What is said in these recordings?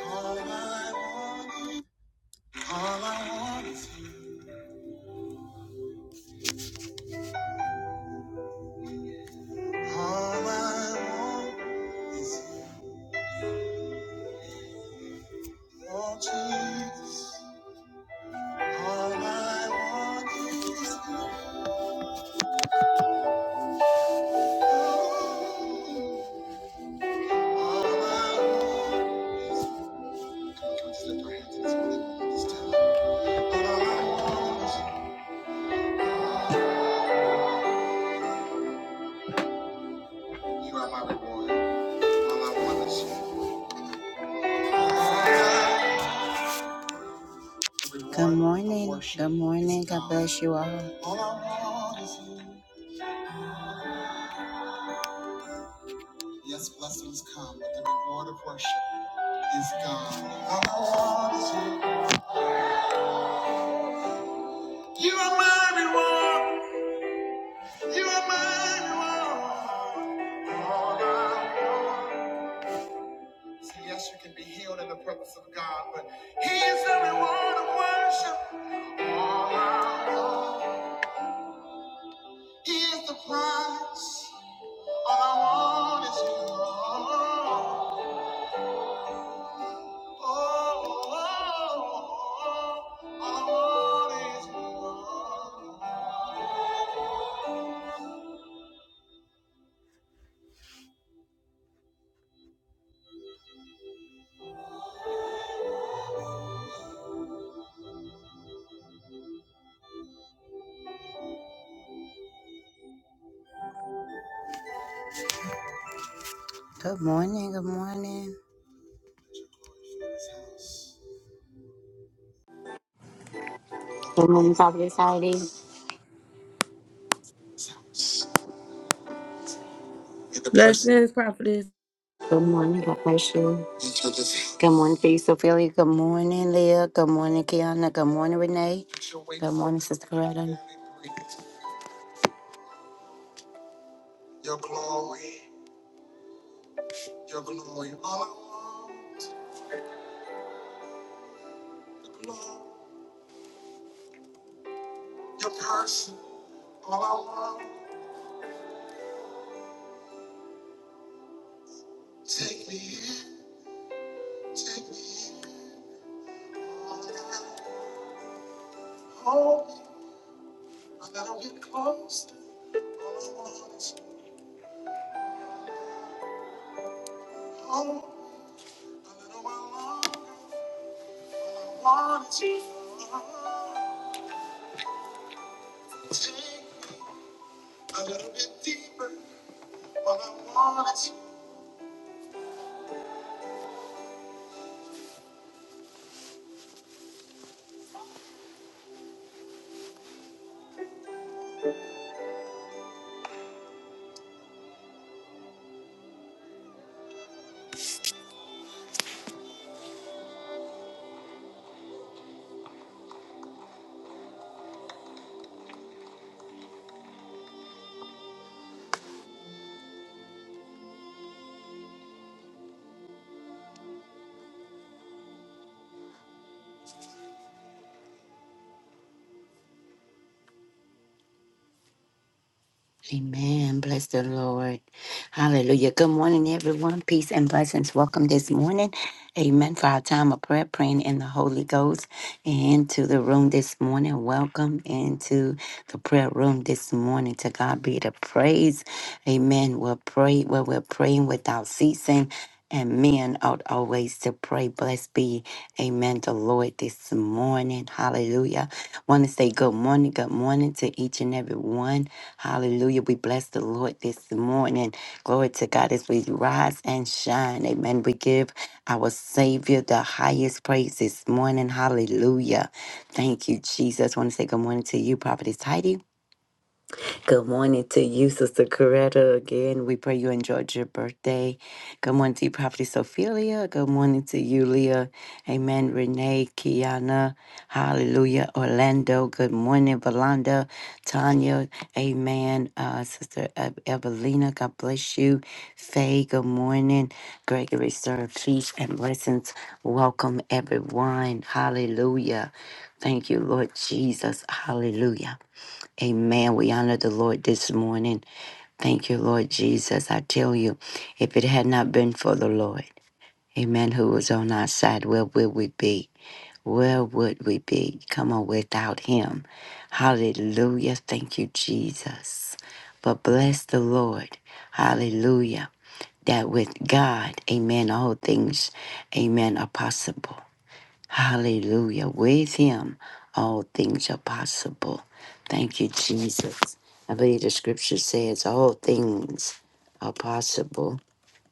All I want, all I want All I want, oh Jesus. All I want is you. All I want is you. Come on, just our hands this morning. Just tell him. All I want is you. You are my reward. All I want is you. All I want is you. Good morning. Good morning. God bless you all. All I want is you. Yes, blessings come, but the reward of worship is God. All I want is You You are my reward. You are my reward. All I want. yes, you can be healed in the presence of God, but He is the reward of worship. All I want. He is the prize. All I want is You. Good morning, good morning. Good morning, Father Society. Blessings, prophetess. Good morning, God bless you. Good morning to you, Sophia. Good morning, Leah. Good morning, Kiana. Good morning, Renee. Good morning, Sister Coretta. Take me in, take me in. Oh, let him Hold me, a little bit closer. All I want is home, a little while longer. All I want is you. Take me a little bit deeper. All I want is you. Amen. Bless the Lord. Hallelujah. Good morning, everyone. Peace and blessings. Welcome this morning. Amen. For our time of prayer, praying in the Holy Ghost. And to the room this morning. Welcome into the prayer room this morning. To God be the praise. Amen. We'll pray where we're praying without ceasing. And men ought always to pray. Blessed be, amen, the Lord this morning. Hallelujah. Want to say good morning, good morning to each and every one. Hallelujah. We bless the Lord this morning. Glory to God as we rise and shine. Amen. We give our Savior the highest praise this morning. Hallelujah. Thank you, Jesus. I want to say good morning to you, Prophetess Heidi. Good morning to you, Sister Coretta. Again, we pray you enjoyed your birthday. Good morning to you, Prophet Sophelia. Good morning to you, Leah. Amen. Renee, Kiana. Hallelujah. Orlando. Good morning, Valanda. Tanya. Amen. Uh, Sister Ev- Evelina, God bless you. Faye, good morning. Gregory, sir, peace and blessings. Welcome, everyone. Hallelujah. Thank you, Lord Jesus. Hallelujah. Amen. We honor the Lord this morning. Thank you, Lord Jesus. I tell you, if it had not been for the Lord, Amen, who was on our side, where would we be? Where would we be? Come on, without Him. Hallelujah. Thank you, Jesus. But bless the Lord. Hallelujah. That with God, Amen, all things, Amen, are possible. Hallelujah. With him, all things are possible. Thank you, Jesus. I believe the scripture says all things are possible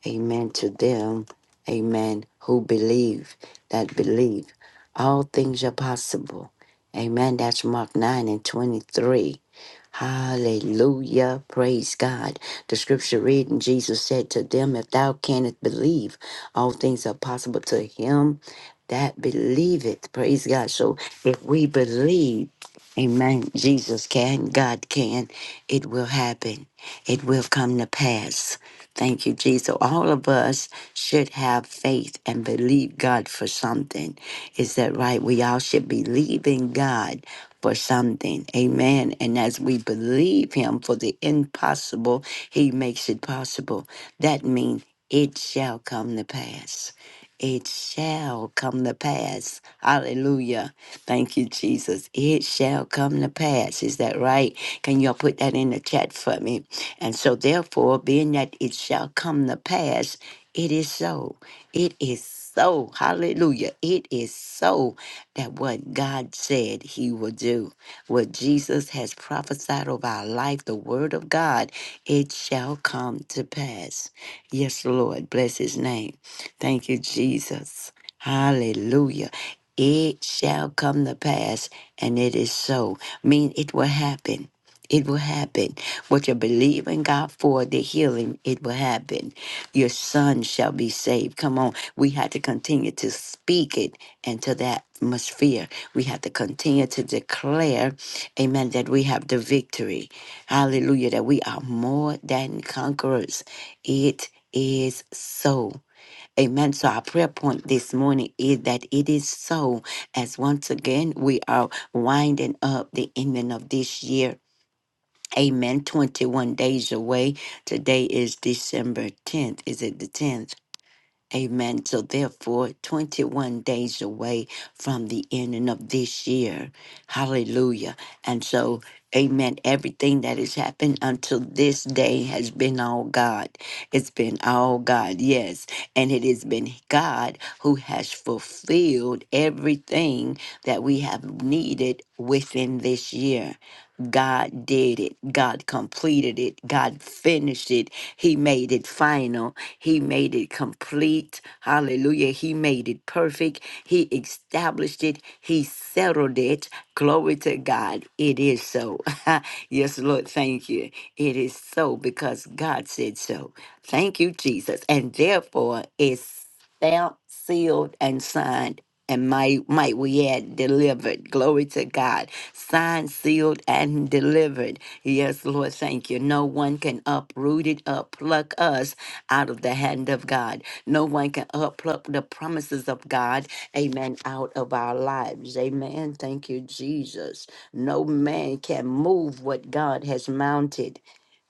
Amen to them. Amen. Who believe that believe. All things are possible. Amen. That's Mark 9 and 23. Hallelujah. Praise God. The scripture reading Jesus said to them, If thou canst believe, all things are possible to him that believeth. Praise God. So if we believe, Amen. Jesus can, God can, it will happen. It will come to pass. Thank you, Jesus. All of us should have faith and believe God for something. Is that right? We all should believe in God for something. Amen. And as we believe Him for the impossible, He makes it possible. That means it shall come to pass. It shall come to pass. Hallelujah. Thank you, Jesus. It shall come to pass. Is that right? Can y'all put that in the chat for me? And so, therefore, being that it shall come to pass, it is so. It is so. Hallelujah. It is so that what God said he will do, what Jesus has prophesied over our life, the word of God, it shall come to pass. Yes, Lord. Bless his name. Thank you, Jesus. Hallelujah. It shall come to pass, and it is so. mean, it will happen. It will happen what you believe in God for, the healing, it will happen. Your son shall be saved. Come on. We have to continue to speak it into that atmosphere. We have to continue to declare, amen, that we have the victory. Hallelujah, that we are more than conquerors. It is so. Amen. So, our prayer point this morning is that it is so, as once again we are winding up the ending of this year Amen. 21 days away. Today is December 10th. Is it the 10th? Amen. So, therefore, 21 days away from the ending of this year. Hallelujah. And so, amen. Everything that has happened until this day has been all God. It's been all God, yes. And it has been God who has fulfilled everything that we have needed within this year. God did it. God completed it. God finished it. He made it final. He made it complete. Hallelujah. He made it perfect. He established it. He settled it. Glory to God. It is so. yes, Lord. Thank you. It is so because God said so. Thank you, Jesus. And therefore, it's stamped, sealed, and signed and might might we add delivered glory to god signed sealed and delivered yes lord thank you no one can uproot it uppluck us out of the hand of god no one can uppluck the promises of god amen out of our lives amen thank you jesus no man can move what god has mounted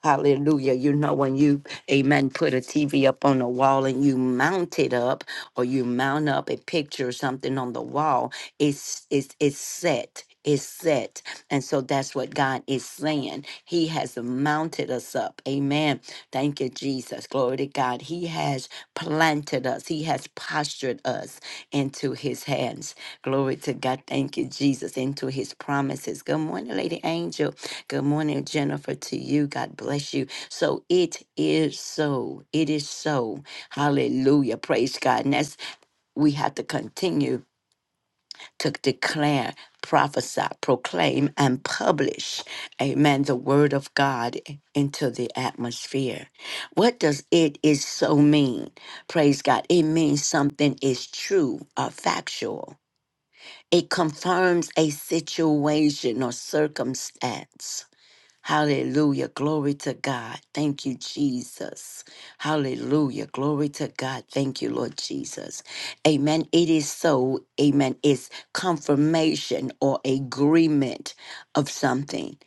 Hallelujah. You know, when you, amen, put a TV up on the wall and you mount it up, or you mount up a picture or something on the wall, it's it's it's set. It's set. And so that's what God is saying. He has mounted us up. Amen. Thank you, Jesus. Glory to God. He has planted us. He has postured us into his hands. Glory to God. Thank you, Jesus. Into his promises. Good morning, Lady Angel. Good morning, Jennifer, to you. God bless you. So it is so. It is so. Hallelujah. Praise God. And that's, we have to continue to declare, prophesy, proclaim, and publish, amen, the word of God into the atmosphere. What does it is so mean? Praise God. It means something is true or factual. It confirms a situation or circumstance. Hallelujah. Glory to God. Thank you, Jesus. Hallelujah. Glory to God. Thank you, Lord Jesus. Amen. It is so. Amen. It's confirmation or agreement of something.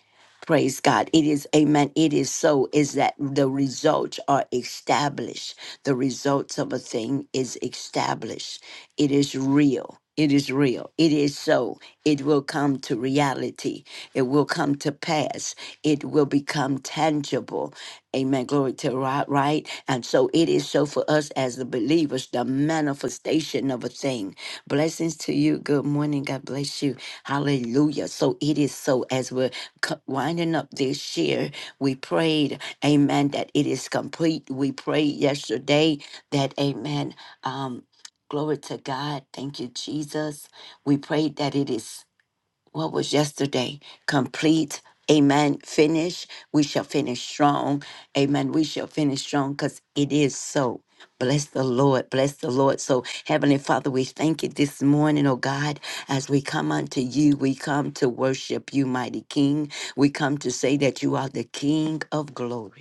Praise God. It is, amen. It is so, is that the results are established. The results of a thing is established. It is real. It is real. It is so. It will come to reality. It will come to pass. It will become tangible. Amen. Glory to right, right. And so it is so for us as the believers, the manifestation of a thing. Blessings to you. Good morning. God bless you. Hallelujah. So it is so as we're co- winding up this year, we prayed, amen, that it is complete. We prayed yesterday that, amen, um, glory to God. Thank you, Jesus. We prayed that it is what was yesterday complete amen finish we shall finish strong amen we shall finish strong because it is so bless the lord bless the lord so heavenly father we thank you this morning oh god as we come unto you we come to worship you mighty king we come to say that you are the king of glory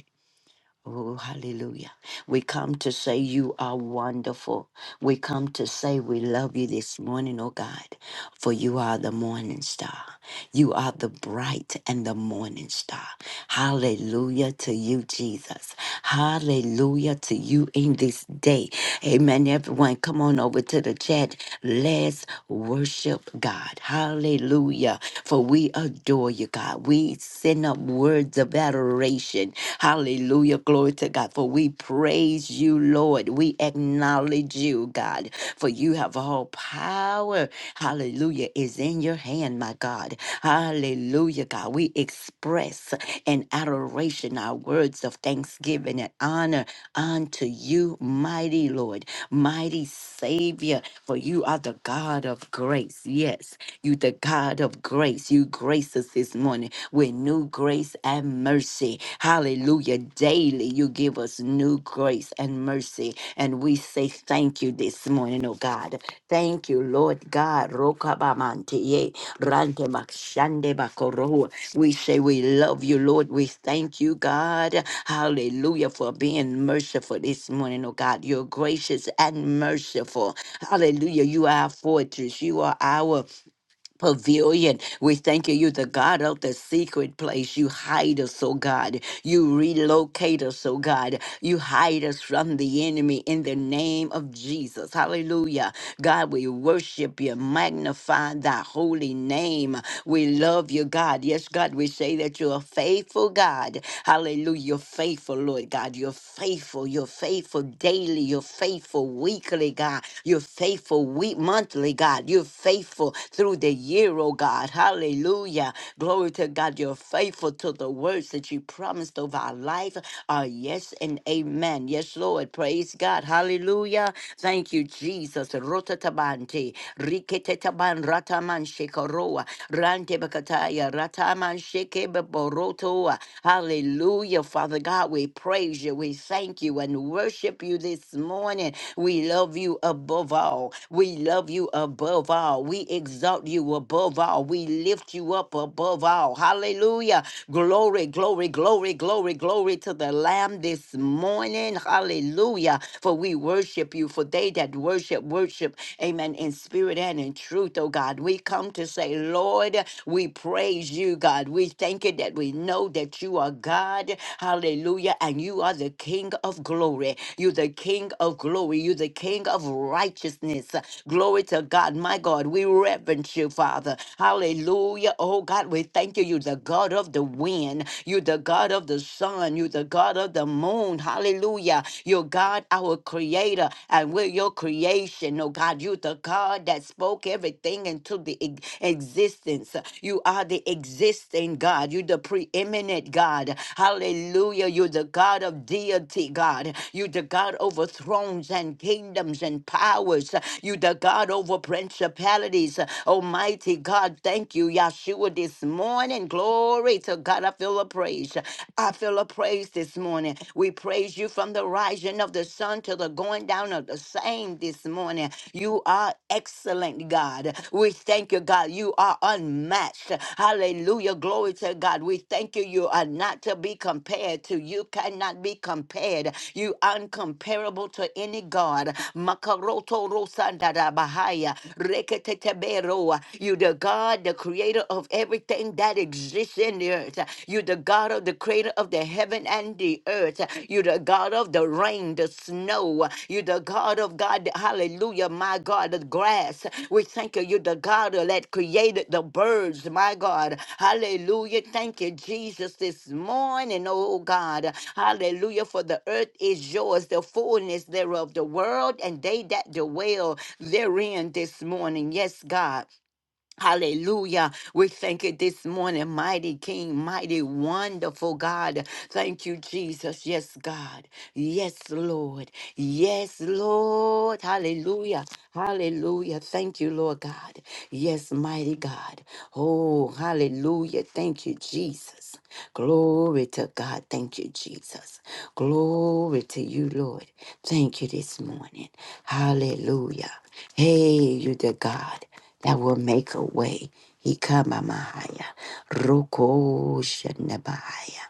Oh, hallelujah. We come to say you are wonderful. We come to say we love you this morning, oh God, for you are the morning star. You are the bright and the morning star. Hallelujah to you, Jesus. Hallelujah to you in this day. Amen. Everyone, come on over to the chat. Let's worship God. Hallelujah. For we adore you, God. We send send up words of adoration. Hallelujah. Glory to God. For we praise you, Lord. We acknowledge you, God. For you have all power. Hallelujah. Is in your hand, my God. Hallelujah, God. We express in adoration our words of thanksgiving and honor unto you, mighty Lord, mighty Savior. For you are the God of grace. Yes. You, the God of grace, you grace us this morning with new grace and mercy. Hallelujah. Daily, you give us new grace and mercy. And we say thank you this morning, oh God. Thank you, Lord God. Rokabamantiye, rantemakshandebakoro. We say we love you, Lord. We thank you, God. Hallelujah, for being merciful this morning, oh God. You're gracious and merciful. Hallelujah. You are our fortress. You are our pavilion. We thank you. You're the God of the secret place. You hide us, oh God. You relocate us, oh God. You hide us from the enemy in the name of Jesus. Hallelujah. God, we worship you, magnify thy holy name. We love you, God. Yes, God, we say that you're a faithful God. Hallelujah. You're faithful, Lord God. You're faithful. You're faithful daily. You're faithful weekly, God. You're faithful week monthly, God. You're faithful through the the year, oh God. Hallelujah. Glory to God. You're faithful to the words that you promised over our life. Uh, yes and amen. Yes, Lord. Praise God. Hallelujah. Thank you, Jesus. Rotatabante. Riketetaban rataman shekoroa. Rante bakataya rataman shekebeborotoa. Hallelujah. Father God, we praise you. We thank you and worship you this morning. We love you above all. We love you above all. We exalt you you above all. We lift you up above all. Hallelujah. Glory, glory, glory, glory, glory to the Lamb this morning. Hallelujah. For we worship you. For they that worship, worship, amen, in spirit and in truth, oh God. We come to say, Lord, we praise you, God. We thank you that we know that you are God. Hallelujah. And you are the King of glory. You're the King of glory. You're the King of righteousness. Glory to God. My God, we reverence you you, Father. Hallelujah. Oh God, we thank you. You're the God of the wind. You're the God of the sun. You're the God of the moon. Hallelujah. You're God, our creator, and we're your creation. Oh God, you're the God that spoke everything into the ex- existence. You are the existing God. You're the preeminent God. Hallelujah. You're the God of deity, God. You're the God over thrones and kingdoms and powers. You're the God over principalities. Oh, Almighty God. Thank you, Yahshua, this morning. Glory to God. I feel a praise. I feel a praise this morning. We praise you from the rising of the sun to the going down of the same this morning. You are excellent, God. We thank you, God. You are unmatched. Hallelujah. Glory to God. We thank you. You are not to be compared to. You cannot be compared. You uncomparable to any God. Makaroto rosandara bahaya. Rekete Noah. You the God, the creator of everything that exists in the earth. You the God of the creator of the heaven and the earth. You the God of the rain, the snow. You the God of God, hallelujah, my God, the grass. We thank you. You the God that created the birds, my God. Hallelujah. Thank you, Jesus, this morning, oh God. Hallelujah. For the earth is yours, the fullness thereof, the world, and they that dwell therein this morning. Yes, God. Hallelujah. We thank you this morning, mighty King, mighty wonderful God. Thank you, Jesus. Yes, God. Yes, Lord. Yes, Lord. Hallelujah. Hallelujah. Thank you, Lord God. Yes, mighty God. Oh, hallelujah. Thank you, Jesus. Glory to God. Thank you, Jesus. Glory to you, Lord. Thank you this morning. Hallelujah. Hey, you the God that will make a way. Ikamamahaya. Roko shanabahaya.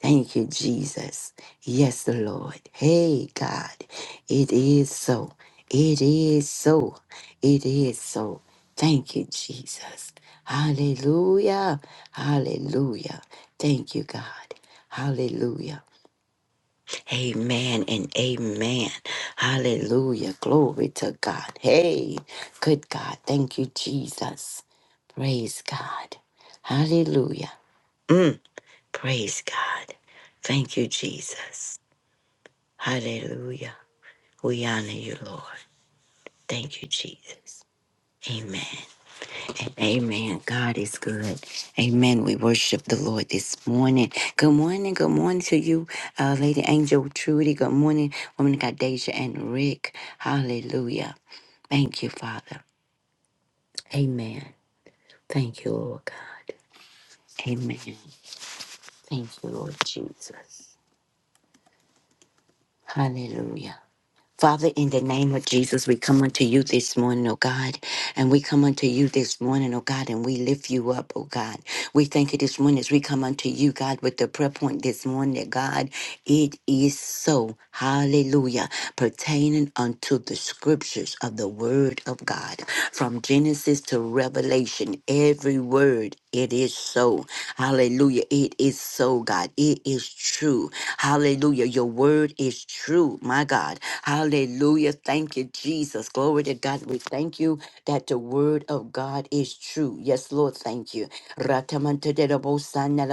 Thank you, Jesus. Yes, Lord. Hey, God. It is so. It is so. It is so. Thank you, Jesus. Hallelujah. Hallelujah. Thank you, God. Hallelujah. Amen and amen. Hallelujah. Glory to God. Hey, good God. Thank you, Jesus. Praise God. Hallelujah. Mm, praise God. Thank you, Jesus. Hallelujah. We honor you, Lord. Thank you, Jesus. Amen. Amen. God is good. Amen. We worship the Lord this morning. Good morning. Good morning to you, uh, Lady Angel Trudy. Good morning, Woman of God Deja and Rick. Hallelujah. Thank you, Father. Amen. Thank you, Lord God. Amen. Thank you, Lord Jesus. Hallelujah. Father, in the name of Jesus, we come unto you this morning, oh God, and we come unto you this morning, oh God, and we lift you up, oh God. We thank you this morning as we come unto you, God, with the prayer point this morning that God, it is so, hallelujah, pertaining unto the scriptures of the word of God. From Genesis to Revelation, every word, it is so. Hallelujah. It is so, God. It is true. Hallelujah. Your word is true, my God. Hallelujah. Thank you, Jesus. Glory to God. We thank you that the word of God is true. Yes, Lord. Thank you. Ratamantadabosana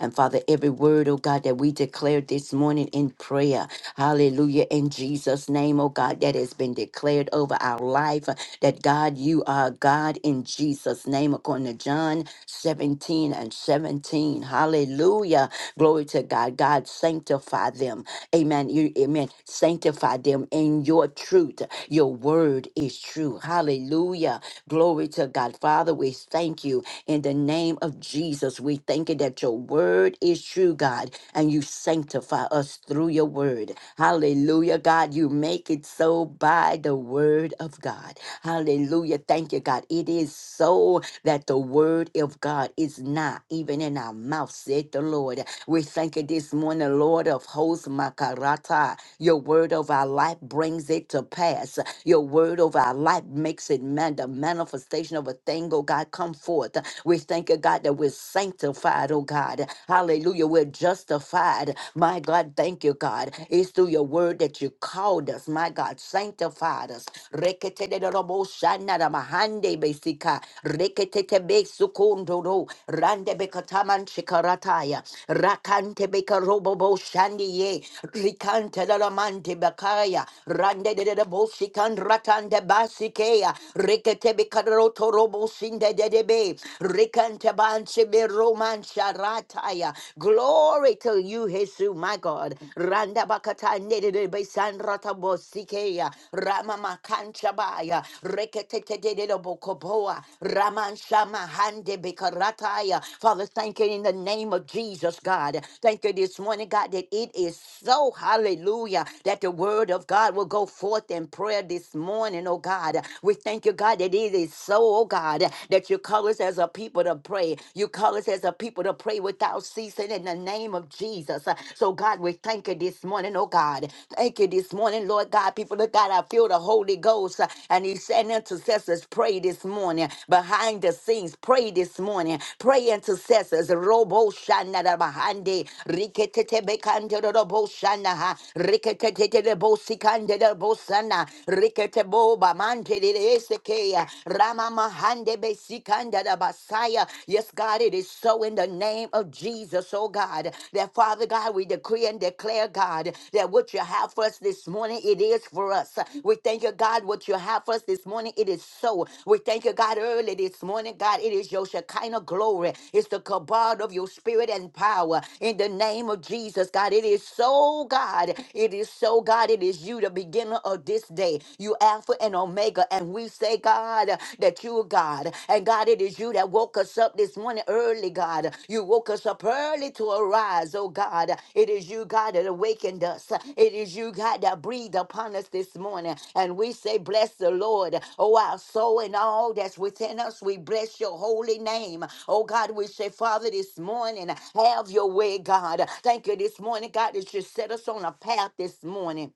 And Father, every word, oh God, that we declared this morning in prayer. Hallelujah. In Jesus' name, oh God, that has been declared over our life uh, that God, you are God in Jesus' name, according to John 17 and 17. Hallelujah. Glory to God. God, sanctify them. Amen. You, amen. Sanctify them in your truth. Your word is true. Hallelujah. Glory to God. Father, we thank you in the name of Jesus. We thank you that your word is true, God, and you sanctify us through your word. Hallelujah, God. You make it so by the word of God. Hallelujah. Thank you, God. It is so that the word of God is not even in our mouth, said the Lord. We thank you this morning, Lord of hosts, Makarata. Your word of our life brings it to pass. Your word of our life makes it actually man, the manifestation of a thing, oh God, come forth. We thank you, God, that we're sanctified, oh God. Hallelujah. We're justified. My God, thank you, God. It's through your word that you called us, my God, sanctified us. Reketeteroboshanaramahande-besika, reketetebesukundoro, randebekatamanchikarataya, rakantebekaroboboshandiye, rikantelaramanti- Bekaya, Rande de de de Sikea, Rekatebe Karoto Robo Sinde Dedebe, Rekantabanche Roman Sharataya. Glory to you, Jesus, my God. Randa Bakata Nedebe San Ratabo Sikea, Rama Makanchabaya, Rekatete Dedebo Koboa, Raman Shama Hande Bekarataya. Father, thank you in the name of Jesus, God. Thank you this morning, God, that it is so, hallelujah, that the word of God will go forth in prayer this morning, oh God. We thank you, God, that it is so, oh God, that you call us as a people to pray. You call us as a people to pray without ceasing in the name of Jesus. Uh, So, God, we thank you this morning, oh God. Thank you this morning, Lord God. People of God, I feel the Holy Ghost uh, and He said, intercessors, pray this morning. Behind the scenes, pray this morning. Pray intercessors. Robo shana da bahande. Riketete bekande da shana ha. Riketete de bo sikande de bo sana. Shana, Riketebo, Bamante, Esekea, Rama Mahande, Besikanda, the Basaya. Yes, God, it is so in the name of Jesus, oh God, that Father God, we decree and declare, God, that what you have for us this morning, it is for us. We thank you, God, what you have for us this morning, it is so. We thank you, God, early this morning, God, it is your Shekinah glory. It's the kabod of your spirit and power. In the name of Jesus, God, it is so, God. It is so, God. It is you to be beginning of this day. You Alpha and Omega. And we say, God, that you are God. And God, it is you that woke us up this morning early, God. You woke us up early to arise, oh God. It is you, God, that awakened us. It is you, God, that breathed upon us this morning. And we say, Bless the Lord. Oh, our soul and all that's within us, we bless your holy name. Oh God, we say, Father, this morning, have your way, God. Thank you this morning, God, that you set us on a path this morning.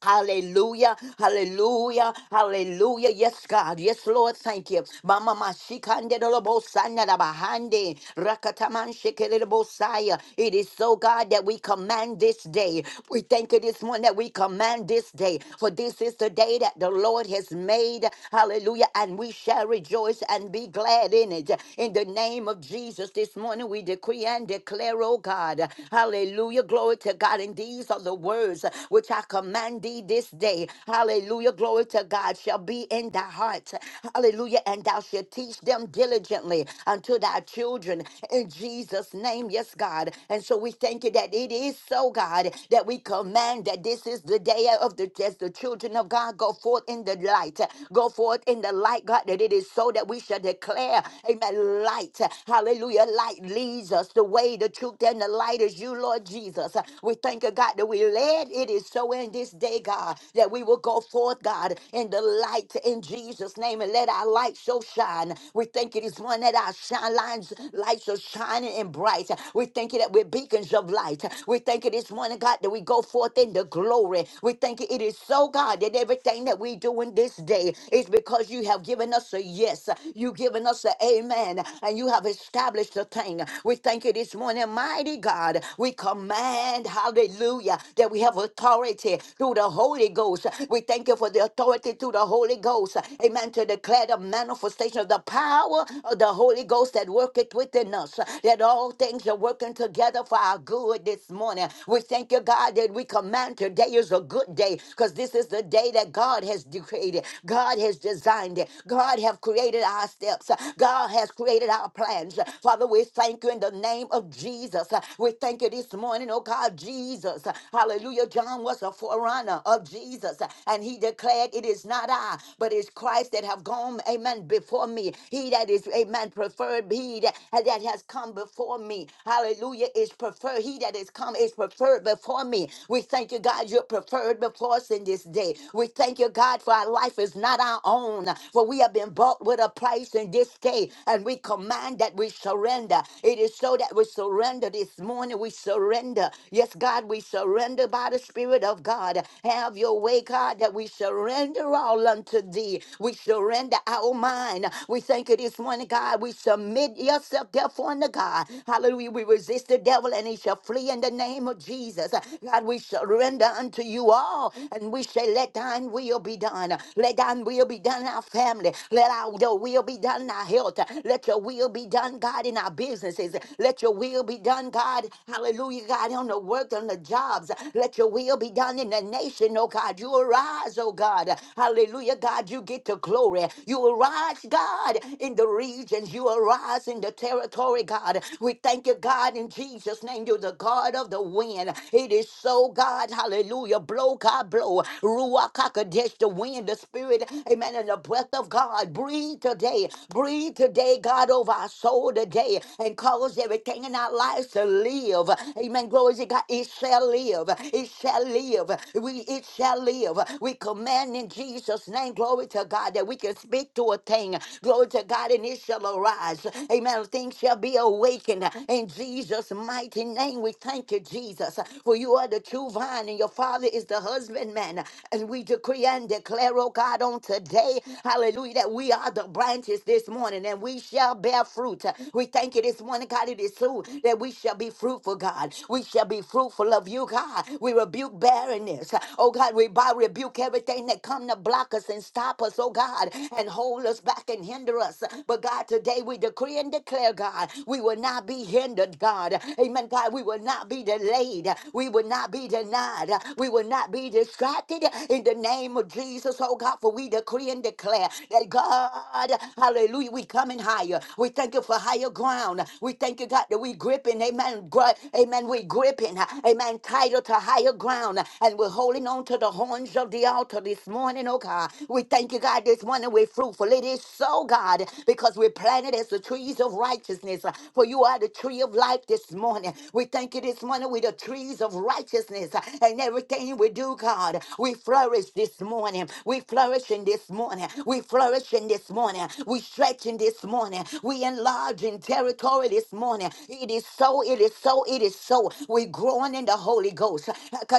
Hallelujah, hallelujah, hallelujah. Yes, God. Yes, Lord. Thank you. Mama mashikande dolobo sanda da bahande. Rakataman shikele dolobo saya. It is so, God, that we command this day. We thank you this morning that we command this day. For this is the day that the Lord has made. Hallelujah. And we shall rejoice and be glad in it. In the name of Jesus, this morning we decree and declare, oh God. Hallelujah. Glory to God. And these are the words which I command upon thee this day. Hallelujah. Glory to God shall be in thy heart. Hallelujah. And thou shalt teach them diligently unto thy children in Jesus' name. Yes, God. And so we thank you that it is so, God, that we command that this is the day of the as the children of God go forth in the light. Go forth in the light, God, that it is so that we shall declare, Amen. Light. Hallelujah. Light leads us the way, the truth, and the light is you, Lord Jesus. We thank you, God, that we led. It is so in this this day, God, that we will go forth, God, in the light in Jesus' name and let our light so shine. We thank it is one that our shine lines, lights are shining and bright. We thank you that we're beacons of light. We thank you this morning, God, that we go forth in the glory. We thank you it is so, God, that everything that we do in this day is because you have given us a yes. You've given us an amen, and you have established a thing. We thank you this morning, mighty God. We command, hallelujah, that we have authority through the Holy Ghost. We thank you for the authority through the Holy Ghost. Amen. To declare the manifestation of the power of the Holy Ghost that worketh within us. That all things are working together for our good this morning. We thank you, God, that we command today is a good day because this is the day that God has created. God has designed it. God have created our steps. God has created our plans. Father, we thank you in the name of Jesus. We thank you this morning, oh God, Jesus. Hallelujah. John was a forerunner forerunner of Jesus. And he declared, It is not I, but it's Christ that have gone, amen, before me. He that is, amen, preferred, he that, that has come before me. Hallelujah, is preferred. He that is come is preferred before me. We thank you, God, you're preferred before us in this day. We thank you, God, for our life is not our own, for we have been bought with a price in this day. And we command that we surrender. It is so that we surrender this morning. We surrender. Yes, God, we surrender by the Spirit of God. God. Have your way, God, that we surrender all unto thee. We surrender our mind. We thank you this morning, God. We submit yourself, therefore, unto God. Hallelujah. We resist the devil and he shall flee in the name of Jesus. God, we surrender unto you all and we say, Let thine will be done. Let thine will be done in our family. Let our your will be done in our health. Let your will be done, God, in our businesses. Let your will be done, God. Hallelujah, God, on the work, on the jobs. Let your will be done done in the nation, oh God. You arise, oh God. Hallelujah, God. You get the glory. You arise, God, in the regions. You arise in the territory, God. We thank you, God, in Jesus' name. You're the God of the wind. It is so, God. Hallelujah. Blow, God, blow. Ruach HaKodesh, the wind, the spirit, amen, and the breath of God. Breathe today. Breathe today, God, over our soul today and cause everything in our lives to live. Amen. Glory to God. It shall live. It shall live live. We it shall live. We command in Jesus' name, glory to God, that we can speak to a thing. Glory to God, and it shall arise. Amen. Things shall be awakened in Jesus' mighty name. We thank you, Jesus, for you are the true vine, and your Father is the husbandman. And we decree and declare, oh God, on today, hallelujah, that we are the branches this morning, and we shall bear fruit. We thank you this morning, God. It is true that we shall be fruitful, God. We shall be fruitful of you, God. We rebuke barrenness. Oh God, we bow, rebuke everything that come to block us and stop us, oh God, and hold us back and hinder us. But God, today we decree and declare, God, we will not be hindered, God. Amen, God, we will not be delayed. We will not be denied. We will not be distracted in the name of Jesus, oh God, for we decree and declare that God, hallelujah, we coming higher. We thank you for higher ground. We thank you, God, that we gripping, amen, gri- amen, we gripping, amen, title to higher ground ground and we're holding on to the horns of the altar this morning, oh God. We thank you, God, this morning we're fruitful. It is so, God, because we're planted as the trees of righteousness. uh, For you are the tree of life this morning. We thank you this morning with the trees of righteousness uh, and everything we do, God. We flourish this morning. We flourish in this morning. We flourish in this morning. We stretch in this morning. We enlarge in territory this morning. It is so, it is so, it is so. We're growing in the Holy Ghost.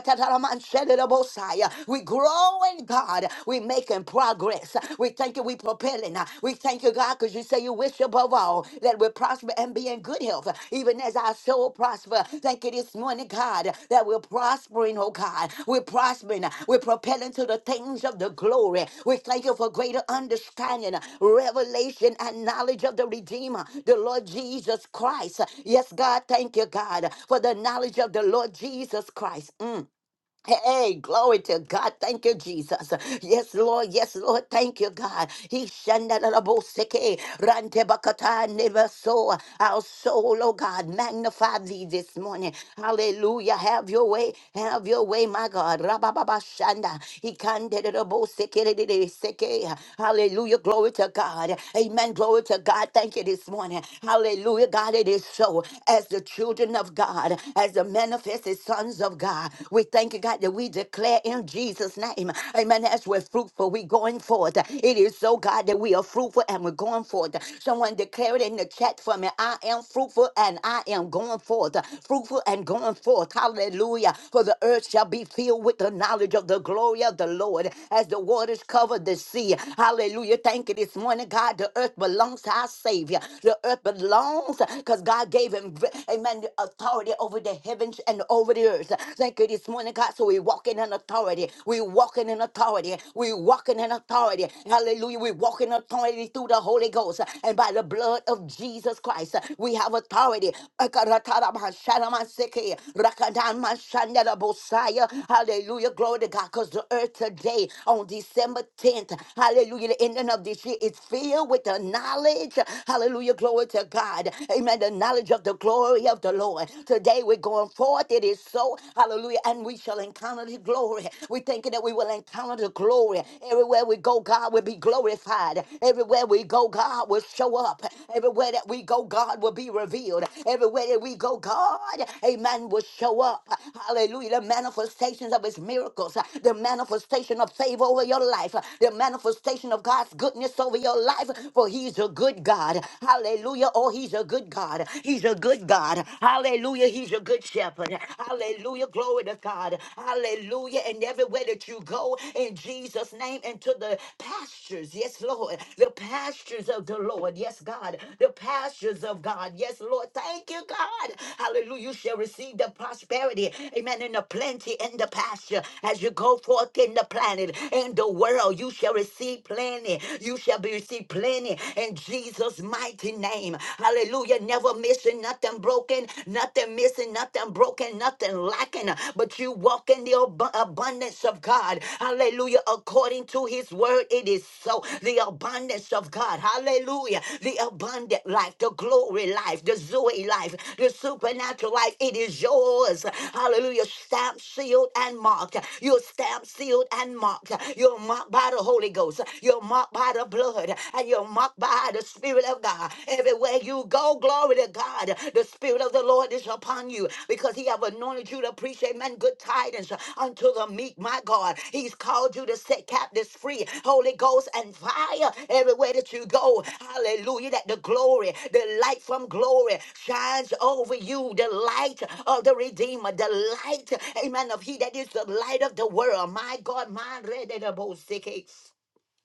We grow in God. We making progress. We thank you. We propelling. We thank you, God, because you say you wish above all that we prosper and be in good health, even as our soul prosper. Thank you this morning, God, that we're prospering, oh God. We're prospering. We're propelling to the things of the glory. We thank you for greater understanding, revelation, and knowledge of the Redeemer, the Lord Jesus Christ. Yes, God, thank you, God, for the knowledge of the Lord Jesus Christ. Mm. Hey, glory to God. Thank you, Jesus. Yes, Lord. Yes, Lord. Thank you, God. He shandaraboseke, rantebakata never so Our soul, oh God, magnify thee this morning. Hallelujah. Have your way. Have your way, my God. Rabababashanda. He kanderaboseke. Hallelujah. Glory to God. Amen. Glory to God. Thank you this morning. Hallelujah. God, it is so. As the children of God, as the manifested sons of God. We thank you, God, that we declare in Jesus' name. Amen. As we're fruitful, we're going forth. It is so, God, that we are fruitful and we're going forth. Someone declare it in the chat for me. I am fruitful and I am going forth. Fruitful and going forth. Hallelujah. For the earth shall be filled with the knowledge of the glory of the Lord as the waters cover the sea. Hallelujah. Thank you this morning, God. The earth belongs to our Savior. The earth belongs because God gave him, amen, the authority authority over the heavens and over the earth. Thank you this morning, God. So we walking in authority. we walking in authority. we walking in authority. Hallelujah. We're walking in authority through the Holy Ghost and by the blood of Jesus Christ. We have authority. Akaratarabasharamaseke, rakadamashandarabosaya. Hallelujah. Glory to God. Because the earth today on December 10th, hallelujah, the ending of this year is filled with the knowledge. Hallelujah. Glory to God. Amen. The knowledge of knowledge of the glory of the Lord. Today we're going forth. It is so. Hallelujah. And we shall encounter the glory. We're thinking that we will encounter the glory. Everywhere we go, God will be glorified. Everywhere we go, God will show up. Everywhere that we go, God will be revealed. Everywhere that we go, God, amen, will show up. Hallelujah. The manifestations of his miracles, the manifestation of favor over your life, the manifestation of God's goodness over your life, for he's a good God. Hallelujah. Oh, he's a good God. He's a good God. Hallelujah. He's a good shepherd. Hallelujah. Glory to God. Hallelujah. And everywhere that you go in Jesus' name into the pastures. Yes, Lord. The pastures of the Lord. Yes, God. The pastures of God. Yes, Lord. Thank you, God. Hallelujah. You shall receive the prosperity. Amen. And the plenty and the pasture. As you go forth in the planet, in the world, you shall receive plenty. You shall be receive plenty in Jesus' mighty name. Hallelujah. Never missing, nothing broken, nothing missing, nothing broken, nothing lacking. But you walk in the ab- abundance of God. Hallelujah. According to his word, it is so. The abundance of God. Hallelujah. The abundant life, the glory life, the Zoe life, the supernatural life. It is yours. Hallelujah. Stamped, sealed, and marked. You're stamped, sealed, and marked. You're marked by the Holy Ghost. You're marked by the blood blood and you're marked by the Spirit of God. Everywhere you go, glory to God. The Spirit of the Lord is upon you because He have anointed you to preach man good tidings unto the meek, my God. He's called you to set captives free. Holy Ghost and fire everywhere that you go. Hallelujah. That the glory, the light from glory shines over you. The light of the Redeemer, the light, amen, of He that is the light of the world. My God, my red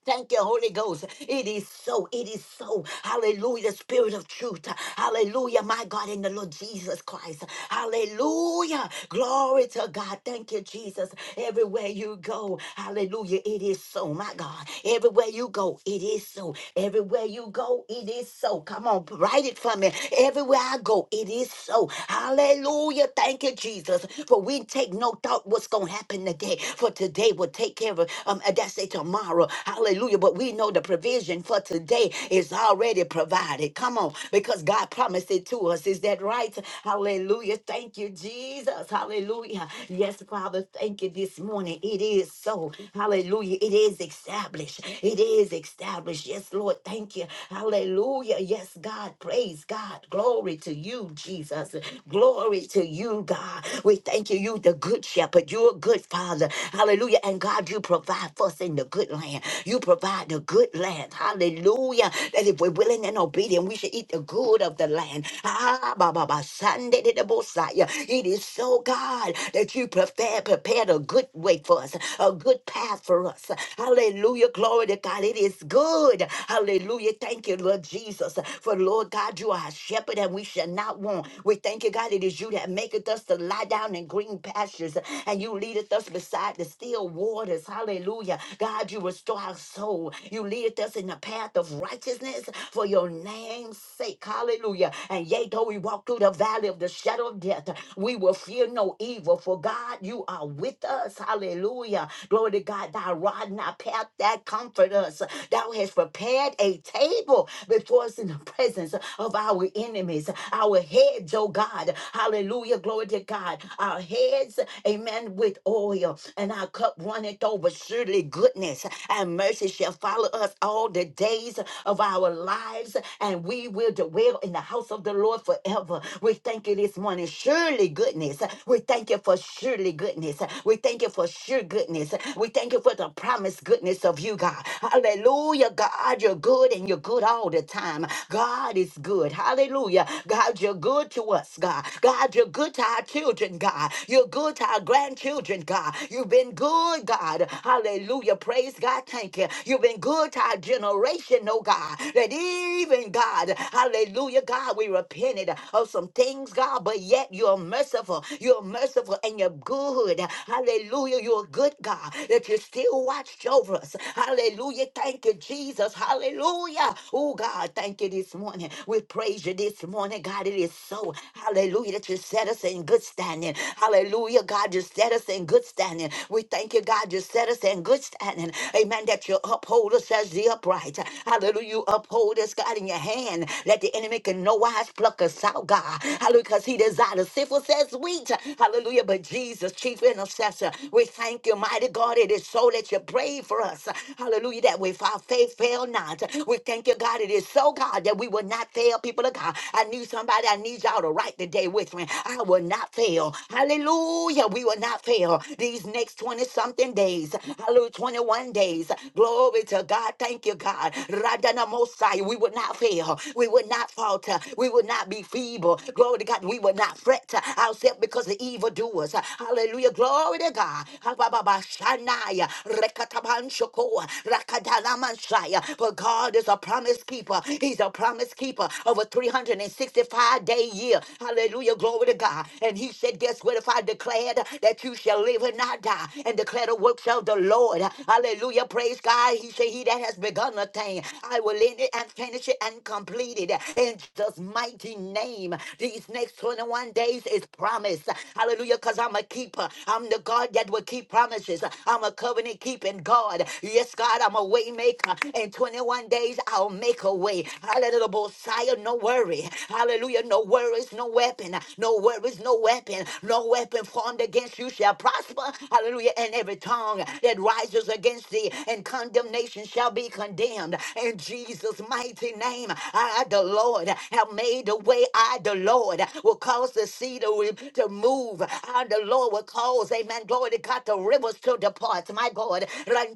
Thank you, Holy Ghost. It is so. It is so. Hallelujah. Spirit of truth. Hallelujah. My God, in the Lord Jesus Christ. Hallelujah. Glory to God. Thank you, Jesus. Everywhere you go. Hallelujah. It is so. My God. Everywhere you go, it is so. Everywhere you go, it is so. Come on, write it for me. Everywhere I go, it is so. Hallelujah. Thank you, Jesus. For we take no thought what's going to happen today. For today will take care of um, that's it. Tomorrow tomorrow. Hallelujah. But we know the provision for today is already provided. Come on, because God promised it to us. Is that right? Hallelujah. Thank you, Jesus. Hallelujah. Yes, Father, thank you this morning. It is so. Hallelujah. It is established. It is established. Yes, Lord, thank you. Hallelujah. Yes, God, praise God. Glory to you, Jesus. Glory to you, God. We thank you. You, the good shepherd. You're a good father. Hallelujah. And God, you provide provide for us in the good land. You provide the good land. Hallelujah. That if we're willing and obedient, we should eat the good of the land. Ah, ba, ba, ba, Sunday the Messiah. It is so, God, that you prepare, prepared a good way for us, a good path for us. Hallelujah. Glory to God. It is good. Hallelujah. Thank you, Lord Jesus. For Lord God, you are our shepherd and we shall not want. We thank you, God. It is you that maketh us to lie down in green pastures and you leadeth us beside the still waters taught us. Hallelujah. God, you restore our soul. You lead us in the path of righteousness for your name's sake. Hallelujah. And yea, though we walk through the valley of the shadow of death, we will fear no evil. For God, you are with us. Hallelujah. Glory to God, thy rod and thy path that comfort us. Thou hast prepared a table before us in the presence of our enemies. Our heads, oh God. Hallelujah. Glory to God. Our heads, amen, with oil. And our our cup runneth over. Surely goodness and mercy shall follow us all the days of our lives, and we will dwell in the house of the Lord forever. We thank you this morning. Surely goodness. We thank you for surely goodness. We thank you for sure goodness. We thank you for the promised goodness of you, God. Hallelujah. God, you're good and you're good all the time. God is good. Hallelujah. God, you're good to us, God. God, you're good to our children, God. You're good to our grandchildren, God. God. You've been good, God. Hallelujah. Praise God. Thank you. You've been good to our generation, oh God. That even God, hallelujah, God, we repented of some things, God, but yet you're merciful. You're merciful and you're good. Hallelujah. You're a good God that you still watched over us. Hallelujah. Thank you, Jesus. Hallelujah. Oh God, thank you this morning. We praise you this morning, God. It is so. Hallelujah. That you set us in good standing. Hallelujah. God, just set us in good standing. We thank you, God, you set us in good standing. Amen. That you uphold us as the upright. Hallelujah. You uphold us, God, in your hand. Let the enemy can no wise pluck us out, God. Hallelujah. Because he desires sinful says wheat. Hallelujah. But Jesus, chief intercessor, we thank you, mighty God. It is so that you pray for us. Hallelujah. That if our faith fail not, we thank you, God. It is so, God, that we will not fail, people of God. I need somebody, I need y'all to write today with me. I will not fail. Hallelujah. Hallelujah. We will not fail these next 20 something days. Hallelujah. 21 days. Glory to God. Thank you, God. Radana Mosai. We will not fail. We will not falter. We will not be feeble. Glory to God. We will not fret ourselves because the evildoers. Hallelujah. Glory to God. Habababashanaya. Rekatabanshokoa. Rakadalamansaya. For God is a promise keeper. He's a promise keeper of a 365 day year. Hallelujah. Glory to God. And he said, that's what if I declared that you shall live and not die and declare the works of the Lord. Hallelujah. Praise God. He said, He that has begun a thing, I will end it and finish it and complete it. In Jesus' mighty name, these next 21 days is promise. Hallelujah. Because I'm a keeper. I'm the God that will keep promises. I'm a covenant keeping God. Yes, God, I'm a way maker. In 21 days, I'll make a way. Hallelujah. Messiah, no worry. Hallelujah. No worries, no weapon. No worries, is no weapon. No weapon formed against you shall prosper. Hallelujah. And every tongue that rises against thee and condemnation shall be condemned. In Jesus' mighty name, I, the Lord, have made the way. I, the Lord, will cause the sea to, re- to move. I, the Lord, will cause, amen, glory to God, the rivers to depart. My God, I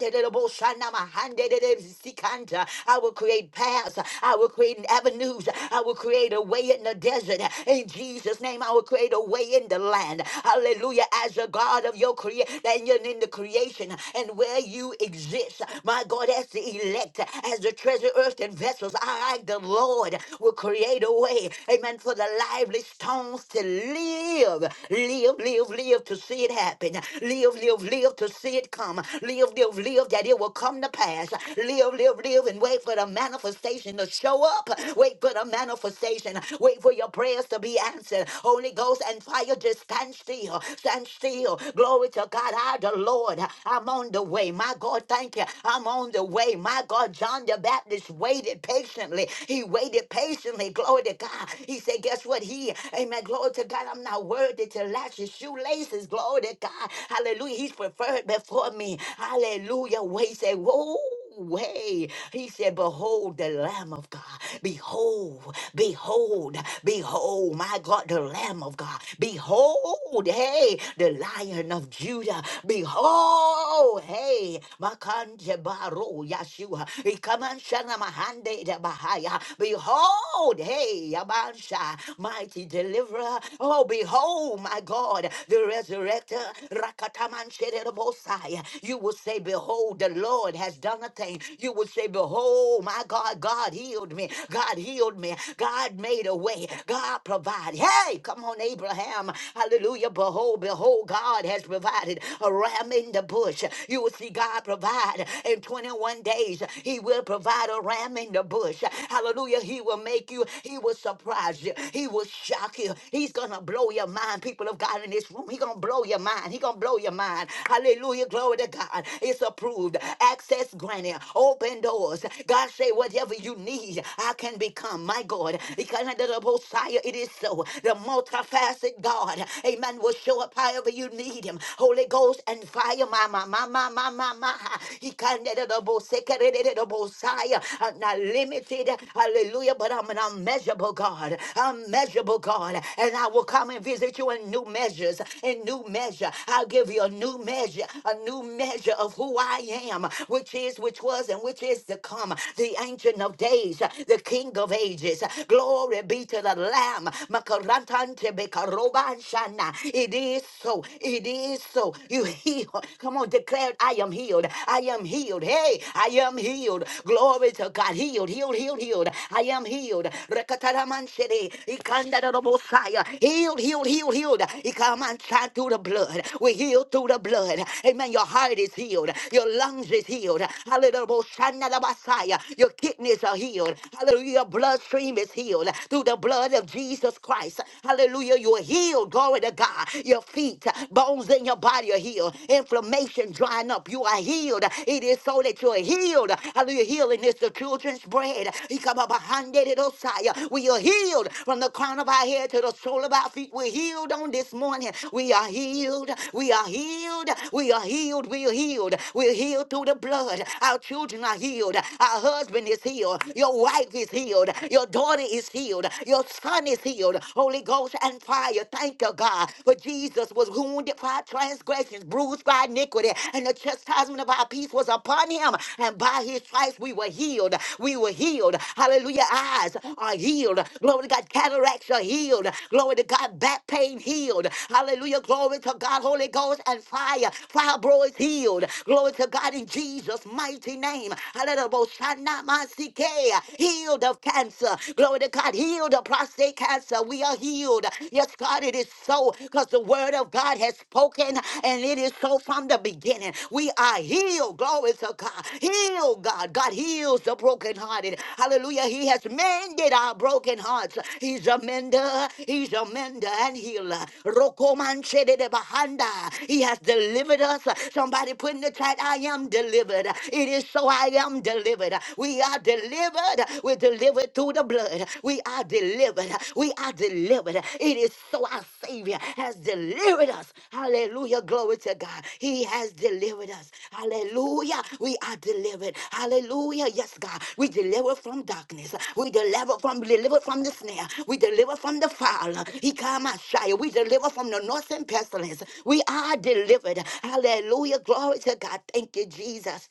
will create paths. I will create avenues. I will create a way in the desert. In Jesus' Jesus' name, I will create a way in the land. Hallelujah. As a God of your creation, that you're in the creation and where you exist. My God, as the elect, as the treasure, earth, and vessels, I, the Lord, will create a way. Amen. For the lively stones to live. Live, live, live to see it happen. Live, live, live to see it come. Live, live, live that it will come to pass. Live, live, live and wait for the manifestation to show up. Wait for the manifestation. Wait for your prayers to to be answered. Holy Ghost and fire, just stand still. Stand still. Glory to God. I, the Lord, I'm on the way. My God, thank you. I'm on the way. My God, John the Baptist waited patiently. He waited patiently. Glory to God. He said, Guess what? He, amen. Glory to God. I'm not worthy to lash his shoelaces. Glory to God. Hallelujah. He's preferred before me. Hallelujah. Wait, say, Whoa. Ooh, hey, he said, Behold the Lamb of God. Behold, behold, behold, my God, the Lamb of God. Behold, hey, the Lion of Judah. Behold, hey, Makanje Baro Yeshua. He come and shana mahande de bahaya. Behold, hey, Yabansha, mighty deliverer. Oh, behold, my God, the resurrector. Rakataman Shedebosai. You will say, Behold, the Lord has done a nothing, you would say, Behold, my God, God healed me. God healed me. God made a way. God provided. Hey, come on, Abraham. Hallelujah. Behold, behold, God has provided a ram in the bush. You will see God provide in 21 days. He will provide a ram in the bush. Hallelujah. He will make you, he will surprise you, he will shock you. He's gonna blow your mind, people of God in this room. He gonna blow your mind. He gonna blow your mind. Hallelujah. Glory to God. It's approved. Access granted plenty, open doors. God say, whatever you need, I can become. My God, because under the Messiah, it is so. The multifaceted God, Amen, will show up however you need Him. Holy Ghost and fire, my my my my my my my. He can under the Messiah. I'm not limited, Hallelujah, but I'm an unmeasurable God, unmeasurable God, and I will come and visit you in new measures, in new measure. I'll give you a new measure, a new measure of who I am, which is is, which was, and which is to come, the Ancient of Days, the King of Ages. Glory be to the Lamb. Makarantante bekarobanshana. It is so. It is so. You heal. Come on, declare, I am healed. I am healed. Hey, I am healed. Glory to God. Healed, healed, healed, healed. I am healed. Rekataramanshede. Ikandarabosaya. Healed, healed, healed, healed. Ikamanshad through the blood. we heal through the blood. Amen. Your heart is healed. Your lungs is healed. Hallelujah. Shanalabasaya. Your kidneys are healed. Hallelujah. Your bloodstream is healed through the blood of Jesus Christ. Hallelujah. You are healed. Glory to God. Your feet, bones in your body are healed. Inflammation drying up. You are healed. It is so that you are healed. Hallelujah. Healing is the children's bread. Ikababahandedosaya. We are healed from the crown of our head to the sole of our feet. We're healed on this morning. We are healed. We are healed. We are healed. We are healed. We're healed through the blood delivered. Our children are healed. Our husband is healed. Your wife is healed. Your daughter is healed. Your son is healed. Holy Ghost and fire. Thank you, God. For Jesus was wounded for our transgressions, bruised by iniquity, and the chastisement of our peace was upon him. And by his stripes we were healed. We were healed. Hallelujah. Eyes are healed. Glory to God. Cataracts are healed. Glory to God. Back pain healed. Hallelujah. Glory to God. Holy Ghost and fire. Fibroids healed. Glory to God in Jesus' mighty name. Hallelujah. Healed of cancer. Glory to God. Healed of prostate cancer. We are healed. Yes, God, it is so because the word of God has spoken and it is so from the beginning. We are healed. Glory to God. Heal, God. God heals the brokenhearted. Hallelujah. He has mended our broken hearts. He's a mender. He's a mender and healer. Rokomanchedebahanda. He has delivered us. Somebody put in the chat, I am delivered. It is so I am delivered. We are delivered. We're delivered through the blood. We are delivered. We are delivered. It is so our Savior has delivered us. Hallelujah. Glory to God. He has delivered us. Hallelujah. We are delivered. Hallelujah. Yes, God. We deliver from darkness. We deliver from deliver from the snare. We deliver from the fire. He come out shy. We deliver from the north and pestilence. We are delivered. Hallelujah. Glory to God. Thank you, Jesus.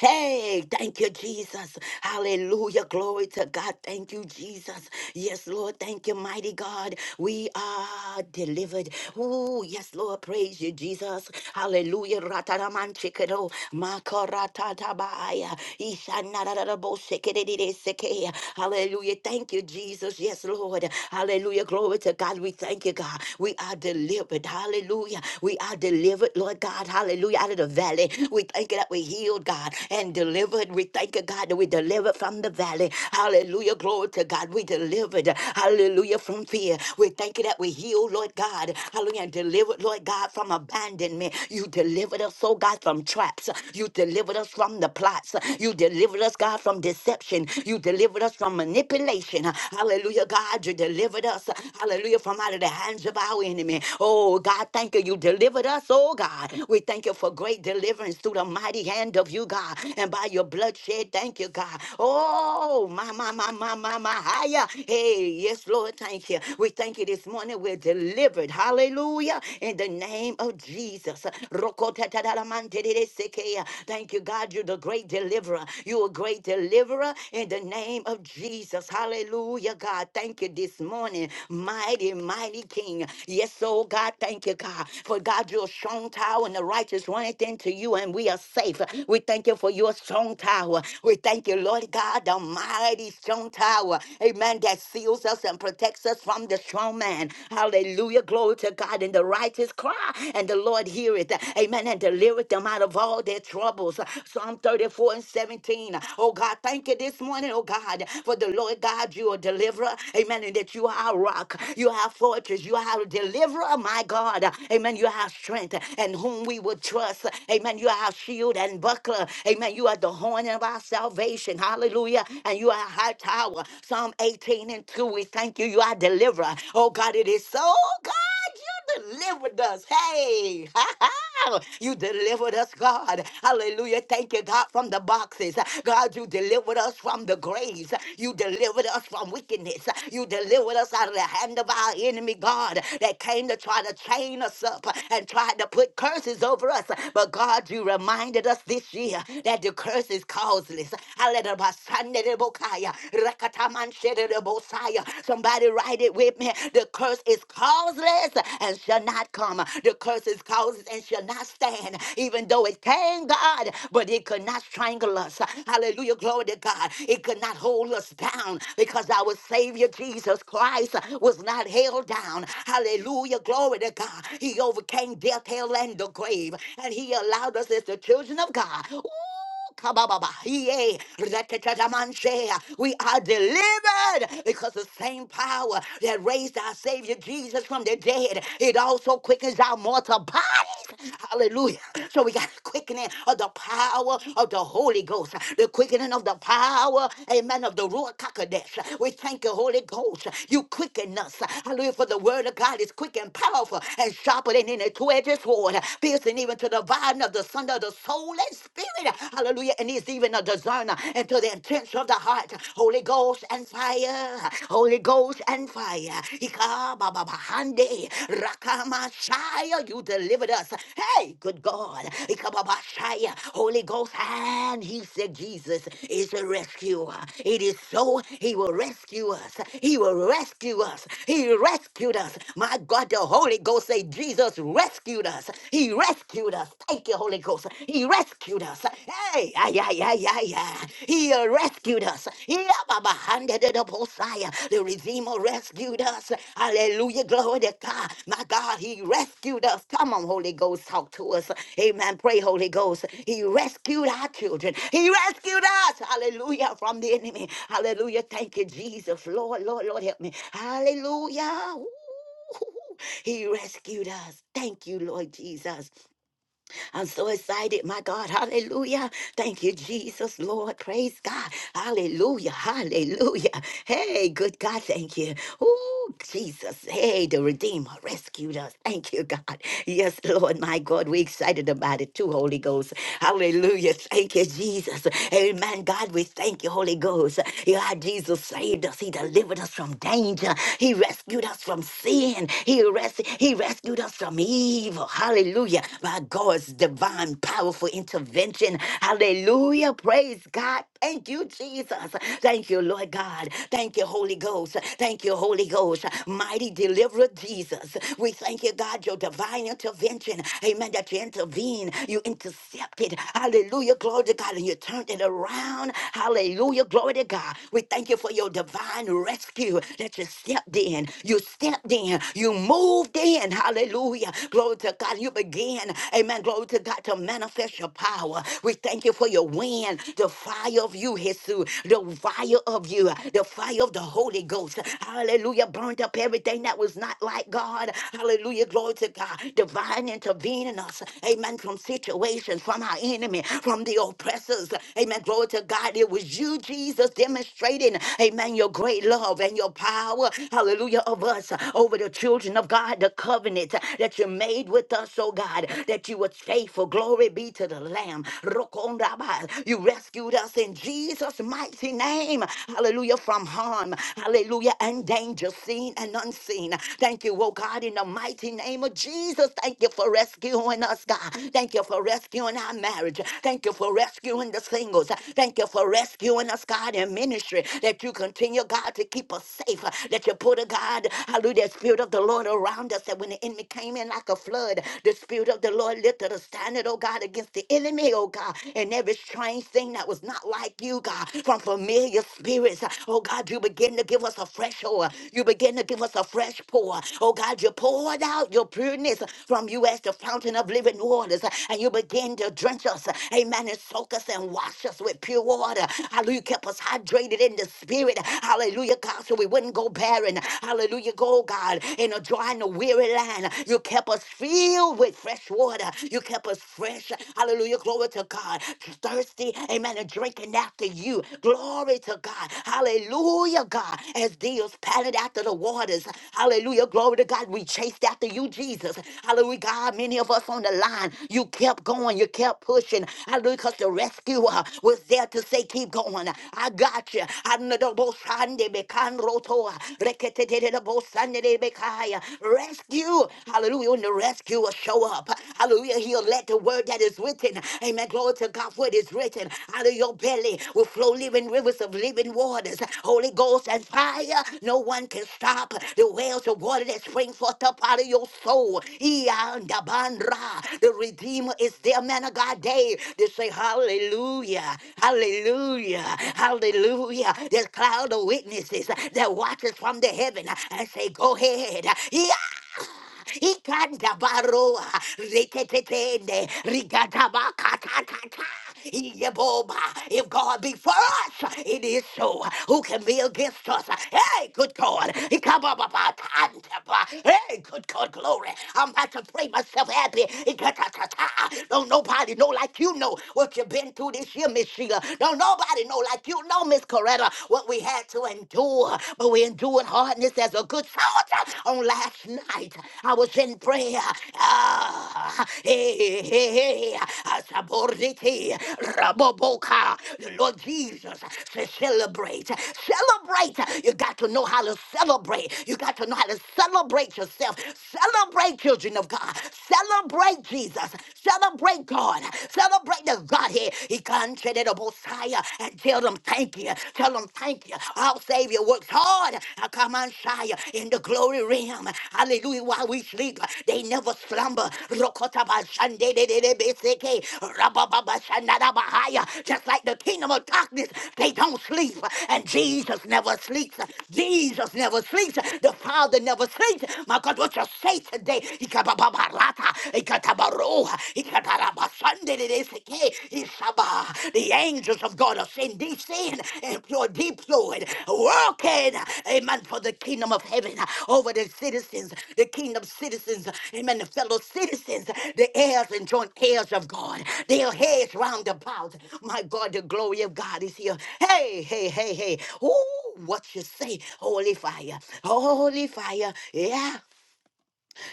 Hey, thank you, Jesus. Hallelujah. Glory to God. Thank you, Jesus. Yes, Lord. Thank you, mighty God. We are delivered. Oh, yes, Lord. Praise you, Jesus. Hallelujah. Rataraman chikero. Makaratatabaya. Ishanarararabo sekerererezeke. Hallelujah. Thank you, Jesus. Yes, Lord. Hallelujah. Glory to God. We thank you, God. We are delivered. Hallelujah. We are delivered delivered, Lord God, hallelujah, out of the valley. We thank you that we healed, God, and delivered. We thank you, God, that we delivered from the valley. Hallelujah, glory to God. We delivered, hallelujah, from fear. We thank you that we healed, Lord God, hallelujah, and delivered, Lord God, from abandonment. You delivered us, oh God, from traps. You delivered us from the plots. You delivered us, God, from deception. You delivered us from manipulation. Hallelujah, God, you delivered us, hallelujah, from them out of the hands of our enemy. Oh, God, thank you. You delivered us, oh, God. We thank you for great deliverance through the mighty hand of you, God, and by your bloodshed. Thank you, God. Oh, my, my, my, my, my, my, higher. Hey, yes, Lord, thank you. We thank you this morning. We're delivered. Hallelujah. In the name of Jesus. Thank you, God. You're the great deliverer. You're a great deliverer in the name of Jesus. Jesus. Hallelujah, God. Thank you this morning. Mighty, mighty King. Yes, oh God, thank you, God. For God, your strong tower and the righteous runneth into you, and we are safe. We thank you for your strong tower. We thank you, Lord God, the mighty strong tower. Amen. That seals us and protects us from the strong man. Hallelujah. Glory to God. And the righteous cry, and the Lord heareth. Amen. And delivereth them out of all their troubles. Psalm 30. 44 and 17. Oh God, thank you this morning, oh God, for the Lord God, you are deliverer. Amen. And that you are our rock, you are our fortress, you are our deliverer, my God. Amen. You are our strength and whom we will trust. Amen. You are our shield and buckler. Amen. You are the horn of our salvation. Hallelujah. And you are our high tower. Psalm 18 and 2. We thank you. You are deliverer. Oh God, it is so God. You delivered us. Hey, well. You delivered us, God. Hallelujah. Thank you, God, from the boxes. God, you delivered us from the graves. You delivered us from wickedness. You delivered us out of the hand of our enemy, God, that came to try to chain us up and tried to put curses over us. But God, you reminded us this year that the curse is causeless. Hallelujah. Basanderebokaya, Rakatamanshederebosaya. Somebody write it with me. The curse is causeless curse and shall not come. The curse is causes and shall not stand, even though it came, God, but it could not strangle us. Hallelujah. Glory to God. It could not hold us down because our Savior Jesus Christ was not held down. Hallelujah. Glory to God. He overcame death, hell, and the grave, and He allowed us as the children of God. Ooh, Kabababa, yea, reketadamanshe. We are delivered because the same power that raised our Savior Jesus from the dead, it also quickens our mortal bodies. Hallelujah. So we got the quickening of the power of the Holy Ghost, the quickening of the power, amen, of the Ruach HaKodesh. We thank you, Holy Ghost. You quicken us. Hallelujah. For the word of God is quick and powerful and sharper than any two-edged sword, piercing even to the dividing of the Son of the soul Holy Spirit. Hallelujah. And he's even a discerner into the intents of the heart. Holy Ghost and fire. Holy Ghost and fire. Ikababahande. Rakamashaya. You delivered us. Hey, good God. Ikababashaya. Holy Ghost. And he said, Jesus is a rescuer. It is so. He will rescue us. He will rescue us. He rescued us. My God, the Holy Ghost say, Jesus rescued us. He rescued us. Thank you, you, Holy Ghost. He rescued us. Hey, ay, yeah, yeah, yeah, yeah. He rescued us. Yeah, Baba, handed it up, Hosea. The Redeemer rescued us. Hallelujah, glory to God. My God, He rescued us. Come on, Holy Ghost, talk to us. Amen. Pray, Holy Ghost. He rescued our children. He rescued us. Hallelujah, from the enemy. Hallelujah. Thank you, Jesus. Lord, Lord, Lord, help me. Hallelujah. Ooh. He rescued us. Thank you, Lord Jesus. I'm so excited, my God. Hallelujah. Thank you, Jesus, Lord. Praise God. Hallelujah. Hallelujah. Hey, good God. Thank you. Oh, Jesus. Hey, the Redeemer rescued us. Thank you, God. Yes, Lord, my God. We're excited about it too, Holy Ghost. Hallelujah. Thank you, Jesus. Amen. God, we thank you, Holy Ghost. Yeah, Jesus saved us. He delivered us from danger. He rescued us from sin. He, res- he rescued us from evil. Hallelujah. My God's divine, powerful intervention. Hallelujah. Praise God. Thank you, Jesus. Thank you, Lord God. Thank you, Holy Ghost. Thank you, Holy Ghost. Mighty deliverer, Jesus. We thank you, God, your divine intervention. Amen. That you intervened, you intercepted. Hallelujah. Glory to God. And you turned it around. Hallelujah. Glory to God. We thank you for your divine rescue that you stepped in. You stepped in. You moved in. Hallelujah. Glory to God. You began again. Amen. Glory to God to manifest your power. We thank you for your wind, the fire of you, Jesus, the fire of you, the fire of the Holy Ghost. Hallelujah. Burnt up everything that was not like God. Hallelujah. Glory to God. Divine intervening us. Amen. From situations, from our enemy, from the oppressors. Amen. Glory to God. It was you, Jesus, demonstrating, amen, your great love and your power. Hallelujah. Of us over the children of God, the covenant that you made with us us, oh God, that you were faithful. Glory be to the Lamb. Rokondaba. You rescued us in Jesus' mighty name. Hallelujah. From harm. Hallelujah. And danger, seen and unseen. Thank you, oh God, in the mighty name of Jesus. Thank you for rescuing us, God. Thank you for rescuing our marriage. Thank you for rescuing the singles. Thank you for rescuing us, God, in ministry. That you continue, God, to keep us safe. That you put a God, hallelujah, spirit of the Lord around us. That when the enemy came in like a like a flood. The Spirit of the Lord lifted a standard, oh God, against the enemy, oh God, and every strange thing that was not like you, God, from familiar spirits. Oh God, you begin to give us a fresh oil. You begin to give us a fresh pour. Oh God, you poured out your pureness from you as the fountain of living waters, and you begin to drench us, amen, and soak us and wash us with pure water. Hallelujah, kept us hydrated in the spirit. Hallelujah, God, so we wouldn't go barren. Hallelujah, go, God, in a dry and a weary land. You kept us filled with fresh water. You kept us fresh. Hallelujah. Glory to God. Thirsty. Amen. And drinking after you. Glory to God. Hallelujah, God. As deals padded after the waters. Hallelujah. Glory to God. We chased after you, Jesus. Hallelujah, God. Many of us on the line, you kept going. You kept pushing. Hallelujah. Because the rescuer was there to say, keep going. I got you. I know the most high name, I can't roll to. rekete te te te te bo san de de be Rescue rescue. Hallelujah. When the rescuer show up, hallelujah, he'll let the word that is written. Amen. Glory to God for it is written. Out of your belly will flow living rivers of living waters. Holy Ghost and fire. No one can stop the wells of water that spring forth up out of your soul. Iyandabanra. The Redeemer is there, man of God. Day they say hallelujah, hallelujah, hallelujah. There's cloud of witnesses that watches from the heaven and say, go ahead ikanda baroa reketetende rigataba katatata Yeboba. If God be for us, it is so. Who can be against us? Hey, good God. Ikabababa-tantaba. Hey, good God, glory. I'm about to pray myself happy. Ikatatata. Don't nobody know like you know what you've been through this year, Miss Sheila. Don't nobody know like you know, Miss Coretta, what we had to endure but we endured hardness as a good soldier. On last night, I was in prayer. Ah, hey, hey, hey, ah, saboriti, raboboka. The Lord Jesus said, celebrate, celebrate. You got to know how to celebrate. You got to know how to celebrate yourself. Celebrate, children of God. Celebrate Jesus. Celebrate God. Celebrate the Godhead. He can't Shaya, and tell them thank you. Tell them thank you. Our Savior works hard. I come on shy in the glory realm. Hallelujah. While we sleep, they never slumber. Rokotabashandedededebeseke, rabababashanadabahaya. Just like the kingdom of darkness, they don't sleep. And Jesus never sleeps. Jesus never sleeps. The Father never sleeps. My God, what you say today? Ikababarata, ikatabaro. The angels of God are sent, descend, employed, deployed, working, amen, for the kingdom of heaven over the citizens, the kingdom citizens, amen, the fellow citizens, the heirs and joint heirs of God, their heads round about. My God, the glory of God is here. Hey, hey, hey, hey. Ooh, what you say? Holy fire, holy fire. Yeah,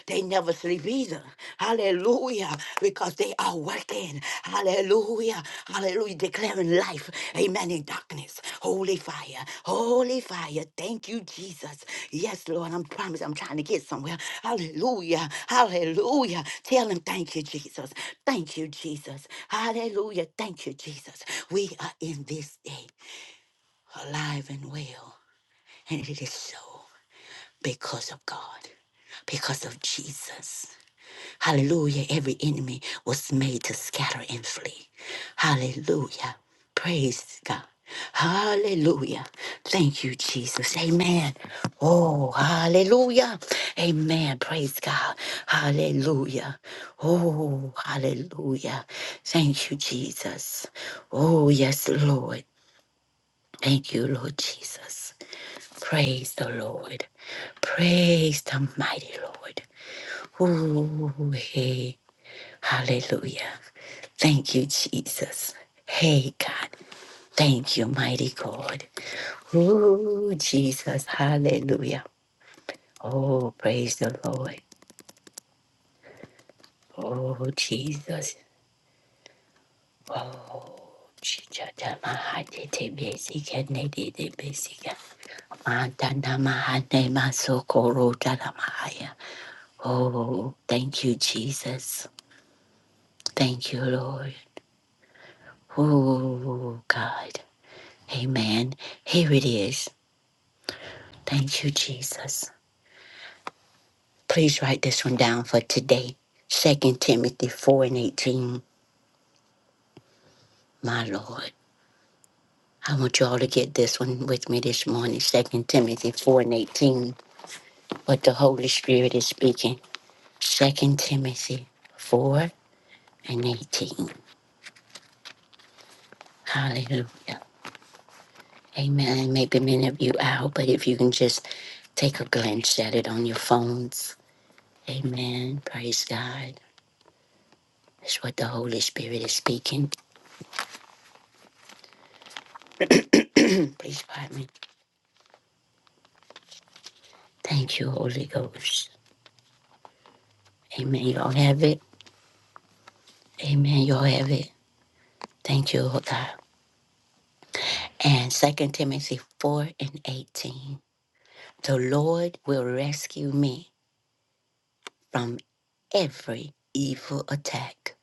they never sleep either. Hallelujah. Because they are working. Hallelujah. Hallelujah. Declaring life. Amen. In darkness. Holy fire. Holy fire. Thank you, Jesus. Yes, Lord. I'm promised. I'm trying to get somewhere. Hallelujah. Hallelujah. Tell him thank you, Jesus. Thank you, Jesus. Hallelujah. Thank you, Jesus. We are in this day alive and well. And it is so because of God, because of Jesus. Hallelujah. Every enemy was made to scatter and flee. Hallelujah. Praise God. Hallelujah. Thank you, Jesus. Amen. Oh, hallelujah. Amen. Praise God. Hallelujah. Oh, hallelujah. Thank you, Jesus. Oh, yes, Lord. Thank you, Lord Jesus. Praise the Lord. Praise the mighty Lord. Ooh, hey. Hallelujah. Thank you, Jesus. Hey, God. Thank you, mighty God. Oh, Jesus. Hallelujah. Oh, praise the Lord. Oh, Jesus. Oh. Jesus. Mahade te besike ne de de besike. Mantana mahaya. Oh, thank you, Jesus. Thank you, Lord. Oh, God. Amen. Here it is. Thank you, Jesus. Please write this one down for today. Second Timothy 4 and 18, my Lord. I want you all to get this one with me this morning. Second Timothy 4 and 18. But the Holy Spirit is speaking. Second Timothy 4 and 18. Hallelujah. Amen. Maybe many of you out, but if you can just take a glance at it on your phones. Amen. Praise God. That's what the Holy Spirit is speaking. Please pardon me. Thank you, Holy Ghost. Amen. Y'all have it. Amen. Y'all have it. Thank you, Lord God. And Second Timothy 4 and 18. The Lord will rescue me from every evil attack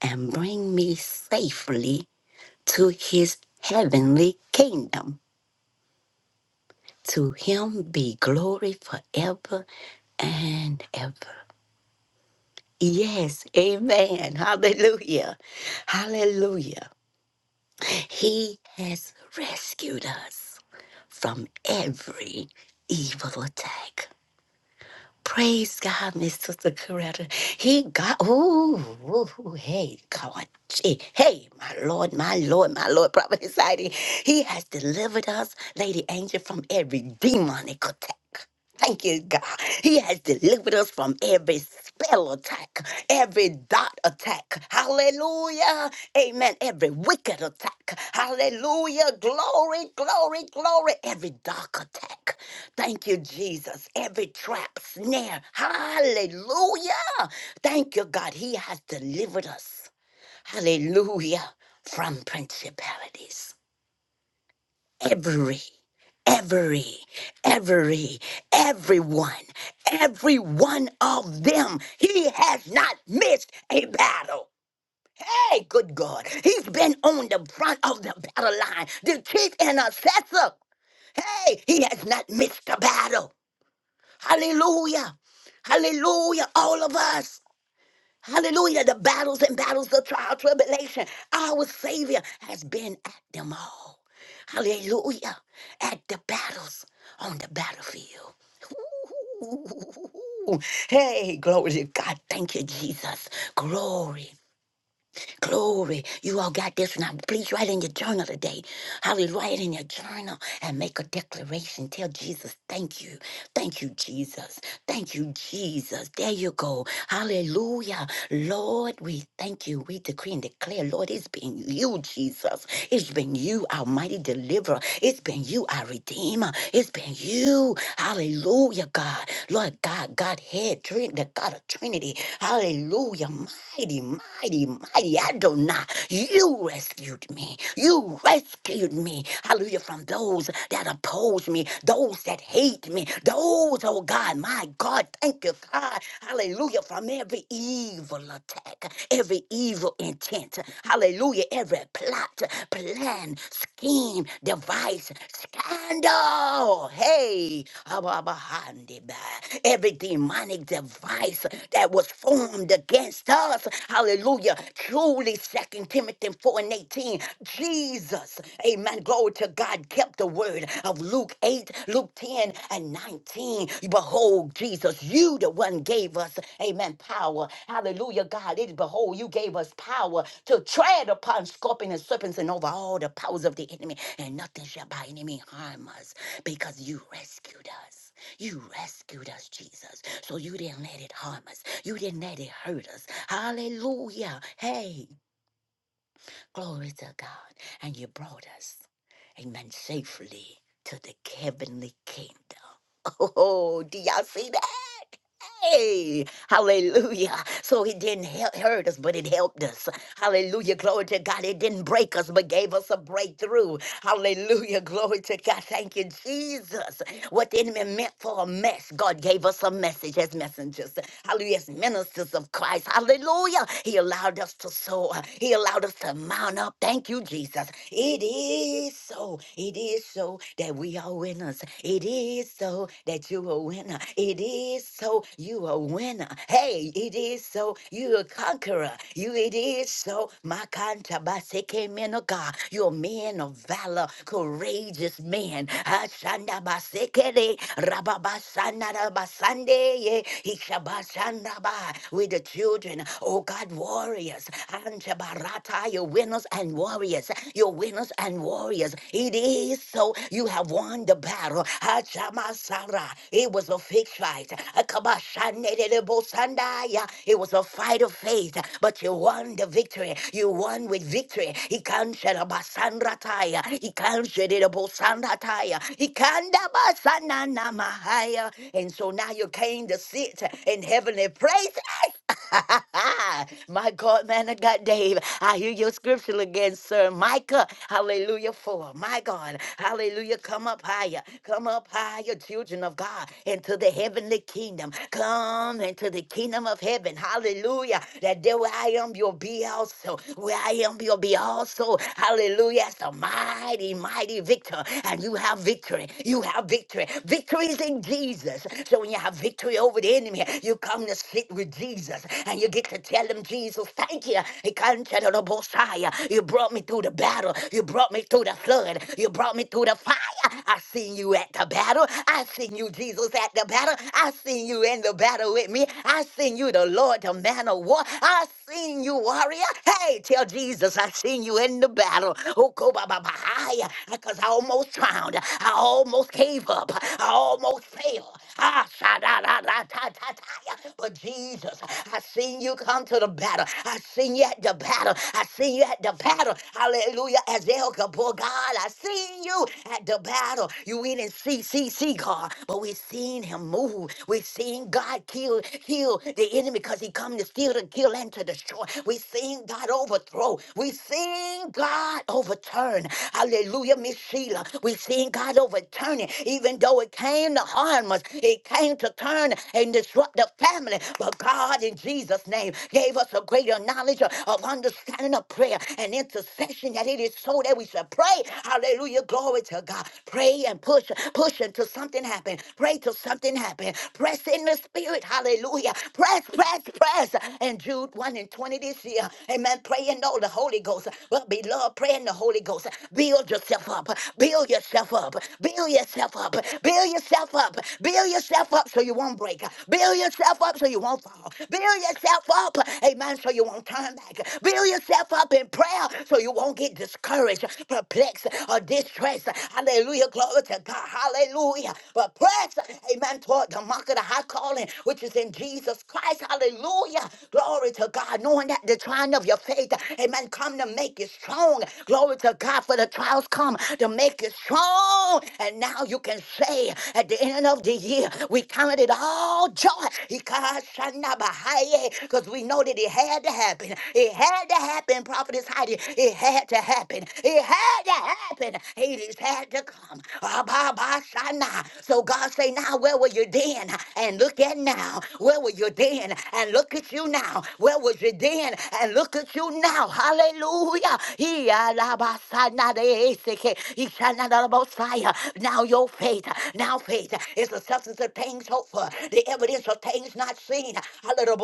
and bring me safely to his heavenly kingdom. To him be glory forever and ever. Yes, amen. Hallelujah. Hallelujah. He has rescued us from every evil attack. Praise God, Miss Sister Coretta. He got, ooh, ooh, ooh, hey, God, gee, hey, my Lord, my Lord, my Lord, Prophet Society. He has delivered us, Lady Angel, from every demonic attack. Thank you, God. He has delivered us from every spell attack, every dot attack. Hallelujah. Amen. Every wicked attack. Hallelujah. Glory, glory, glory. Every dark attack. Thank you, Jesus. Every trap, snare. Hallelujah. Thank you, God. He has delivered us. Hallelujah. From principalities every, every, every, everyone, every one of them. He has not missed a battle. Hey, good God. He's been on the front of the battle line, the chief intercessor. Hey, he has not missed a battle. Hallelujah. Hallelujah. All of us. Hallelujah. The battles and battles, the trial, tribulation. Our Savior has been at them all. Hallelujah. At the battles on the battlefield. Ooh. Hey, glory to God. Thank you, Jesus. Glory. Glory. You all got this now. Please write in your journal today. Hallelujah. Write in your journal and make a declaration. Tell Jesus, thank you. Thank you, Jesus. Thank you, Jesus. There you go. Hallelujah. Lord, we thank you. We decree and declare, Lord, it's been you, Jesus. It's been you, our mighty deliverer. It's been you, our redeemer. It's been you. Hallelujah, God. Lord God, Godhead, head, the God of Trinity. Hallelujah. Hallelujah. Mighty, mighty, mighty Adonai. You rescued me. You rescued me. Hallelujah. From those that oppose me, those that hate me, those, oh God, my God, thank you, God. Hallelujah. From every evil attack, every evil intent. Hallelujah. Every plot, plan, scheme, device, scandal. Hey, Abba, Abba, Handi, Ba. every demonic demonic device that was formed against us. Hallelujah. Truly, Second Timothy 4 and 18, Jesus, amen, glory to God, kept the word of Luke 8, Luke 10 and 19. Behold, Jesus, you the one gave us, amen, power. Hallelujah, God. It is behold, you gave us power to tread upon scorpions and serpents and over all the powers of the enemy, and nothing shall by any means harm us because you rescued us. You rescued us, Jesus. So you didn't let it harm us. You didn't let it hurt us. Hallelujah. Hey, glory to God. And you brought us, amen, safely to the heavenly kingdom. Oh, do y'all see that? Hey, hallelujah. So it didn't hel- hurt us, but it helped us. Hallelujah. Glory to God. It didn't break us, but gave us a breakthrough. Hallelujah. Glory to God. Thank you, Jesus. What the enemy meant for a mess, God gave us a message as messengers. Hallelujah. As ministers of Christ. Hallelujah. He allowed us to sow. He allowed us to mount up. Thank you, Jesus. It is so. It is so that we are winners. It is so that you are a winner. It is so you are a winner. Hey, it is so you a conqueror. You it is so my kantabaseke men of God. You're men of valor, courageous men. Randa Basekere, Rababasana Rabasande, ye, Ikabashanda ba, with the children. Oh God, warriors. Anjabarata, your winners and warriors. Your winners and warriors. It is so. You have won the battle. Hachamasara. It was a fixed fight. Akabashanerebosandaya. It was a fight of faith, but you won the victory. You won with victory. He can't shed a basanrataya. He can't shed Kataya. Ikanda basana na mahaya. And so now you came to sit in heavenly places. My God, man of God, Dave, I hear your scripture again, sir. Micah, hallelujah, 4. My God, hallelujah, come up higher. Come up higher, children of God, into the heavenly kingdom. Come into the kingdom of heaven. Hallelujah. That there where I am, you'll be also. Where I am, you'll be also. Hallelujah. It's a mighty, mighty a victor, and you have victory. You have victory. Victory is in Jesus. So when you have victory over the enemy, you come to sit with Jesus and you get to tell him, Jesus, thank you. He can't tell the Messiah. You brought me through the battle. You brought me through the flood. You brought me through the fire. I seen you at the battle. I seen you, Jesus, at the battle. I seen you in the battle with me. I seen you, the Lord, the man of war. I seen you, warrior. Hey, tell Jesus, I seen you in the battle. Oh, go, ba, ba, ba, I, because I almost drowned. I almost gave up. I almost failed. Ah, sha-da-da-da-ta-ta-ta. But Jesus, I seen you come to the battle. I seen you at the battle. I seen you at the battle. Hallelujah. As El Gabor, God, I seen you at the battle. You we didn't see, see, see God, but we seen him move. We seen God kill, kill the enemy because he come to steal, to kill, and to destroy. We seen God overthrow. We seen God overthrow overturn. Hallelujah, Miss Sheila. We've seen God overturn it, even though it came to harm us, it came to turn and disrupt the family. But God, in Jesus' name, gave us a greater knowledge of of understanding of prayer and intercession that it is so that we should pray. Hallelujah, glory to God. Pray and push, push until something happen. Pray till something happen. Press in the spirit. Hallelujah. Press, press, press. And Jude 1 and 20 this year. Amen. Pray and know the Holy Ghost. Well, beloved. We love praying the Holy Ghost. Build yourself up. Build yourself up. Build yourself up. Build yourself up. Build yourself up so you won't break. Build yourself up so you won't fall. Build yourself up, amen, so you won't turn back. Build yourself up in prayer so you won't get discouraged, perplexed, or distressed. Hallelujah. Glory to God. Hallelujah. But press, amen, toward the mark of the high calling, which is in Jesus Christ. Hallelujah. Glory to God. Knowing that the trying of your faith, amen, comes come to make you strong. Glory to God for the trials come to make you strong. And now you can say at the end of the year, we counted it all joy. Because we know that it had to happen. It had to happen, Prophetess Heidi. It had to happen. It had to happen. Hades had to come. Abba-ba-shana. So God say, now where were you then? And look at now. Where were you then? And look at you now. Where was you then? And look at you now you now. Hallelujah. He alabasanadaeseke, ishanadalabosaya. Now your faith, now faith is the substance of things hoped for, the evidence of things not seen. Hallelujah.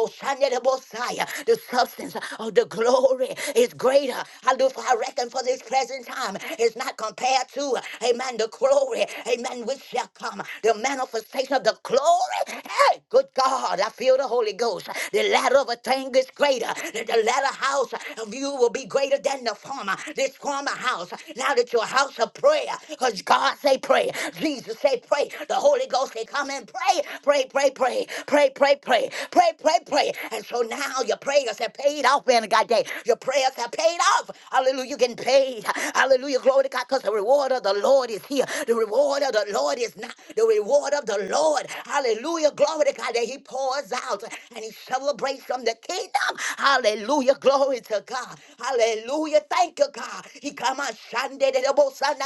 The substance of the glory is greater. Hallelujah. For I reckon for this present time is not compared to, amen, the glory, amen, which shall come. The manifestation of the glory. Hey, Good God, I feel the Holy Ghost. The latter of a thing is greater. The the latter house of you will be greater than the former. This former house, now that your house of prayer, because God say pray, Jesus say pray, the Holy Ghost say come and pray, pray, pray, pray, pray, pray, pray, pray, pray, pray. And so now your prayers have paid off, man of God day. Your prayers have paid off. Hallelujah, you getting paid. Hallelujah. Glory to God. Because the reward of the Lord is here. The reward of the Lord is not the reward of the Lord. Hallelujah. Glory to God that He pours out and He celebrates from the kingdom. Hallelujah. Glory to God. Hallelujah. Thank you, God. He come on Sunday. to the most Sunday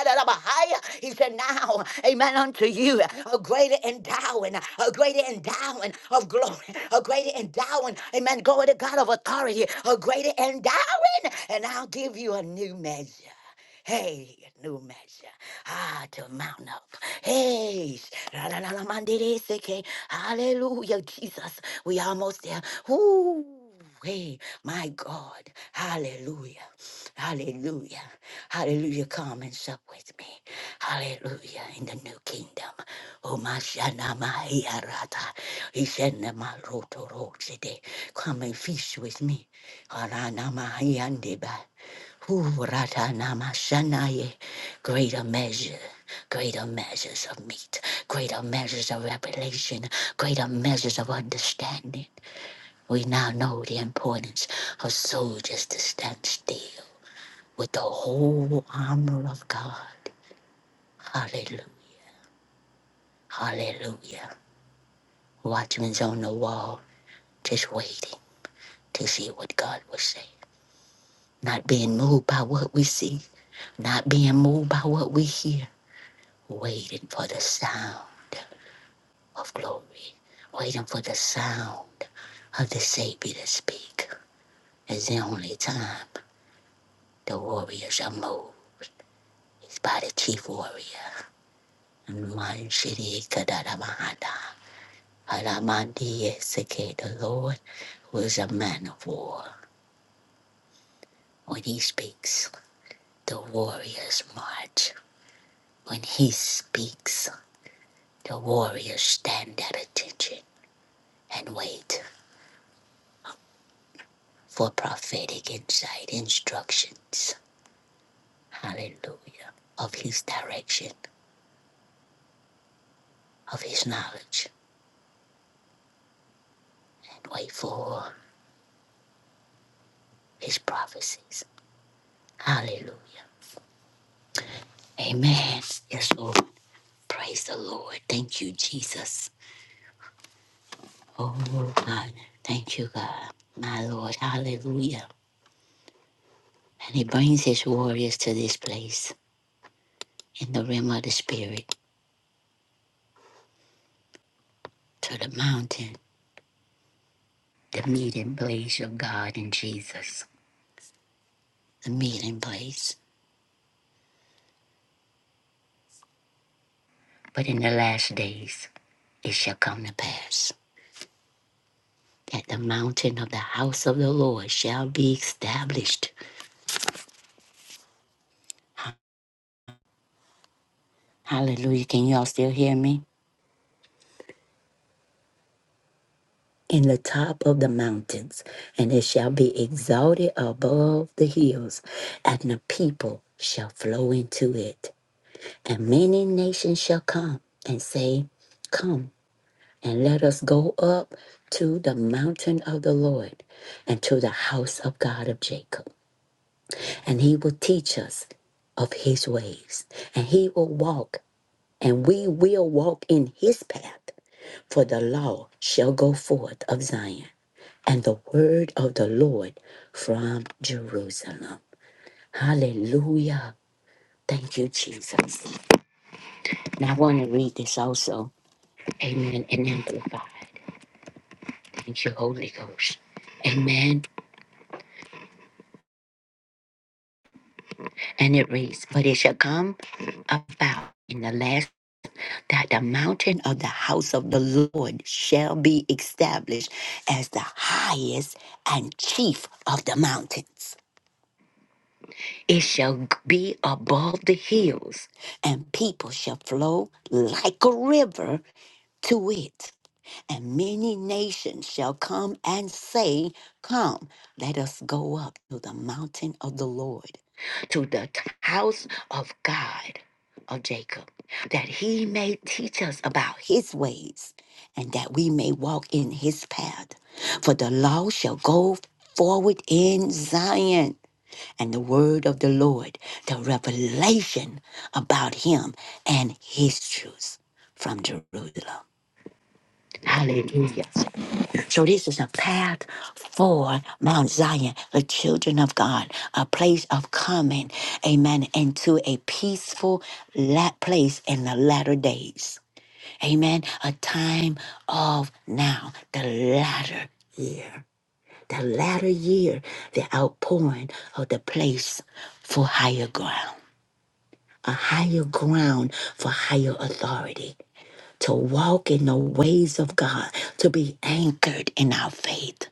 He said, Now, amen, unto you, a greater endowing, a greater endowing of glory, a greater endowing, amen. Glory to God of authority, a greater endowing, and I'll give you a new measure. Hey, new measure. Ah, to mount up. Hey, sh- la la la la, mandiri seke. Hallelujah, Jesus. We almost there. Ooh, hey, my God. Hallelujah. Hallelujah. Hallelujah. Come and sup with me. Hallelujah. In the new kingdom. Oh, my shana, my yarata. He said, "Na ma roto ro today. Come and feast with me. Harana, my yandeba. Ooh, Ratanamashanaye, greater measure, greater measures of meat, greater measures of revelation, greater measures of understanding. We now know the importance of soldiers to stand still with the whole armor of God. Hallelujah. Hallelujah. Watchmen on the wall, just waiting to see what God will say. Not being moved by what we see, not being moved by what we hear, waiting for the sound of glory, waiting for the sound of the Savior to speak. It's the only time the warriors are moved. It's by the chief warrior. Manshirikadadamahada. Haramandieseke, The Lord was a man of war. When he speaks, the warriors march. When he speaks, the warriors stand at attention and wait for prophetic insight, instructions hallelujah, of his direction, of his knowledge, and wait for his prophecies. Hallelujah. Amen. Yes, Lord. Praise the Lord. Thank you, Jesus. Oh, God. Thank you, God. My Lord. Hallelujah. And he brings his warriors to this place in the realm of the Spirit, to the mountain, the meeting place of God and Jesus, the meeting place. But in the last days, it shall come to pass. that the mountain of the house of the Lord shall be established. Hallelujah. Can y'all still hear me? In the top of the mountains, and it shall be exalted above the hills, and the people shall flow into it. And many nations shall come and say, Come, and let us go up to the mountain of the Lord and to the house of God of Jacob. And he will teach us of his ways, and he will walk and we will walk in his path. For the law shall go forth of Zion, and the word of the Lord from Jerusalem. Hallelujah. Thank you, Jesus. Now I want to read this also. Amen. And amplified. Thank you, Holy Ghost. Amen. And it reads, But it shall come about in the last that the mountain of the house of the Lord shall be established as the highest and chief of the mountains. It shall be above the hills, and people shall flow like a river to it and many nations shall come and say, Come, let us go up to the mountain of the Lord, to the house of God of Jacob, that he may teach us about his ways, and that we may walk in his path. For the law shall go forward in Zion, and the word of the Lord, the revelation about him and his truths from Jerusalem. Hallelujah. So this is a path for Mount Zion, the children of God, a place of coming, amen, into a peaceful la- place in the latter days. Amen. A time of now, the latter year. The latter year, the outpouring of the place for higher ground, a higher ground for higher authority to walk in the ways of God, to be anchored in our faith,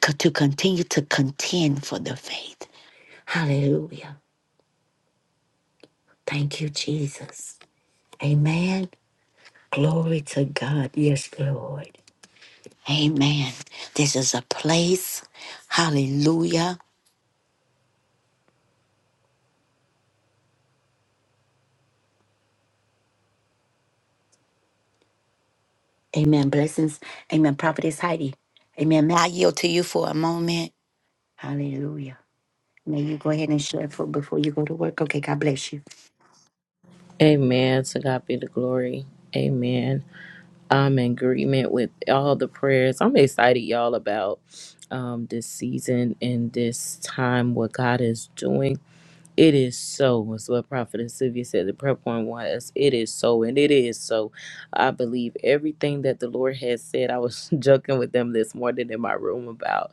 co- to continue to contend for the faith. Hallelujah. Thank you, Jesus. Amen. Glory to God. Yes, Lord. Amen. This is a place. Hallelujah. Amen. Blessings. Amen. Prophetess Heidi. Amen. May I yield to you for a moment? Hallelujah. May you go ahead and share for before you go to work. Okay, God bless you. Amen. To God be the glory. Amen. I'm in agreement with all the prayers. I'm excited, y'all, about um, this season and this time, what God is doing. It is so. It's what Prophet Sylvia said. The prayer point was, it is so, and it is so. I believe everything that the Lord has said. I was joking with them this morning in my room about.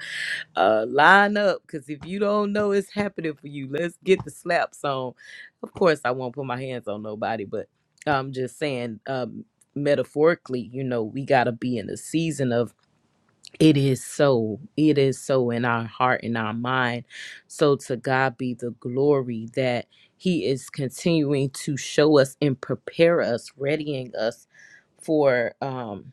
uh line up because if you don't know it's happening for you let's get the slaps on of course i won't put my hands on nobody but i'm just saying um metaphorically you know we got to be in a season of it is so it is so in our heart and our mind so to god be the glory that he is continuing to show us and prepare us readying us for um,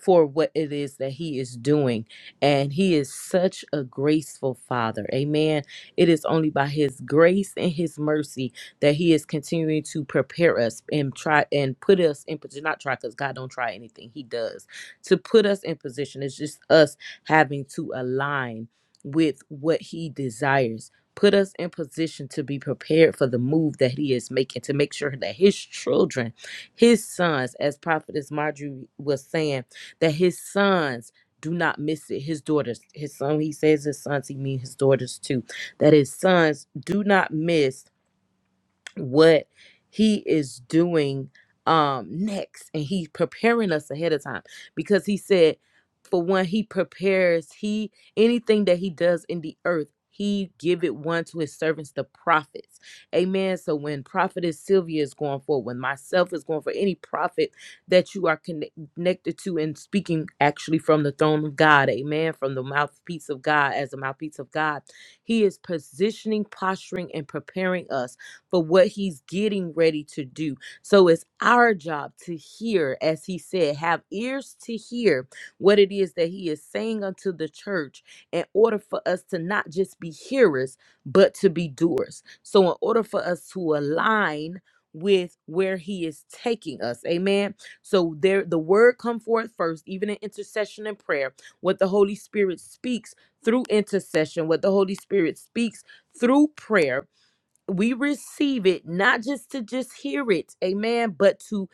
for what it is that he is doing. And he is such a graceful father. Amen. It is only by his grace and his mercy that he is continuing to prepare us and try and put us in position. Not try because God don't try anything. He does. To put us in position. It's just us having to align with what he desires. Put us in position to be prepared for the move that he is making to make sure that his children, his sons, as Prophetess Marjorie was saying, that his sons do not miss it. His daughters, his son, he says his sons, he means his daughters too, that his sons do not miss what he is doing um next and he's preparing us ahead of time because he said for when he prepares he anything that he does in the earth he give it one to his servants the prophets amen so when prophetess sylvia is going for when myself is going for any prophet that you are conne- connected to and speaking actually from the throne of god amen from the mouthpiece of god as a mouthpiece of god he is positioning posturing and preparing us for what he's getting ready to do. So it's our job to hear, as he said, have ears to hear what it is that he is saying unto the church in order for us to not just be hearers, but to be doers. So, in order for us to align, with where he is taking us amen so there the word come forth first even in intercession and prayer what the holy spirit speaks through intercession what the holy spirit speaks through prayer we receive it not just to just hear it amen but to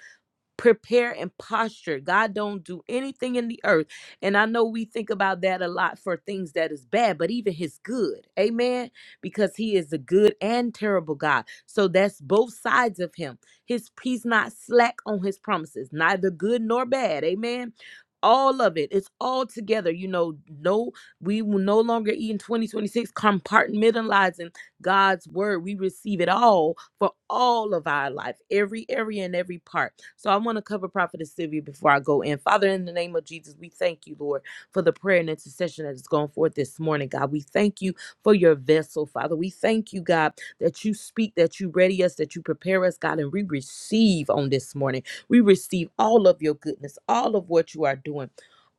prepare and posture god don't do anything in the earth and i know we think about that a lot for things that is bad but even his good amen because he is a good and terrible god so that's both sides of him his he's not slack on his promises neither good nor bad amen all of it it's all together you know no we will no longer eat in 2026 compartmentalizing God's word. We receive it all for all of our life, every area and every part. So I want to cover Prophetess Sylvia before I go in. Father, in the name of Jesus, we thank you, Lord, for the prayer and intercession that has gone forth this morning, God. We thank you for your vessel, Father. We thank you, God, that you speak, that you ready us, that you prepare us, God, and we receive on this morning. We receive all of your goodness, all of what you are doing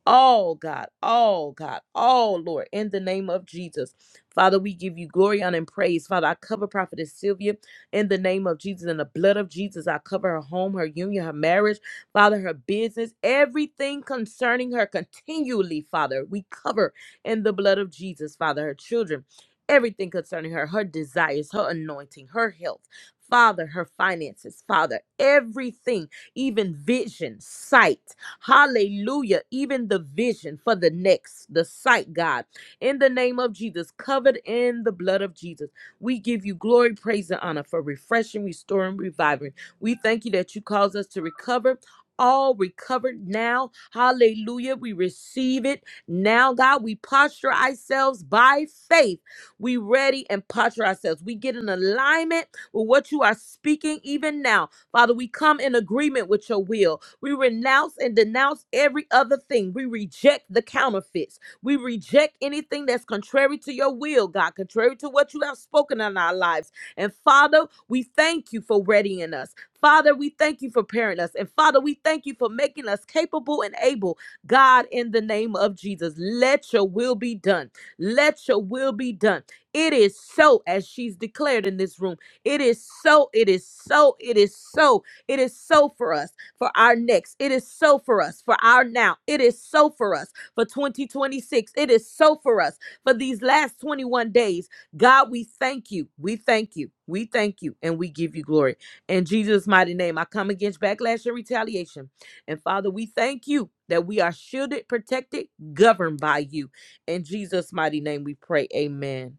all God, all God, all Lord, in the name of Jesus. Father, we give you glory, honor, and praise. Father, I cover Prophetess Sylvia in the name of Jesus and the blood of Jesus. I cover her home, her union, her marriage, Father, her business, everything concerning her continually, Father. We cover in the blood of Jesus, Father, her children, everything concerning her, her desires, her anointing, her health. Father, her finances, Father, everything, even vision, sight, hallelujah, even the vision for the next, the sight, God in the name of Jesus, covered in the blood of Jesus. We give you glory, praise, and honor for refreshing, restoring, reviving. We thank you that you cause us to recover. All recovered now. Hallelujah. We receive it now, God. We posture ourselves by faith. We ready and posture ourselves. We get in alignment with what you are speaking even now. Father, we come in agreement with your will. We renounce and denounce every other thing. We reject the counterfeits. We reject anything that's contrary to your will, God, contrary to what you have spoken in our lives. And Father, we thank you for readying us. Father, we thank you for preparing us. And Father, we thank you for making us capable and able. God, in the name of Jesus, let your will be done. Let your will be done. It is so, as she's declared in this room. It is so, it is so, it is so, it is so for us, for our next. It is so for us, for our now. It is so for us for 2026. It is so for us for these last 21 days. God, we thank you. We thank you. We thank you and we give you glory. In Jesus' mighty name, I come against backlash and retaliation. And Father, we thank you that we are shielded, protected, governed by you. In Jesus' mighty name, we pray. Amen.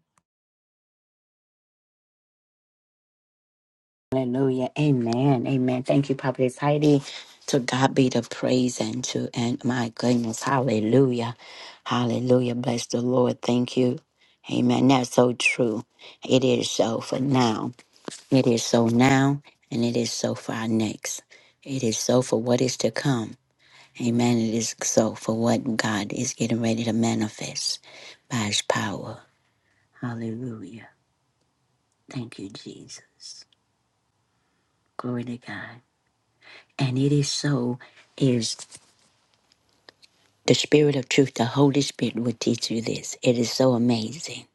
Hallelujah. Amen. Amen. Thank you, Prophetess Heidi. To God be the praise and to and my goodness. Hallelujah. Hallelujah. Bless the Lord. Thank you. Amen. That's so true. It is so for now. It is so now and it is so for our next. It is so for what is to come. Amen. It is so for what God is getting ready to manifest by his power. Hallelujah. Thank you, Jesus. Glory to God. And it is so is the spirit of truth. The Holy Spirit will teach you this. It is so amazing,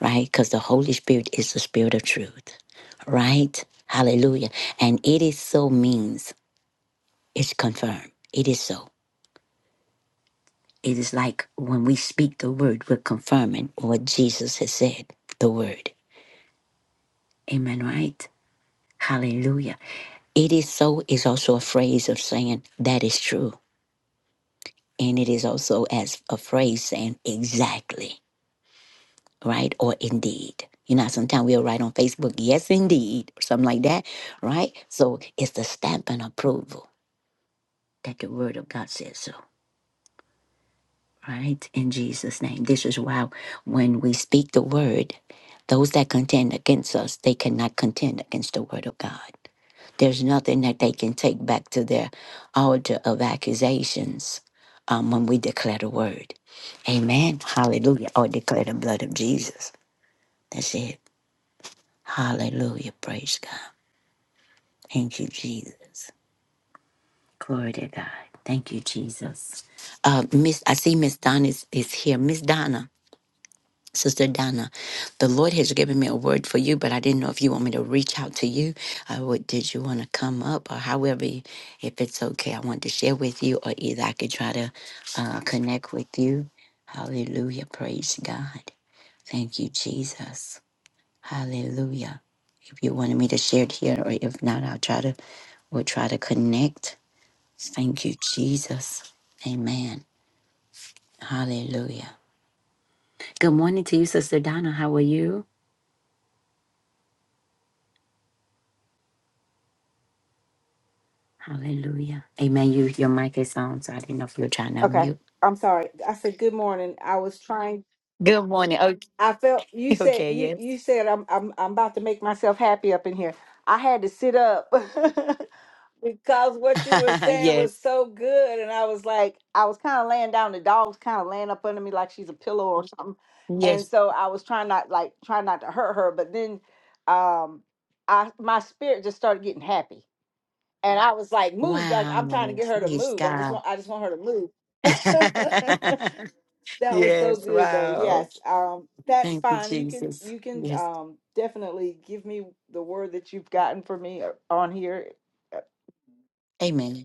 right? Because the Holy Spirit is the spirit of truth, right? Hallelujah. And it is so means it's confirmed. It is so. It is like when we speak the word, we're confirming what Jesus has said, the word. Amen, right? Hallelujah. It is so is also a phrase of saying that is true. And it is also as a phrase saying exactly. right? Or indeed. You know, sometimes we'll write on Facebook, yes, indeed, or something like that, right? So it's the stamp and approval that the word of God says so, right? In Jesus' name. This is why when we speak the word, those that contend against us, they cannot contend against the word of God. There's nothing that they can take back to their altar of accusations um, when we declare the word. Amen. Hallelujah. Or declare the blood of Jesus. That's it. Hallelujah. Praise God. Thank you, Jesus. Glory to God. Thank you, Jesus. Uh, Miss, I see Miss Donna is, is here. Miss Donna, Sister Donna, the Lord has given me a word for you, but I didn't know if you want me to reach out to you. Uh, what did you want to come up, or however, you- if it's okay, I want to share with you, or either I could try to uh, connect with you. Hallelujah. Praise God. Thank you, Jesus. Hallelujah. If you wanted me to share it here, or if not, I'll try to, we'll try to connect. Thank you, Jesus. Amen. Hallelujah. Good morning to you, Sister Donna. How are you? Hallelujah. Amen. You, your mic is on, so I didn't know if you were trying to Okay. mute. I'm sorry. I said good morning. I was trying Good morning. Okay. I felt you said Okay. you Yes. you said I'm I'm I'm about to make myself happy up in here. I had to sit up because what you were saying yes. was so good and I was like I was kind of laying down the dog was kind of laying up under me like she's a pillow or something. And Yes. so I was trying not like trying not to hurt her, but then um I my spirit just started getting happy. And I was like moved like I'm trying to Wow. get her to Praise move. I'm just God. want I just want her to move. That was so yes. good though. Yes. Wow. Um that's Thank you, fine. You can Jesus. you can Yes. um definitely give me the word that you've gotten for me uh, on here. Uh, Amen.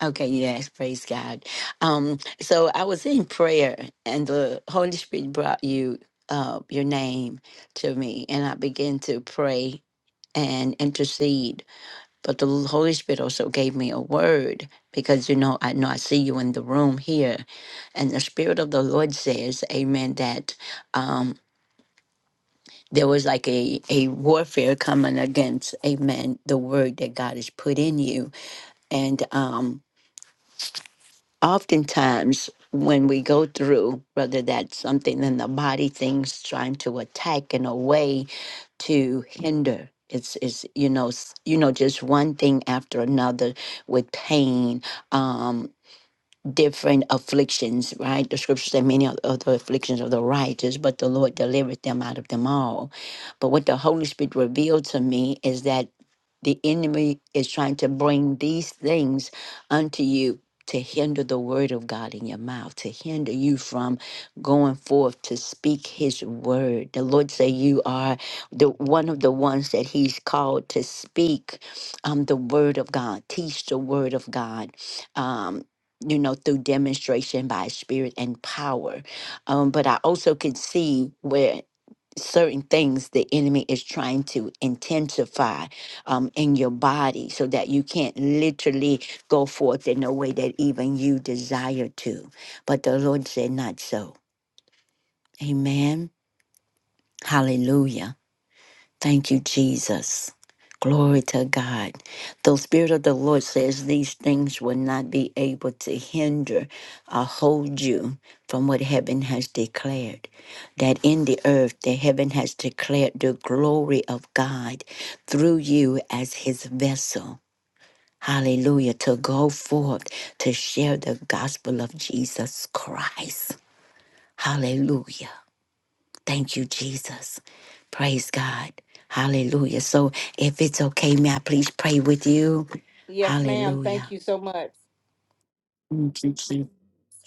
Okay, yes, praise God. Um, so I was in prayer and the Holy Spirit brought you uh your name to me and I began to pray and intercede. But the Holy Spirit also gave me a word because you know I know I see you in the room here. And the Spirit of the Lord says, Amen, that um there was like a, a warfare coming against, amen, the word that God has put in you. And um oftentimes when we go through whether that's something in the body things trying to attack in a way to hinder it's it's you know s- you know just one thing after another with pain um, different afflictions, right? The scripture said many of of the afflictions of the righteous, but the Lord delivered them out of them all. But what the Holy Spirit revealed to me is that the enemy is trying to bring these things unto you to hinder the word of God in your mouth, to hinder you from going forth to speak his word. The Lord say you are the one of the ones that he's called to speak um, the word of God, teach the word of God. um, you know, through demonstration by spirit and power. Um, but I also could see where certain things the enemy is trying to intensify um, in your body so that you can't literally go forth in a way that even you desire to. But the Lord said, not so. Amen. Hallelujah. Thank you, Jesus. Glory to God. The Spirit of the Lord says these things will not be able to hinder or hold you from what heaven has declared. That in the earth, the heaven has declared the glory of God through you as his vessel. Hallelujah. To go forth to share the gospel of Jesus Christ. Hallelujah. Thank you, Jesus. Praise God. Hallelujah. So if it's okay, may I please pray with you? Yes, ma'am. Thank Hallelujah. you so much. Thank you, Jesus.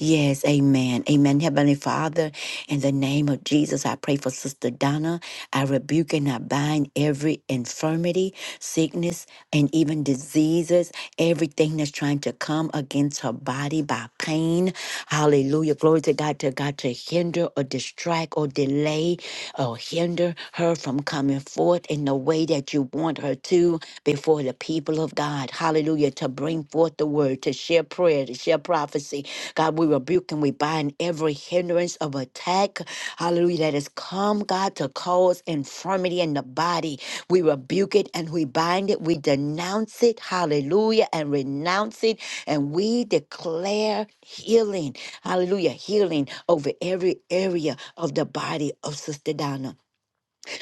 Yes, amen. Amen. Heavenly Father, in the name of Jesus, I pray for Sister Donna. I rebuke and I bind every infirmity, sickness, and even diseases, everything that's trying to come against her body by pain. Hallelujah. Glory to God, to God, to hinder or distract or delay or hinder her from coming forth in the way that you want her to before the people of God. Hallelujah. To bring forth the word, to share prayer, to share prophecy. God, we rebuke and we bind every hindrance of attack. Hallelujah. That has come, God, to cause infirmity in the body. We rebuke it and we bind it. We denounce it. Hallelujah. And renounce it. And we declare healing. Hallelujah. Healing over every area of the body of Sister Donna.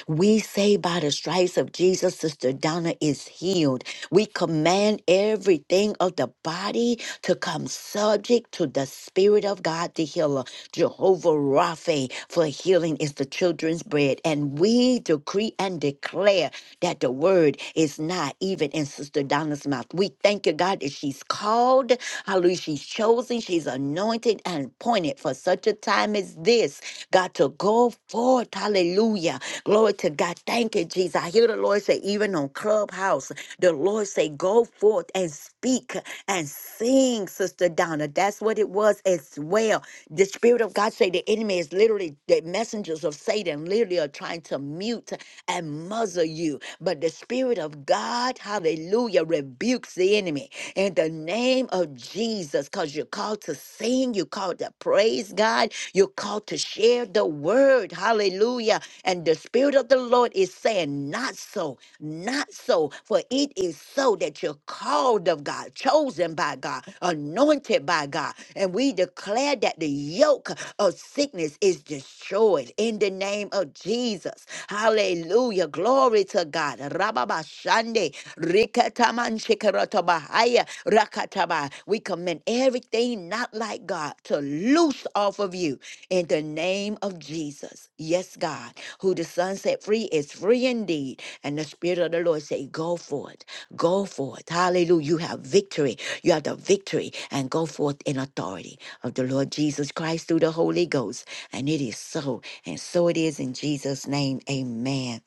We say by the stripes of Jesus, Sister Donna is healed. We command everything of the body to come subject to the Spirit of God, the healer, Jehovah Rapha, for healing is the children's bread. And we decree and declare that the word is not even in Sister Donna's mouth. We thank you, God, that she's called, hallelujah, she's chosen, she's anointed and appointed for such a time as this. God, to go forth. Hallelujah. Glory to God. Thank you, Jesus. I hear the Lord say, even on Clubhouse, the Lord say, go forth and speak and sing, Sister Donna. That's what it was as well. The Spirit of God say the enemy is literally, the messengers of Satan literally are trying to mute and muzzle you. But the Spirit of God, hallelujah, rebukes the enemy in the name of Jesus, because you're called to sing, you're called to praise God, you're called to share the word. Hallelujah. And the Spirit of the Lord is saying, Not so, not so, for it is so that you're called of God, chosen by God, anointed by God. God. And we declare that the yoke of sickness is destroyed in the name of Jesus. Hallelujah. Glory to God. Rababashande. Rikataman shikaratabahaya. Rakataba. We commend everything not like God to loose off of you in the name of Jesus. Yes, God, who the Son set free is free indeed. And the Spirit of the Lord say, Go forth Go forth. Hallelujah. You have victory. You have the victory and go forth in authority of the Lord Jesus Christ through the Holy Ghost. And it is so. And so it is in Jesus' name. Amen.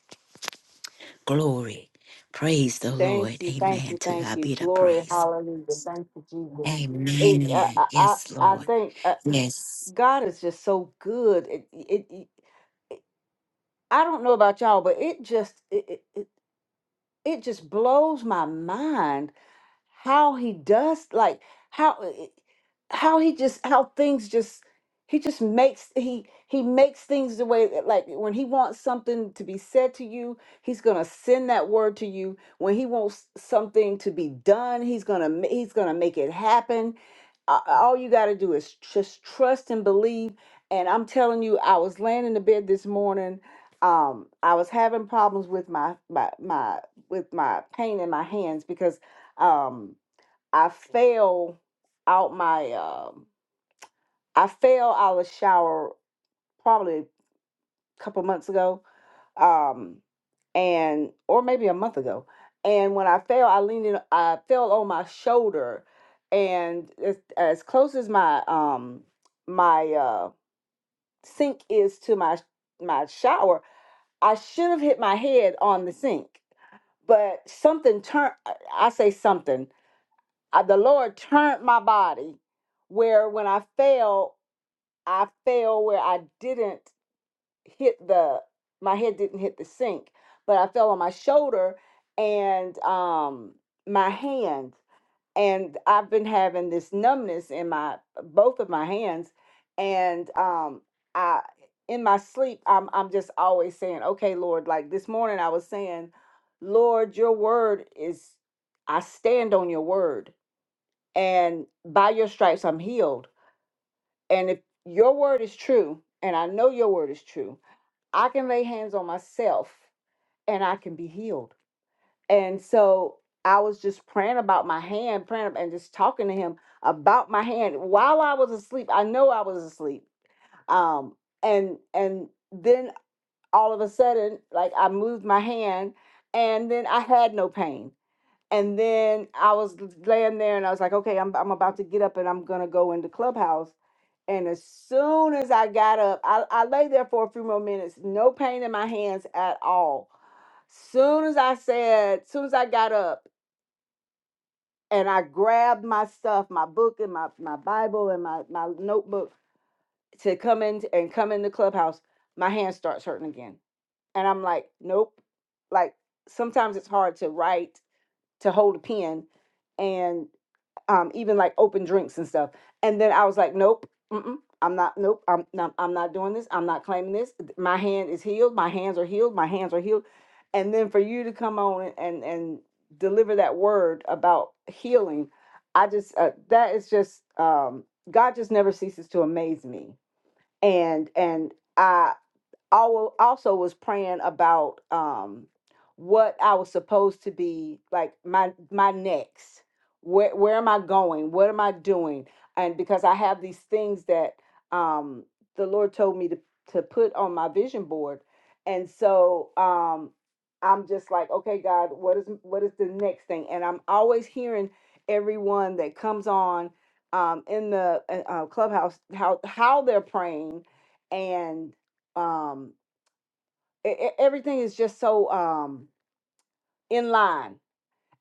Glory. Praise the Thank Lord. you. Thank Amen. you. To Thank God you. be the Glory. praise. Hallelujah. Thank you, Jesus. It, I, Amen. I I Yes, I Lord. think uh, Yes. God is just so good. It, it, it it- I don't know about y'all, but it just it, it it it just blows my mind how he does like how how he just how things just he just makes he he makes things the way that like when he wants something to be said to you he's gonna send that word to you when he wants something to be done he's gonna ma- he's gonna make it happen A- all you gotta do is just trust and believe and i'm telling you i was laying in the bed this morning um i was having problems with my my my with my pain in my hands because um I fell out my um I fell out of the shower probably a couple months ago. Um and or maybe a month ago. And when I fell, I leaned in I fell on my shoulder and as, as close as my um my uh sink is to my my shower, I should have hit my head on the sink but something turned i I say something I, the Lord turned my body where when I fell, I fell where I didn't hit the my head didn't hit the sink, but I fell on my shoulder and um my hand and I've been having this numbness in my both of my hands and um I in my sleep I'm I'm just always saying, "Okay, Lord, like this morning I was saying, Lord, your word is I stand on your word and by your stripes I'm healed. And if your word is true, and I know your word is true, I can lay hands on myself and I can be healed. And so I was just praying about my hand, praying and just talking to him about my hand while I was asleep. I know I was asleep. Um, and and then all of a sudden, like I moved my hand, and then I had no pain. And then I was laying there and I was like, okay, I'm, I'm about to get up and I'm going to go into Clubhouse. And as soon as I got up, I, I lay there for a few more minutes, no pain in my hands at all. Soon as I said, soon as I got up and I grabbed my stuff, my book and my, my Bible and my, my notebook to come in and come in the clubhouse, my hand starts hurting again. And I'm like, nope. Like sometimes it's hard to write, to hold a pen. And um, even like open drinks and stuff. And then I was like, nope, mm-mm, I'm not, nope, I'm not, I'm not doing this. I'm not claiming this. My hand is healed. My hands are healed. My hands are healed. And then for you to come on and and deliver that word about healing, I just uh, that is just um, God just never ceases to amaze me. And and I al- also was praying about um what I was supposed to be like my my next where where am I going what am I doing and because I have these things that um the Lord told me to to put on my vision board and so um I'm just like okay God what is what is the next thing and I'm always hearing everyone that comes on um in the uh, uh, clubhouse how how they're praying and um e- e- everything is just so um in line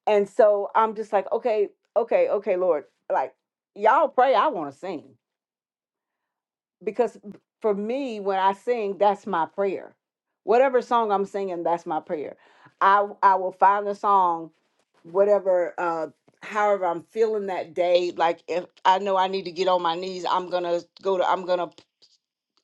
and so i'm just like okay okay okay lord like y'all pray i want to sing because b- for me when i sing that's my prayer whatever song i'm singing that's my prayer i i will find the song whatever uh however i'm feeling that day like if i know i need to get on my knees i'm gonna go to i'm gonna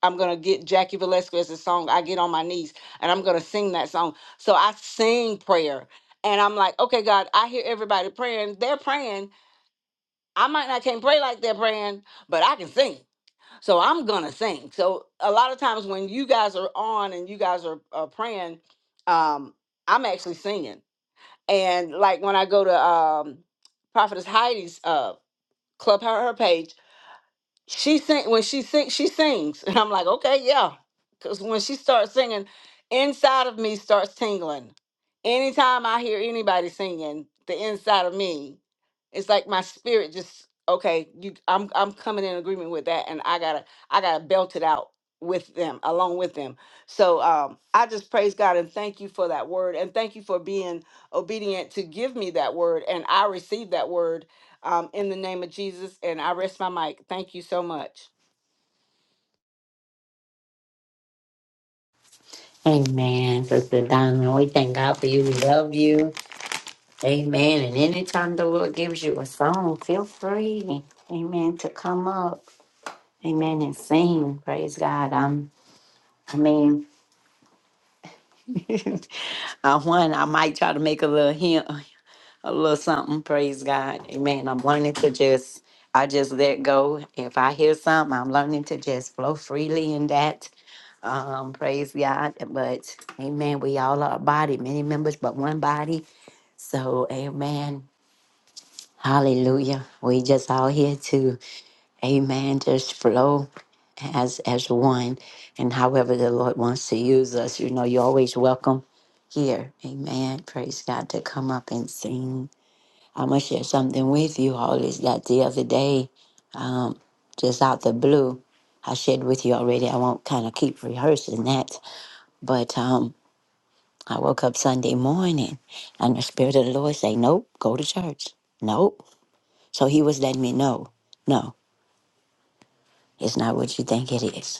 I'm gonna get Jackie Velasquez's song, I Get on My Knees, and I'm gonna sing that song. So I sing prayer. And I'm like, okay, God, I hear everybody praying. They're praying. I might not can't pray like they're praying, but I can sing. So I'm gonna sing. So a lot of times when you guys are on and you guys are, are praying, um, I'm actually singing. And like when I go to um Prophetess Heidi's uh club her her page, she sing when she sings she sings and i'm like okay yeah because when she starts singing inside of me starts tingling anytime i hear anybody singing the inside of me it's like my spirit just okay you i'm i'm coming in agreement with that and i gotta i gotta belt it out with them along with them so um i just praise god and thank you for that word and thank you for being obedient to give me that word and i received that word um, in the name of Jesus. And I rest my mic. Thank you so much. Amen. Sister Diamond. we thank God for you. We love you. Amen. And anytime the Lord gives you a song, feel free. Amen. To come up. Amen. And sing, praise God. Um, I mean, uh, one, I might try to make a little hint, a little something. Praise God. Amen. I'm learning to just, I just let go. If I hear something, I'm learning to just flow freely in that. Um, praise God. But Amen. We all are a body, many members, but one body. So Amen. Hallelujah. We just all here to, Amen. Just flow. as as one and however the lord wants to use us you know you're always welcome here amen praise god to come up and sing i'm gonna share something with you all is that the other day um just out the blue i shared with you already i won't kind of keep rehearsing that but um i woke up sunday morning and the spirit of the lord say nope go to church nope so he was letting me know no it's not what you think it is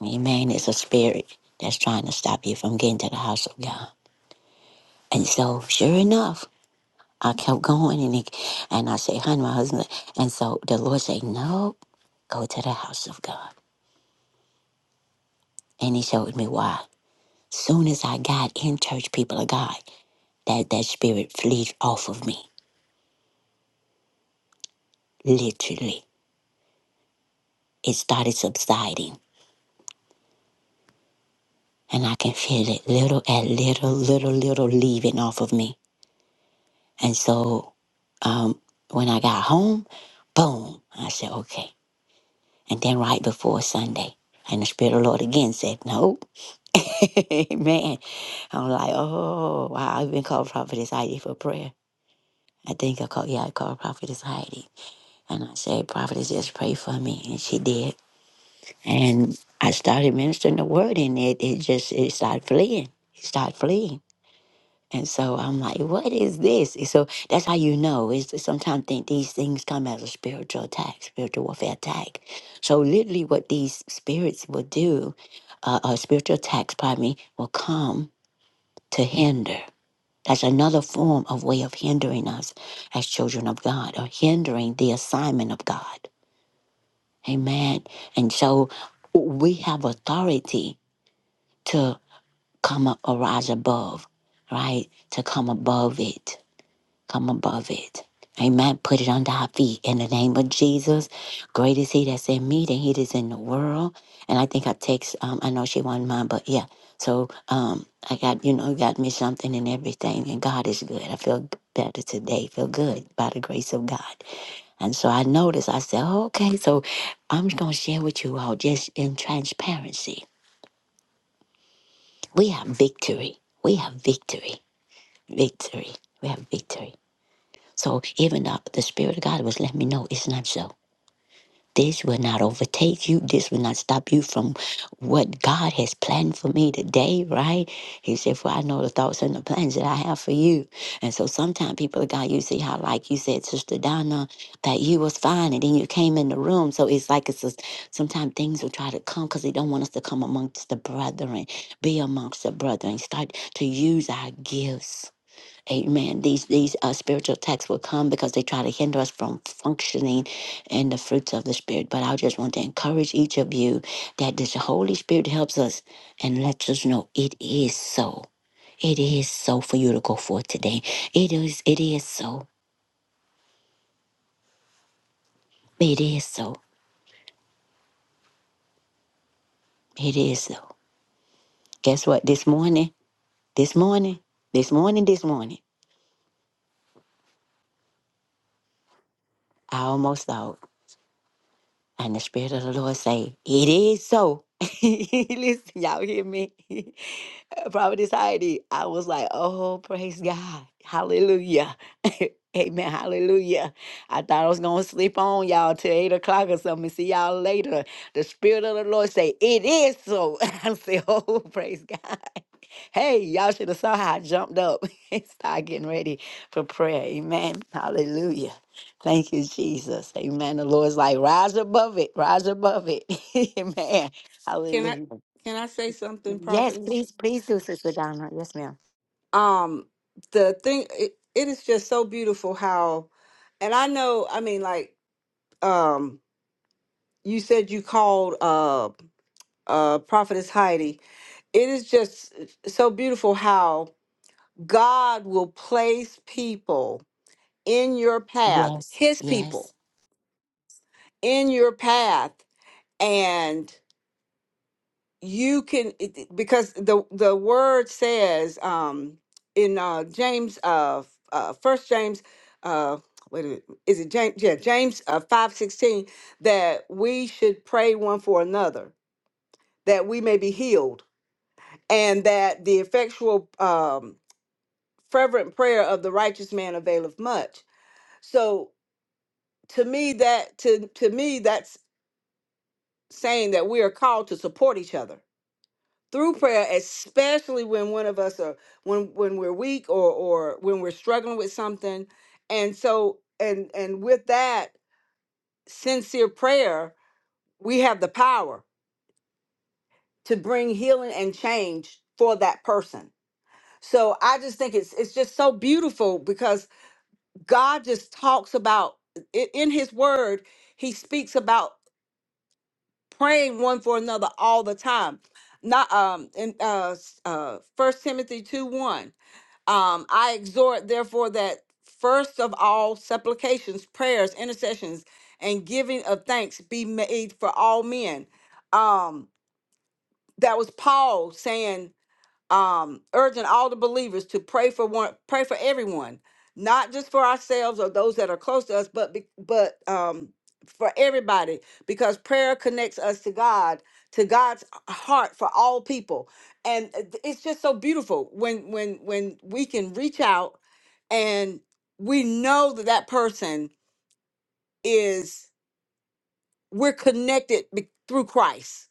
Amen. It's a spirit that's trying to stop you from getting to the house of God. And so, sure enough, I kept going and it, and I said, honey, my husband. And so the Lord said, no, go to the house of God. And he showed me why. Soon as I got in church, people of God, that, that spirit flees off of me, literally. It started subsiding. And I can feel it little at little, little, little leaving off of me. And so um, when I got home, boom, I said, okay. And then right before Sunday, and the Spirit of the Lord again said, no. Amen. I'm like, oh, wow, I've been called Prophetess Heidi for prayer. I think I called, yeah, I called Prophetess Heidi. And I said, Prophetess, just pray for me. And she did. And I started ministering the word, and it, it just, it started fleeing. It started fleeing. And so I'm like, what is this? And so that's how you know. Is sometimes think these things come as a spiritual attack, spiritual warfare attack. So literally, what these spirits will do, uh, uh, spiritual attacks, pardon me, will come to hinder. That's another form of way of hindering us as children of God, or hindering the assignment of God. Amen. And so we have authority to come up, arise above, right? To come above it come above it. Amen. Put it under our feet in the name of Jesus. Great is He that's in me than He that's in the world. And I think I text. Um, I know she wanted mine, but yeah. So um, I got you know got me something and everything, and God is good. I feel better today. Feel good by the grace of God. And so I noticed. I said, okay. So I'm just gonna share with you all just in transparency. We have victory. We have victory. Victory. We have victory. So even though the Spirit of God was letting me know it's not so. This will not overtake you. This will not stop you from what God has planned for me today, right? He said, For I know the thoughts and the plans that I have for you. And so sometimes people of God, you see how, like you said, Sister Donna, that you was fine and then you came in the room. So it's like it's just, sometimes things will try to come because they don't want us to come amongst the brethren, be amongst the brethren, start to use our gifts Amen. These these uh, spiritual attacks will come because they try to hinder us from functioning in the fruits of the spirit. But I just want to encourage each of you that this Holy Spirit helps us and lets us know it is so. It is so for you to go forth today. It is. It is so. It is so. It is so. Guess what? This morning. This morning. This morning. This morning. I almost thought, and the Spirit of the Lord say, "It is so." Listen, y'all hear me? Prophetess Heidi, I was like, oh, praise God. Hallelujah. Amen. Hallelujah. I thought I was going to sleep on y'all till 8 o'clock or something. See y'all later. The Spirit of the Lord say, it is so. I say, oh, praise God. Hey, y'all should have saw how I jumped up and started getting ready for prayer. Amen. Hallelujah. Thank you, Jesus. Amen. The Lord's like, rise above it. Rise above it. Amen. Can I Hallelujah. can I say something, Yes, prophetess? please, please do, Sister Donna. Yes, ma'am. um the thing it, it is just so beautiful how and i know i mean like um you said you called uh uh prophetess heidi it is just so beautiful how god will place people in your path Yes, his people yes. in your path and. you can it, it- because the the word says um in uh james uh f- uh first james uh wait a minute is it james yeah james uh 516 that we should pray one for another that we may be healed and that the effectual um fervent prayer of the righteous man availeth much so to me that to to me that's saying that we are called to support each other through prayer especially when one of us are when when we're weak or or when we're struggling with something and so and and with that sincere prayer we have the power to bring healing and change for that person so i just think it's it's just so beautiful because god just talks about i- in his word he speaks about praying one for another all the time not um in uh s- uh first timothy 2 1 Um, I exhort, therefore, that first of all supplications, prayers, intercessions, and giving of thanks be made for all men. Um, that was Paul saying um, urging all the believers to pray for one, pray for everyone, not just for ourselves or those that are close to us, but be- but um, for everybody, because prayer connects us to God, to God's heart for all people, and uh, th- it's just so beautiful when when when we can reach out and we know that that person is we're connected be- through Christ,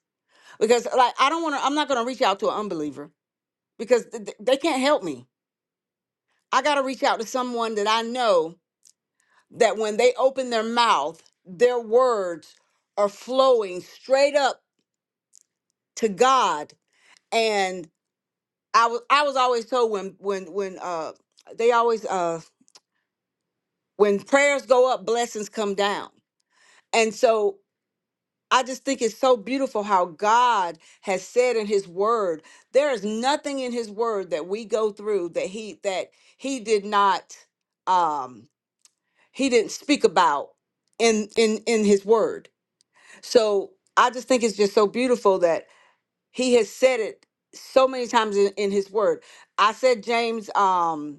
because like I don't want to, I'm not going to reach out to an unbeliever because th- th- they can't help me I got to reach out to someone that I know that when they open their mouth, their words are flowing straight up to God. And I was I was always told when when when uh they always uh when prayers go up, blessings come down. And so I just think it's so beautiful how God has said in his word, there is nothing in his word that we go through that he that he did not um he didn't speak about in in in his word so i just think it's just so beautiful that he has said it so many times in, in his word i said james um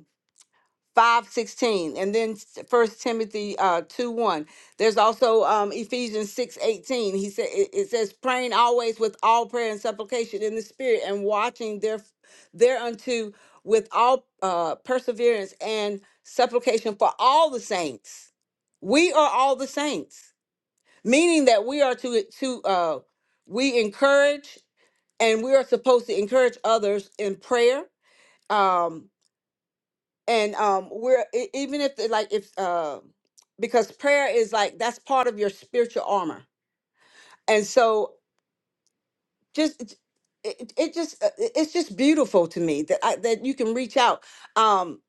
five sixteen, and then First Timothy uh, two one. There's also um, Ephesians six eighteen. He said it, it says praying always with all prayer and supplication in the spirit, and watching there thereunto with all uh, perseverance and supplication for all the saints. We are all the saints, meaning that we are to to uh, we encourage and we are supposed to encourage others in prayer. Um, and um we're e- even if it- like if uh because prayer is like that's part of your spiritual armor and so just it, it it just uh, it- it's just beautiful to me that I, that you can reach out um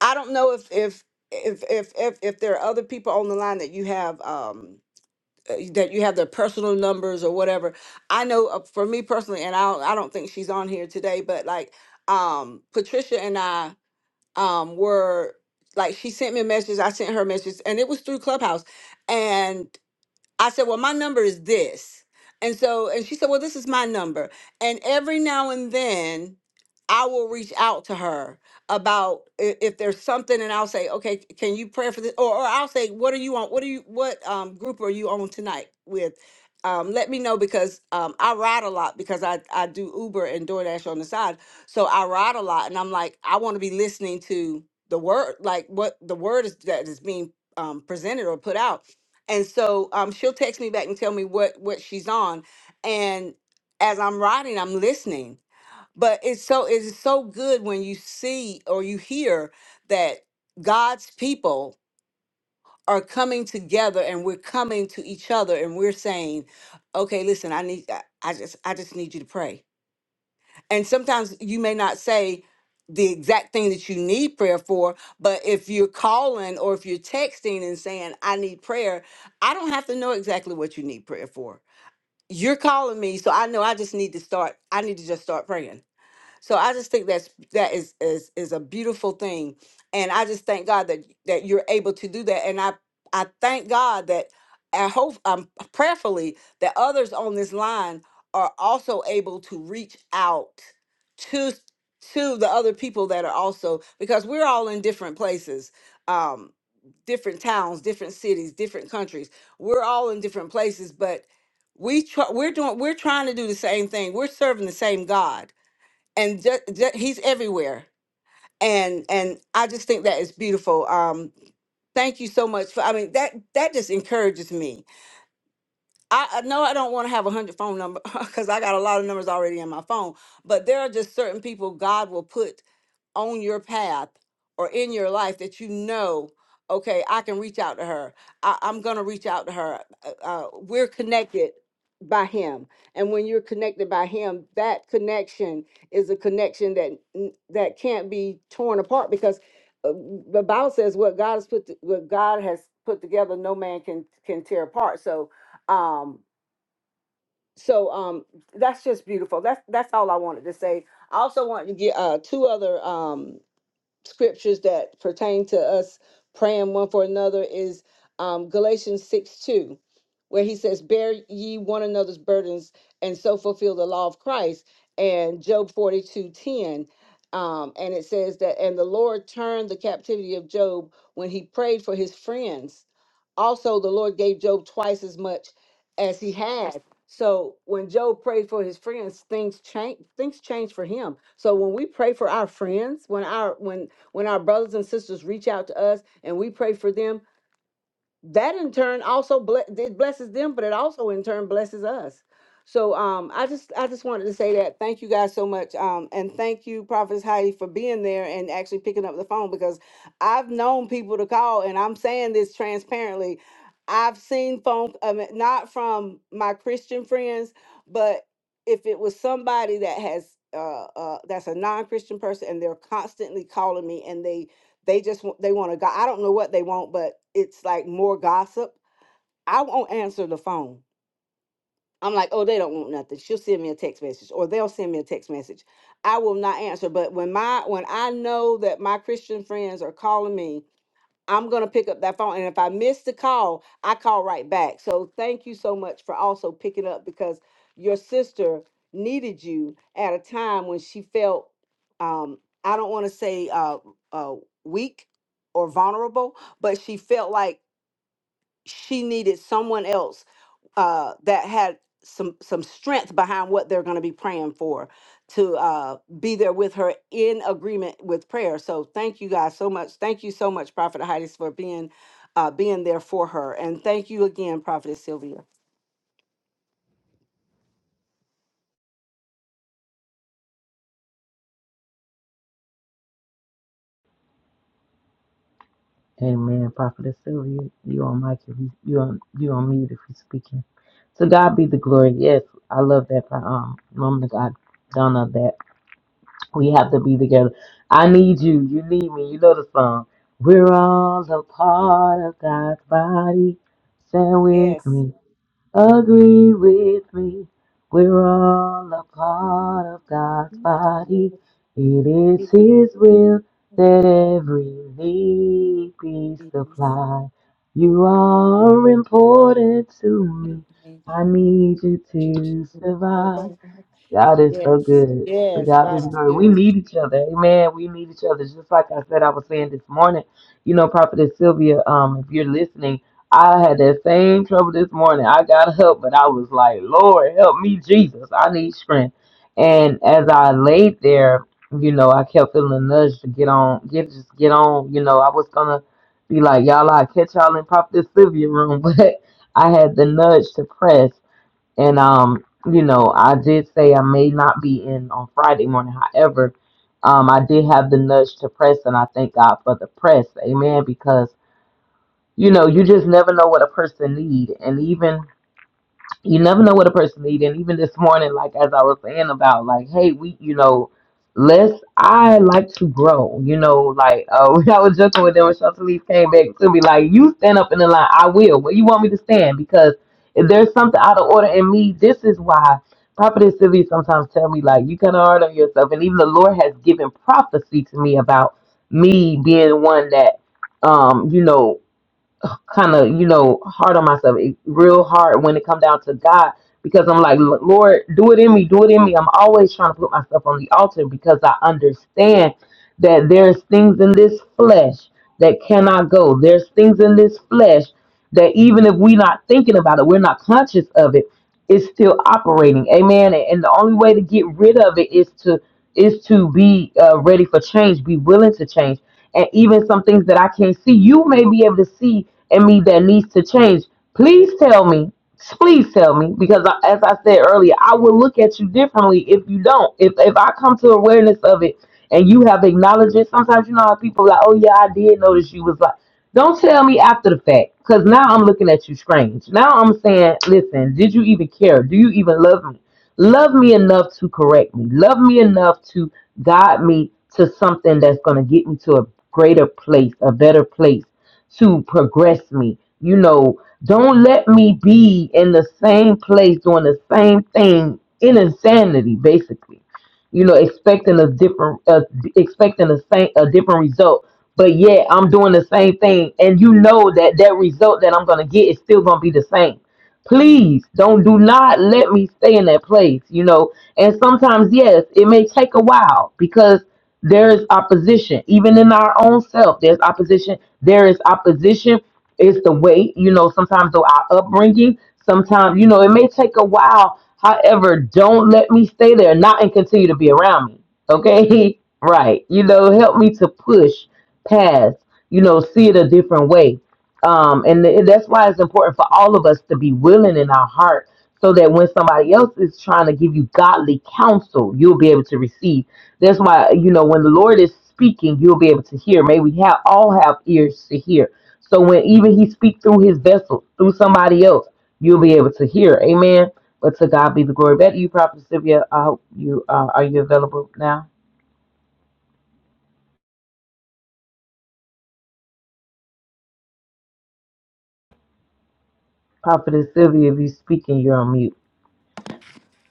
i don't know if if if if if, if there are other people on the line that you have um uh, that you have their personal numbers or whatever i know uh, for me personally and i don't, i don't think she's on here today but like um patricia and i um were like she sent me a message i sent her a message and it was through clubhouse and I said, Well, my number is this. And so, and she said, Well, this is my number. And every now and then, I will reach out to her about i- if there's something, and I'll say, Okay, c- can you pray for this? Or, or I'll say, What are you on? What are you, what um, group are you on tonight with? Um, let me know because um, I ride a lot because I, I do Uber and DoorDash on the side. So I ride a lot, and I'm like, I want to be listening to the word, like what the word is that is being um, presented or put out and so um, she'll text me back and tell me what what she's on and as i'm riding i'm listening but it's so it's so good when you see or you hear that god's people are coming together and we're coming to each other and we're saying okay listen i need i I just i just need you to pray and sometimes you may not say the exact thing that you need prayer for but if you're calling or if you're texting and saying i need prayer i don't have to know exactly what you need prayer for you're calling me so i know i just need to start i need to just start praying so I just think that's that is is is a beautiful thing, and I just thank God that that you're able to do that, and I I thank God that I hope um prayerfully that others on this line are also able to reach out to to the other people that are also because we're all in different places, um, different towns, different cities, different countries. We're all in different places, but we try, we're doing we're trying to do the same thing. We're serving the same God and ju- ju- he's everywhere and and i just think that is beautiful um thank you so much for i mean that that just encourages me i, I know i don't want to have a hundred phone number because i got a lot of numbers already in my phone but there are just certain people god will put on your path or in your life that you know okay i can reach out to her I, i'm gonna reach out to her uh, uh, we're connected by him and when you're connected by him that connection is a connection that n- that can't be torn apart because uh, the bible says what god has put t- what god has put together no man can can tear apart so um so um that's just beautiful that's that's all i wanted to say i also want to get uh two other um scriptures that pertain to us praying one for another is um, Galatians 6 2, where he says, Bear ye one another's burdens and so fulfill the law of Christ, and Job forty two ten, Um, and it says that, and the Lord turned the captivity of Job when he prayed for his friends. Also, the Lord gave Job twice as much as he had. So when Job prayed for his friends, things change. Things change for him. So when we pray for our friends, when our when when our brothers and sisters reach out to us and we pray for them, that in turn also ble- it blesses them, but it also in turn blesses us. So um, I just I just wanted to say that. Thank you guys so much, um, and thank you, Prophetess Heidi, for being there and actually picking up the phone because I've known people to call, and I'm saying this transparently. I've seen phone, I mean, not from my Christian friends, but if it was somebody that has uh, uh, that's a non-Christian person and they're constantly calling me and they they just wa- they want to go i don't know what they want but it's like more gossip i won't answer the phone i'm like oh they don't want nothing she'll send me a text message or they'll send me a text message i will not answer but when my when i know that my christian friends are calling me I'm going to pick up that phone. And if I miss the call, I call right back. So thank you so much for also picking up because your sister needed you at a time when she felt, um, I don't want to say uh, uh, weak or vulnerable, but she felt like she needed someone else uh, that had some some strength behind what they're going to be praying for to uh, be there with her in agreement with prayer. So thank you guys so much. Thank you so much, Prophet Heidis, for being uh, being there for her, and thank you again, Prophet Sylvia. Amen. Prophetess Sylvia, you on mic if you you on you on mute if you're speaking. So God be the glory. Yes, I love that um woman of God, Donna. We have to be together. I need you. You need me. You know the song. We're all a part of God's body. Stand Yes. with me. Agree with me. We're all a part of God's body. It is His will that every need be supplied. You are important to me. I need you to survive. God is so Yes. good. So Yes. God be the God is glory. We good. need each other. Amen. We need each other. Just like I said, I was saying this morning, you know, Prophetess Sylvia, um, if you're listening, I had that same trouble this morning. I got help, but I was like, Lord, help me, Jesus. I need strength. And as I laid there, you know, I kept feeling the nudge to get on, get just get on. You know, I was gonna be like, y'all, I catch y'all in Prophetess Sylvia room, but I had the nudge to press. And um, you know, I did say I may not be in on Friday morning. However, um, I did have the nudge to press, and I thank God for the press. Amen. Because you know, you just never know what a person need, and even you never know what a person need. And even this morning, like as I was saying about, like, hey, we, you know, let's. I like to grow. You know, like uh, I was joking with them when Shelter Lee came back to me, like, you stand up. I will. Where you want me to stand? Because if there's something out of order in me, this is why Prophetess Sylvia sometimes tell me like you can hard on yourself, and even the Lord has given prophecy to me about me being one that um you know kind of you know hard on myself it, real hard when it come down to god because i'm like "L- lord do it in me do it in me i'm always trying to put myself on the altar because i understand that there's things in this flesh that cannot go there's things in this flesh that even if we're not thinking about it we're not conscious of it it's still operating amen and and the only way to get rid of it is to is to be uh, ready for change be willing to change and even some things that I can't see. You may be able to see in me that needs to change. Please tell me. Please tell me, because I, as I said earlier, I will look at you differently if you don't. If if I come to awareness of it and you have acknowledged it, sometimes you know how people are like, oh yeah, I did notice you was like, don't tell me after the fact, because now I'm looking at you strange. Now I'm saying, listen, did you even care? Do you even love me? Love me enough to correct me. Love me enough to guide me to something that's going to get me to a greater place, a better place to progress me. You know, don't let me be in the same place doing the same thing in insanity, basically you know, expecting a different, uh, expecting a same, a different result. But yet I'm doing the same thing, and you know that that result that I'm gonna get is still gonna be the same. Please don't do not let me stay in that place, you know. And sometimes, yes, it may take a while because there is opposition, even in our own self. There's opposition. There is opposition. It's the way, you know. Sometimes, though, our upbringing. Sometimes, you know, it may take a while However, don't let me stay there, not and continue to be around me. Okay? Right. You know, help me to push past, you know, see it a different way. Um, and th- that's why it's important for all of us to be willing in our heart so that when somebody else is trying to give you godly counsel, you'll be able to receive. That's why, you know, when the Lord is speaking, you'll be able to hear. May we have all have ears to hear. So when even he speaks through his vessel, through somebody else, you'll be able to hear. Amen but to God be the glory. Back to you, Prophet Sylvia. I hope you uh, are you available now, Prophet Sylvia. If you're speaking, you're on mute.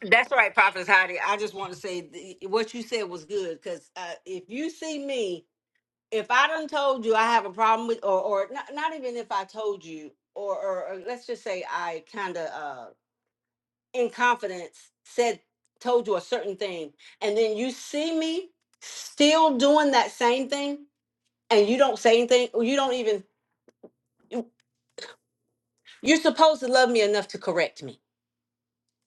That's right, Prophet Heidi. I just want to say th- what you said was good because uh, if you see me, if I done told you I have a problem with, or or not, not even if I told you, or or, or let's just say I kind of uh, in confidence said told you a certain thing, and then you see me still doing that same thing, and you don't say anything, or you don't even you- you're supposed to love me enough to correct me,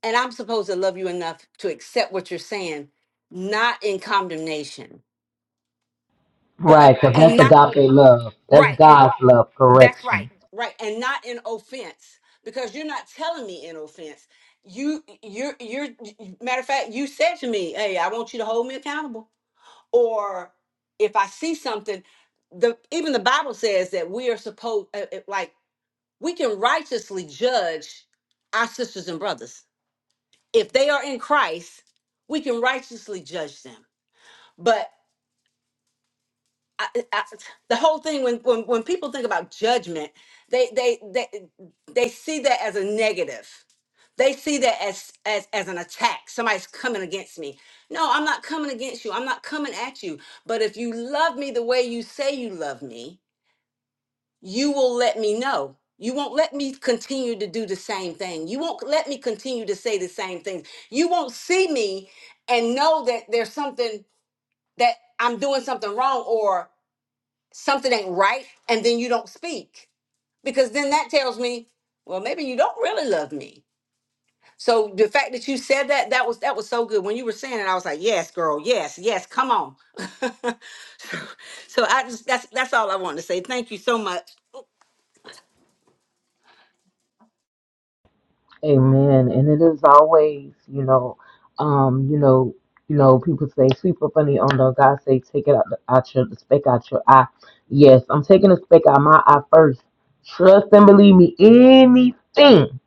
and I'm supposed to love you enough to accept what you're saying, not in condemnation but Right, because and that's not agape love. That's right and God's love. that's right Correction. right and not in offense because you're not telling me in offense you you're you're matter of fact you said to me hey i want you to hold me accountable or if i see something the even the bible says that we are supposed uh, uh, like we can righteously judge our sisters and brothers if they are in christ we can righteously judge them But. I, I, the whole thing when, when when people think about judgment they they they they see that as a negative they see that as as as an attack somebody's coming against me no i'm not coming against you i'm not coming at you but if you love me the way you say you love me you will let me know you won't let me continue to do the same thing you won't let me continue to say the same things you won't see me and know that there's something that i'm doing something wrong or something ain't right and then you don't speak because then that tells me well maybe you don't really love me so the fact that you said that that was that was so good when you were saying it i was like yes girl yes yes come on so i just that's that's all i wanted to say thank you so much Amen. And it is always, you know, um, you know, you know, people say sweep up on the under. God say take it out, the, out your the speck out your eye. Yes, I'm taking the speck out my eye first. Trust and believe me, anything.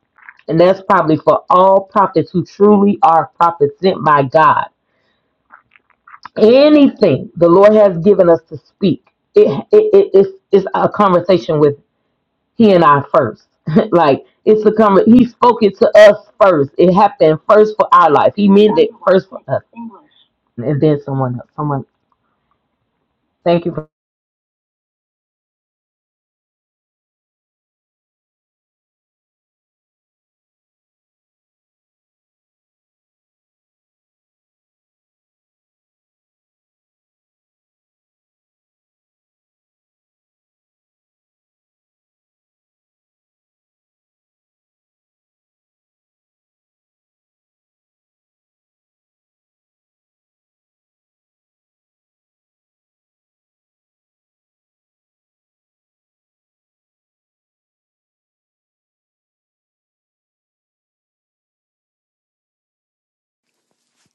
And that's probably for all prophets who truly are prophets sent by God Anything the Lord has given us to speak, it, it, it it's, it's a conversation with He and I first. like it's a conver- He spoke it to us first. It happened first for our life. He meant it first for us, and then someone else. Someone, thank you. For,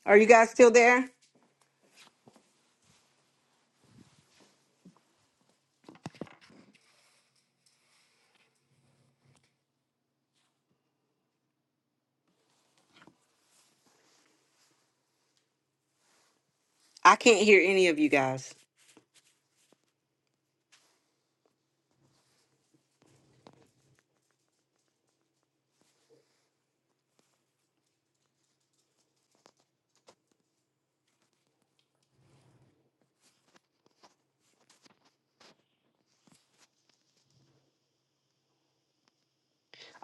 are you guys still there i can't hear any of you guys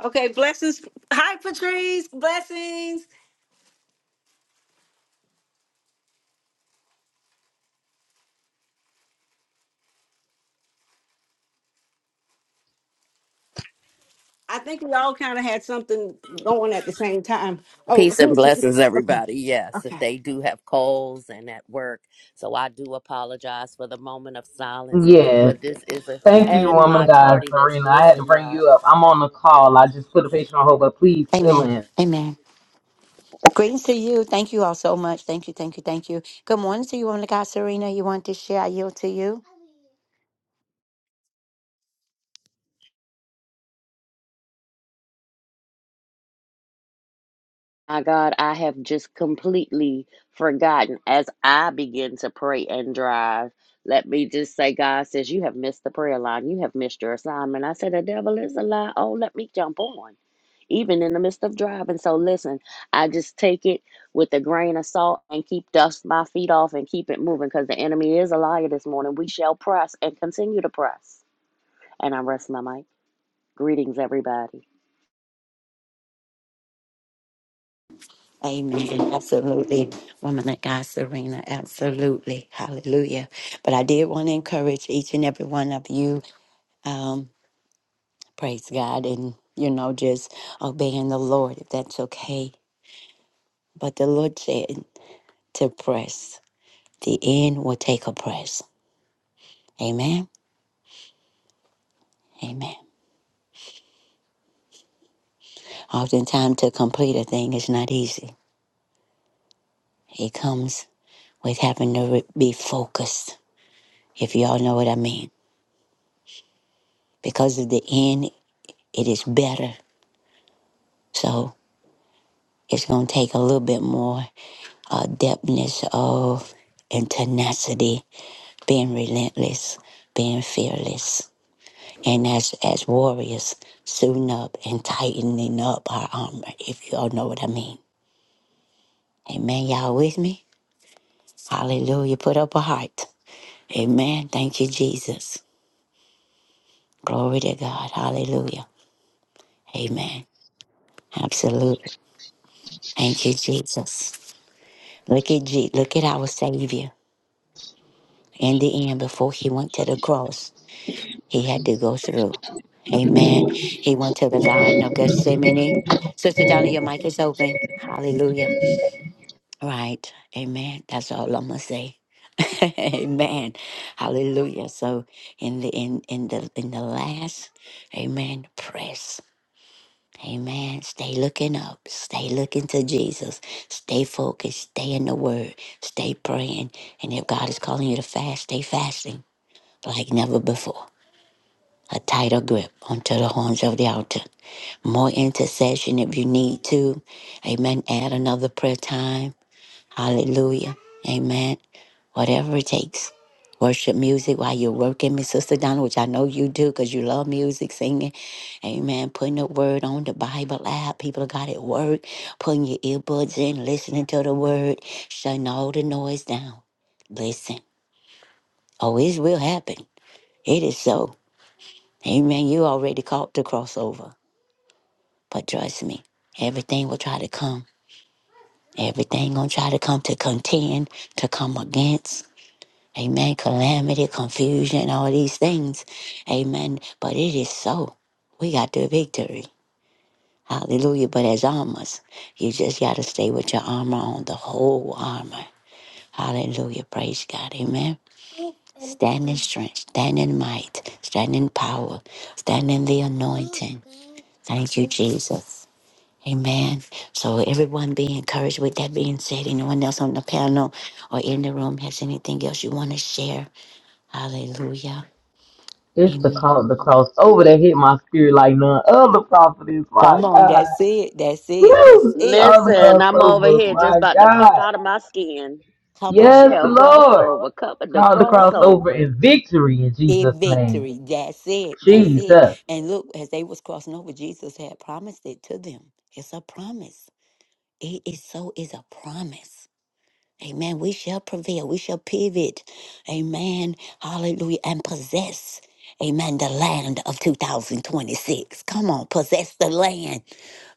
okay blessings hi patrice blessings i think we all kind of had something going at the same time oh Peace and blessings, okay everybody. Yes, if okay they do have colds and at work. So I do apologize for the moment of silence, yes, but this is a, thank you, and woman, my guys, tardiness. Lorena. I had Listen, to bring y'all. you up. I'm on the call. I just put a patient on hold, but please fill Amen. in. Amen. Greetings to you. Thank you all so much. Thank you, thank you, thank you. Good morning to you, woman of God, Serena. You want to share? I yield to you. My God, I have just completely forgotten as I begin to pray and drive. Let me just say, God says, You have missed the prayer line. You have missed your assignment. I said, The devil is a lie. Oh, let me jump on. even in the midst of driving. So listen, I just take it with a grain of salt and keep dust my feet off and keep it moving because the enemy is a liar this morning. We shall press and continue to press. And I rest my mic. Greetings, everybody. Amen. Absolutely. Woman of God, Serena. Absolutely. Hallelujah. But I did want to encourage each and every one of you. Um, praise God and, you know, just obeying the Lord if that's okay. But the Lord said to press. The end will take a press. Amen. Amen. Oftentimes, to complete a thing is not easy. It comes with having to re- be focused, if y'all know what I mean. Because of the end, it is better. So it's going to take a little bit more uh, depthness of and tenacity, being relentless, being fearless. And as, as warriors, suiting up and tightening up our armor, if y'all know what I mean. Amen. Y'all with me? Hallelujah. Put up a heart. Amen. Thank you, Jesus. Glory to God. Hallelujah. Amen. Absolutely. Thank you, Jesus. Look at G- look at our Savior. In the end, before he went to the cross, he had to go through. Amen. He went to the Garden of Gethsemane. Sister Donna, your mic is open. Hallelujah. Right. Amen. That's all I'm gonna say. Amen. Hallelujah. So in the in in the in the last, Amen. Press. Amen. Stay looking up. Stay looking to Jesus. Stay focused. Stay in the Word. Stay praying. And if God is calling you to fast, stay fasting like never before. A tighter grip onto the horns of the altar. More intercession if you need to. Amen. Add another prayer time. Hallelujah. Amen. Whatever it takes. Worship music while you're working, Miss Sister Donna, which I know you do because you love music, singing. Amen. Putting the word on the Bible app. People of God at work, putting your earbuds in, listening to the word, shutting all the noise down. Listen. Oh, it will happen. It is so. Amen. You already caught the crossover. But trust me, everything will try to come. Everything gonna try to come to contend, to come against. Amen. Calamity, confusion, all these things. Amen. But it is so. We got the victory. Hallelujah. But as armors, you just got to stay with your armor on, the whole armor. Hallelujah. Praise God. Amen. Stand in strength, stand in might, stand in power, stand in the anointing. Thank you, Jesus. Amen. So, everyone be encouraged with that being said. Anyone else on the panel or in the room has anything else you want to share? Hallelujah. It's the Amen. call, the crossover that hit my spirit like none other prophet is. My Come on, God. that's it. That's it. Woo! That's it. Call the Listen, I'm over crossover, here just my about to pump God. out of my skin. Come We on. Yes, shall cross Lord. over. Cover the Call the Come on. crossover crossover. in victory in A Jesus' name. victory. That's it. That's it. Jesus. And look, as they was crossing over, Jesus had promised it to them. It's a promise. It is so is a promise. Amen. We shall prevail. We shall pivot. Amen. Hallelujah. And possess. Amen. The land of 2026. Come on. Possess the land.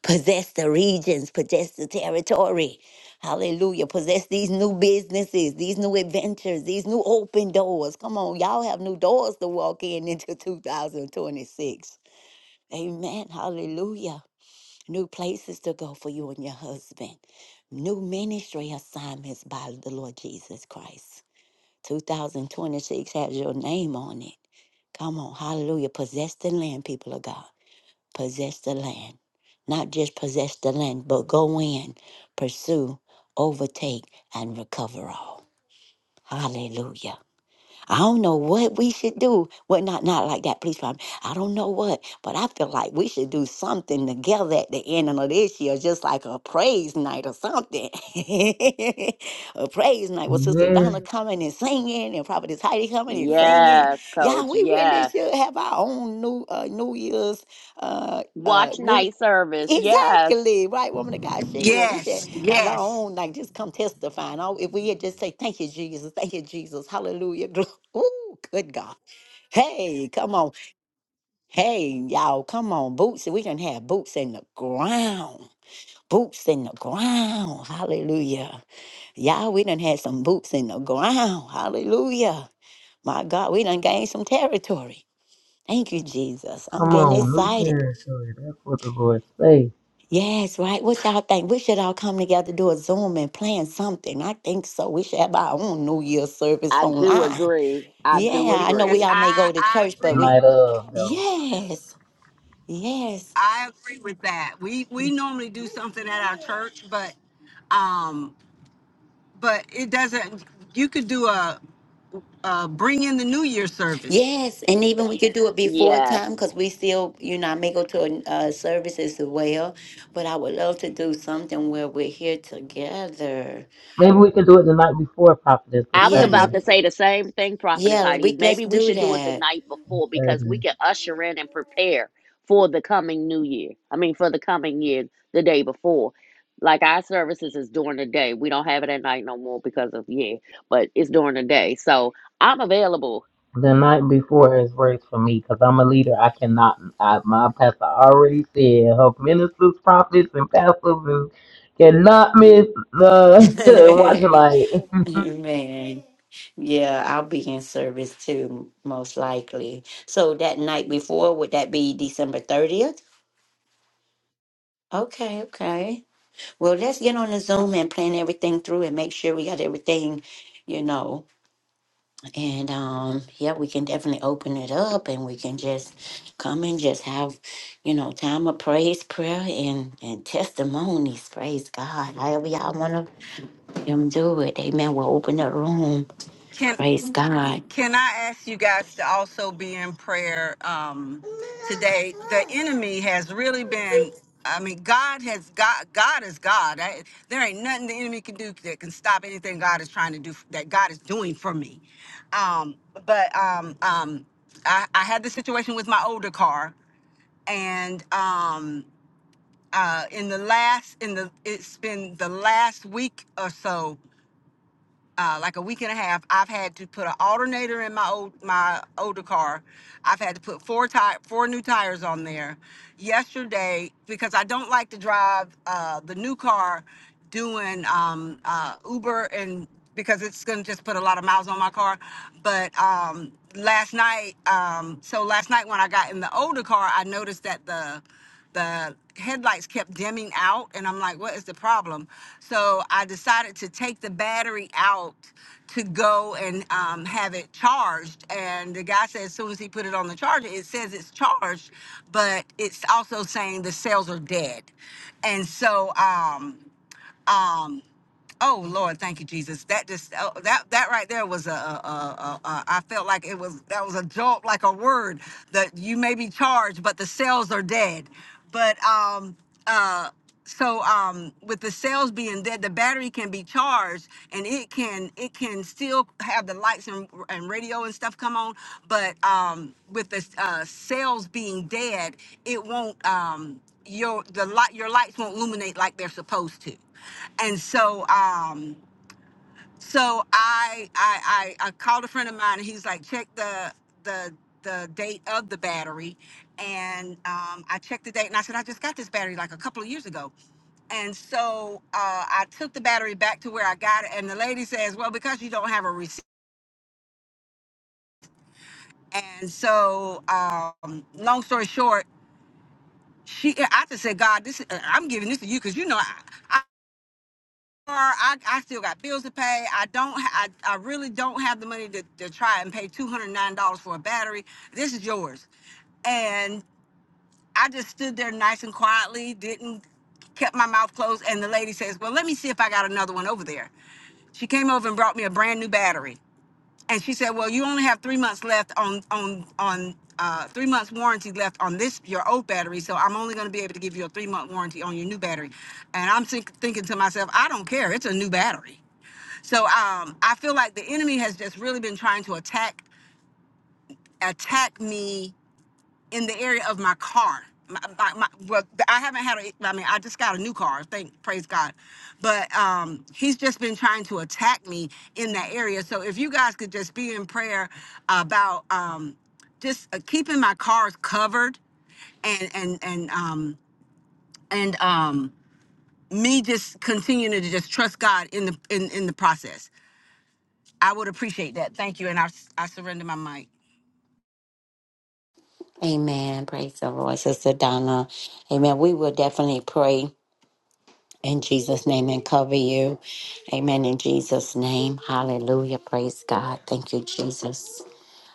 Possess the regions. Possess the territory. Hallelujah. Possess these new businesses, these new adventures, these new open doors. Come on. Y'all have new doors to walk in into 2026. Amen. Hallelujah new places to go for you and your husband, new ministry assignments by the Lord Jesus Christ. 2026 has your name on it. Come on, hallelujah. Possess the land, people of God. Possess the land. Not just possess the land, but go in, pursue, overtake, and recover all. Hallelujah. I don't know what we should do. Well, not not like that, please, Father. I don't know what, but I feel like we should do something together at the end of this year, just like a praise night or something. a praise night with Sister Yes, Donna coming and singing, and Prophetess Heidi coming and singing. Yes, Y'all, coach. we really Yes. should have our own new uh, New Year's uh, uh, Watch New night service. Yes. Exactly. Right, woman of God, Sheila. We should Yes, have our yes. own, like just come testifying. Oh, if we had just say, Thank you, Jesus, thank you, Jesus, hallelujah. glo- Ooh, good God. Hey, come on. Hey, y'all, come on. Boots. We can have boots in the ground. Boots in the ground. Hallelujah. Y'all, we done had some boots in the ground. Hallelujah. My God, we done gained some territory. Thank you, Jesus. I'm come getting on, new excited. territory. That's what the Lord say. Yes, right. What y'all think? We should all come together, do a Zoom and plan something. I think so. We should have our own New Year service I do online. agree. I do Yeah, I know we Yes, agree. all may I, go to I church, but agree with we Night of, though. yes, yes, I agree with that. We we normally do something at our church, but um but it doesn't you could do a, a bring in the new year service. yes, and even we could do it before time Yes. because we still, you know, I may go to a uh, service as well. But I would love to do something where we're here together. Maybe we can do it the night before Prophetess, the I was Yeah, about 30th. to maybe. say the same thing, Prophetess Yeah, Heidi. we let's Maybe we do should do it the that. night before because we 30th. can usher in and prepare for the coming new year. I mean, for the coming year, the day before. Like our services is during the day. We don't have it at night no more because of, yeah, but it's during the day. So I'm available. The night before is worse for me because I'm a leader. I cannot. I, my pastor already said her ministers, prophets, and pastors and cannot miss the watch light. Amen. yeah, I'll be in service too, most likely. So that night before, would that be December 30th? Okay, okay. Well, let's get on the Zoom and plan everything through and make sure we got everything, you know. And um, yeah, we can definitely open it up and we can just come and just have, you know, time of praise, prayer, and and testimonies. Praise God. However y'all wanna them do it. Amen. We'll open the room. Can Praise God. Can I ask you guys to also be in prayer um, today? The enemy has really been. I mean, God has God. God is God. I, there ain't nothing the enemy can do that can stop anything God is trying to do that God is doing for me. Um, but um, um, I, I had the situation with my older car, and um, uh, in the last in the it's been the last week or so uh, like a week and a half, I've had to put an alternator in my old my older car. I've had to put four tire four new tires on there. Yesterday, because I don't like to drive uh, the new car, doing um, uh, Uber and because it's gonna just put a lot of miles on my car. But um, last night, um, so last night when I got in the older car, I noticed that the the headlights kept dimming out and i'm like what is the problem so i decided to take the battery out to go and um, have it charged and the guy said as soon as he put it on the charger it says it's charged but it's also saying the cells are dead and so um, um, Oh Lord, thank you, Jesus. That just oh, that that right there was a, a, a, a, a I felt like it was that was a jolt, like a word that you may be charged, but the cells are dead. But um uh so um with the cells being dead, the battery can be charged and it can it can still have the lights and, and radio and stuff come on, but um with the uh, cells being dead, it won't um your the light your lights won't illuminate like they're supposed to and so um so I, I i i called a friend of mine and he's like check the the the date of the battery and um i checked the date and i said i just got this battery like a couple of years ago and so uh, I took the battery back to where I got it, and the lady says, "Well, because you don't have a receipt." And so, um, long story short, she I just said, "God, this uh, I'm giving this to you because you know I, I, I still got bills to pay. I don't. I, I really don't have the money to, to try and pay two hundred nine dollars for a battery. This is yours, and I just stood there nice and quietly, didn't kept my mouth closed. And the lady says, "Well, let me see if I got another one over there." She came over and brought me a brand new battery and she said, "Well, you only have three months left on on on uh, three months warranty left on this your old battery, so I'm only going to be able to give you a three month warranty on your new battery." And I'm think, thinking to myself, "I don't care. It's a new battery." So um, I feel like the enemy has just really been trying to attack attack me in the area of my car. My, my, my, well, I haven't had a, I mean, I just got a new car, thank, praise God. But um, he's just been trying to attack me in that area. So if you guys could just be in prayer about um, just uh, keeping my cars covered and, and, and, um, and um, me just continuing to just trust God in the, in, in the process. I would appreciate that. Thank you. And I I surrender my mic. Amen. Praise the Lord, Sister Donna. Amen. We will definitely pray in Jesus' name and cover you. Amen. In Jesus' name. Hallelujah. Praise God. Thank you, Jesus.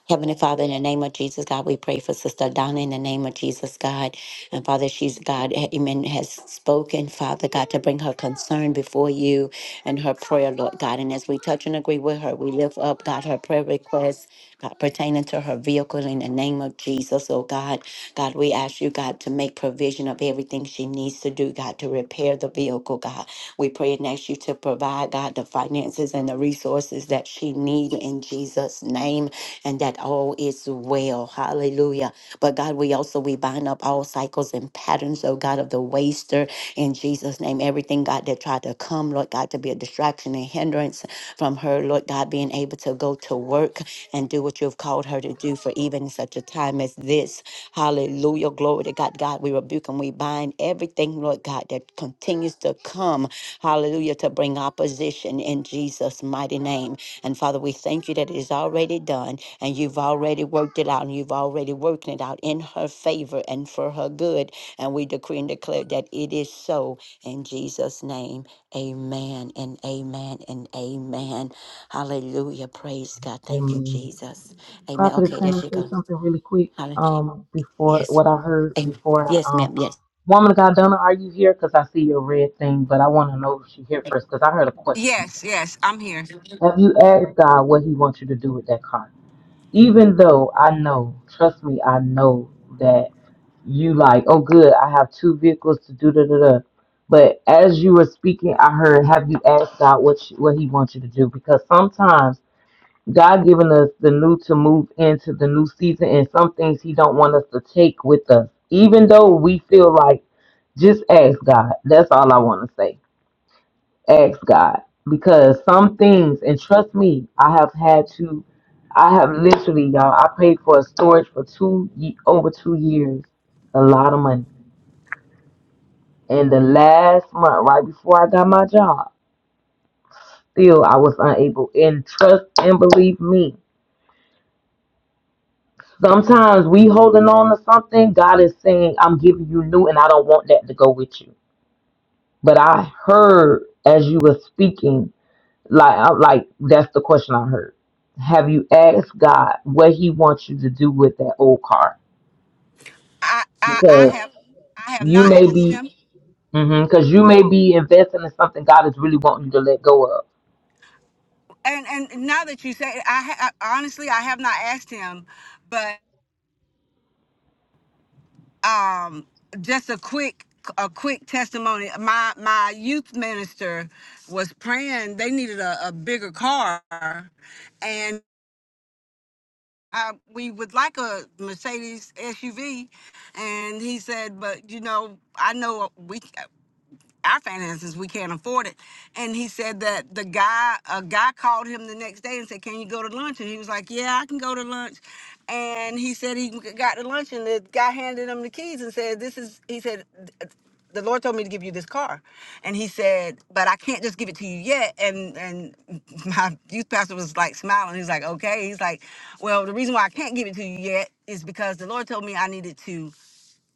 Heavenly Father, in the name of Jesus, God, we pray for Sister Donna in the name of Jesus, God. And Father, she's God, amen, has spoken, Father God, to bring her concern before you and her prayer, Lord God. And as we touch and agree with her, we lift up, God, her prayer request God, pertaining to her vehicle in the name of Jesus, oh God. God, we ask you, God, to make provision of everything she needs to do, God, to repair the vehicle, God. We pray and ask you to provide, God, the finances and the resources that she need in Jesus' name and that all is well. Hallelujah. But God, we also, we bind up all cycles and patterns, oh God, of the waster in Jesus' name. Everything, God, that tried to come, Lord God, to God, to be a distraction and hindrance from her, Lord God, being able to go to work and do what you've called her to do for even such a time as this. Hallelujah. Glory to God. God, we rebuke and we bind everything, Lord God, that continues to come. Hallelujah. To bring opposition in Jesus' mighty name. And Father, we thank you that it is already done and you've already worked it out and you've already worked it out in her favor and for her good. And we decree and declare that it is so in Jesus' name. Amen and amen and amen. Hallelujah. Praise God. Thank you, Amen. Jesus. Amen. Prophetess, Okay, there can I she say goes. something really quick? Hallelujah. Um, before Yes. what I heard Amen. before, Yes, um, ma'am. Yes. woman of God, Donna, are you here? Because I see your red thing, but I want to know if she here first because I heard a question. Yes, yes, I'm here. Have you asked God what He wants you to do with that car? Even though I know, trust me, I know that you like, oh good, I have two vehicles to do da da da. But as you were speaking, I heard, have you asked God what you, what He wants you to do? Because sometimes God giving us the new to move into the new season, and some things He don't want us to take with us, even though we feel like just ask God. That's all I want to say ask God because some things, and trust me, I have had to, I have literally, y'all, I paid for a storage for two ye- over two years, a lot of money. And the last month, right before I got my job, still I was unable. And trust and believe me, sometimes we holding on to something. God is saying, "I'm giving you new, and I don't want that to go with you." But I heard as you were speaking. Like, I, like that's the question I heard. Have you asked God what He wants you to do with that old car? I, I, I Because have I have you not may asked be, him, because you may be investing in something God is really wanting you to let go of, and and now that you say it, I, ha- I honestly I have not asked him, but um, just a quick a quick testimony. My my youth minister was praying they needed a, a bigger car, and I, we would like a Mercedes SUV, and he said, but you know I know we. our finances we can't afford it and he said that the guy a guy called him the next day and said can you go to lunch and he was like yeah i can go to lunch and he said he got to lunch and the guy handed him the keys and said this is he said the lord told me to give you this car and he said but i can't just give it to you yet and and my youth pastor was like smiling he's like okay he's like well the reason why i can't give it to you yet is because the lord told me i needed to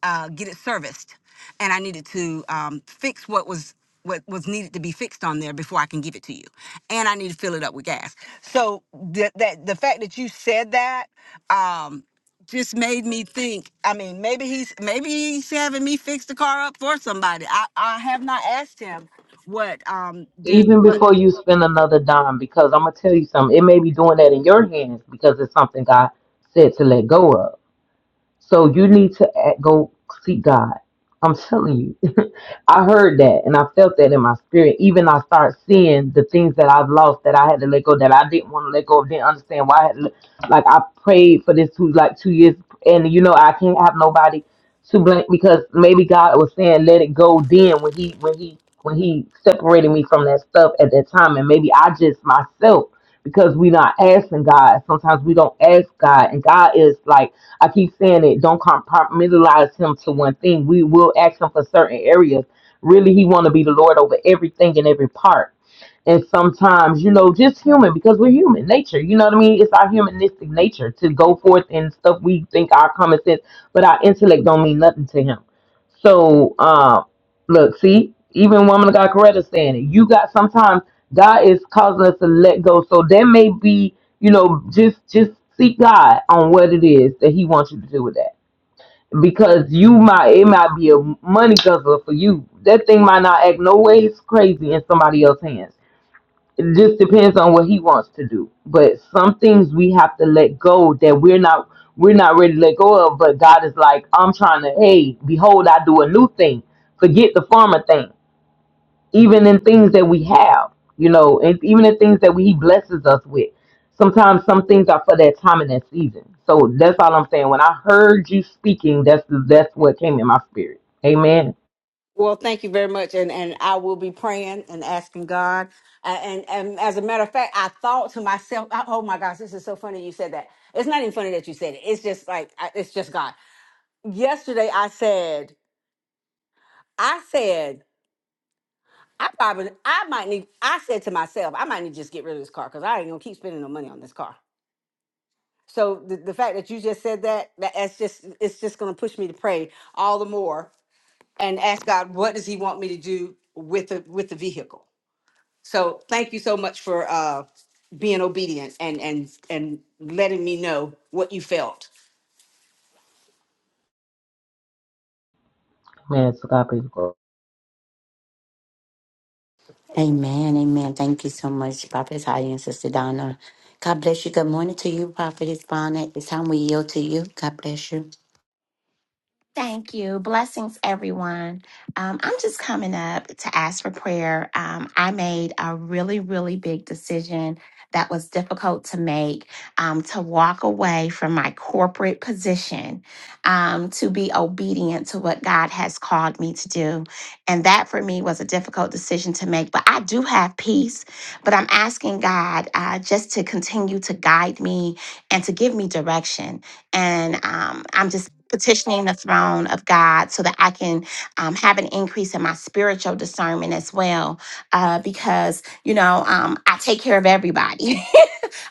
uh, get it serviced, and I needed to um, fix what was what was needed to be fixed on there before I can give it to you, and I need to fill it up with gas. So the, that the fact that you said that um, just made me think. I mean, maybe he's maybe he's having me fix the car up for somebody. I I have not asked him what um did even what before you spend another dime. Because I'm gonna tell you something, it may be doing that in your hands because it's something God said to let go of. So you need to act, go seek God. I'm telling you. I heard that and I felt that in my spirit. Even I start seeing the things that I've lost that I had to let go that I didn't want to let go of, didn't understand why I had to let- like I prayed for this two like two years and you know I can't have nobody to blame because maybe God was saying let it go then when he when he when he separated me from that stuff at that time and maybe I just myself because we not asking God. Sometimes we don't ask God and God is like I keep saying it. Don't compartmentalize him to one thing. We will ask him for certain areas. Really, he want to be the Lord over everything and every part. And sometimes, you know, just human because we're human nature. You know what I mean? It's our humanistic nature to go forth and stuff we think our common sense, but our intellect don't mean nothing to him. So, uh, look, see, even woman of God Coretta saying it. You got sometimes God is causing us to let go. So there may be you know, just just seek God on what it is that He wants you to do with that. Because you might it might be a money guzzler for you. That thing might not act no ways crazy in somebody else's hands. It just depends on what he wants to do. But some things we have to let go that we're not we're not ready to let go of. But God is like, I'm trying to, hey, behold, I do a new thing. Forget the former thing even in things that we have, you know, and even in things that we, He blesses us with. Sometimes some things are for that time and that season. So that's all I'm saying. When I heard you speaking, that's that's what came in my spirit. Amen. Well, thank you very much, and and I will be praying and asking God. Uh, and and as a matter of fact, I thought to myself, I- "Oh my gosh, this is so funny you said that." It's not even funny that you said it. It's just like I- it's just God. Yesterday, I said, I said, I probably, I might need. I said to myself, I might need to just get rid of this car because I ain't gonna keep spending no money on this car. So the, the fact that you just said that, that that's just it's just gonna push me to pray all the more and ask God, what does He want me to do with the with the vehicle? So thank you so much for uh, being obedient and and and letting me know what you felt. Man, so God please go. Amen. Amen. Thank you so much, Prophet Heidi and Sister Donna. God bless you. Good morning to you, Prophetess Bonnet. It's time we yield to you. God bless you. Thank you. Blessings, everyone. Um, I'm just coming up to ask for prayer. Um, I made a really, really big decision that was difficult to make um, to walk away from my corporate position, um, to be obedient to what God has called me to do. And that for me was a difficult decision to make. But I do have peace. But I'm asking God uh, just to continue to guide me and to give me direction and um, I'm just petitioning the throne of God so that I can um, have an increase in my spiritual discernment as well. Uh, because, you know, um, I take care of everybody.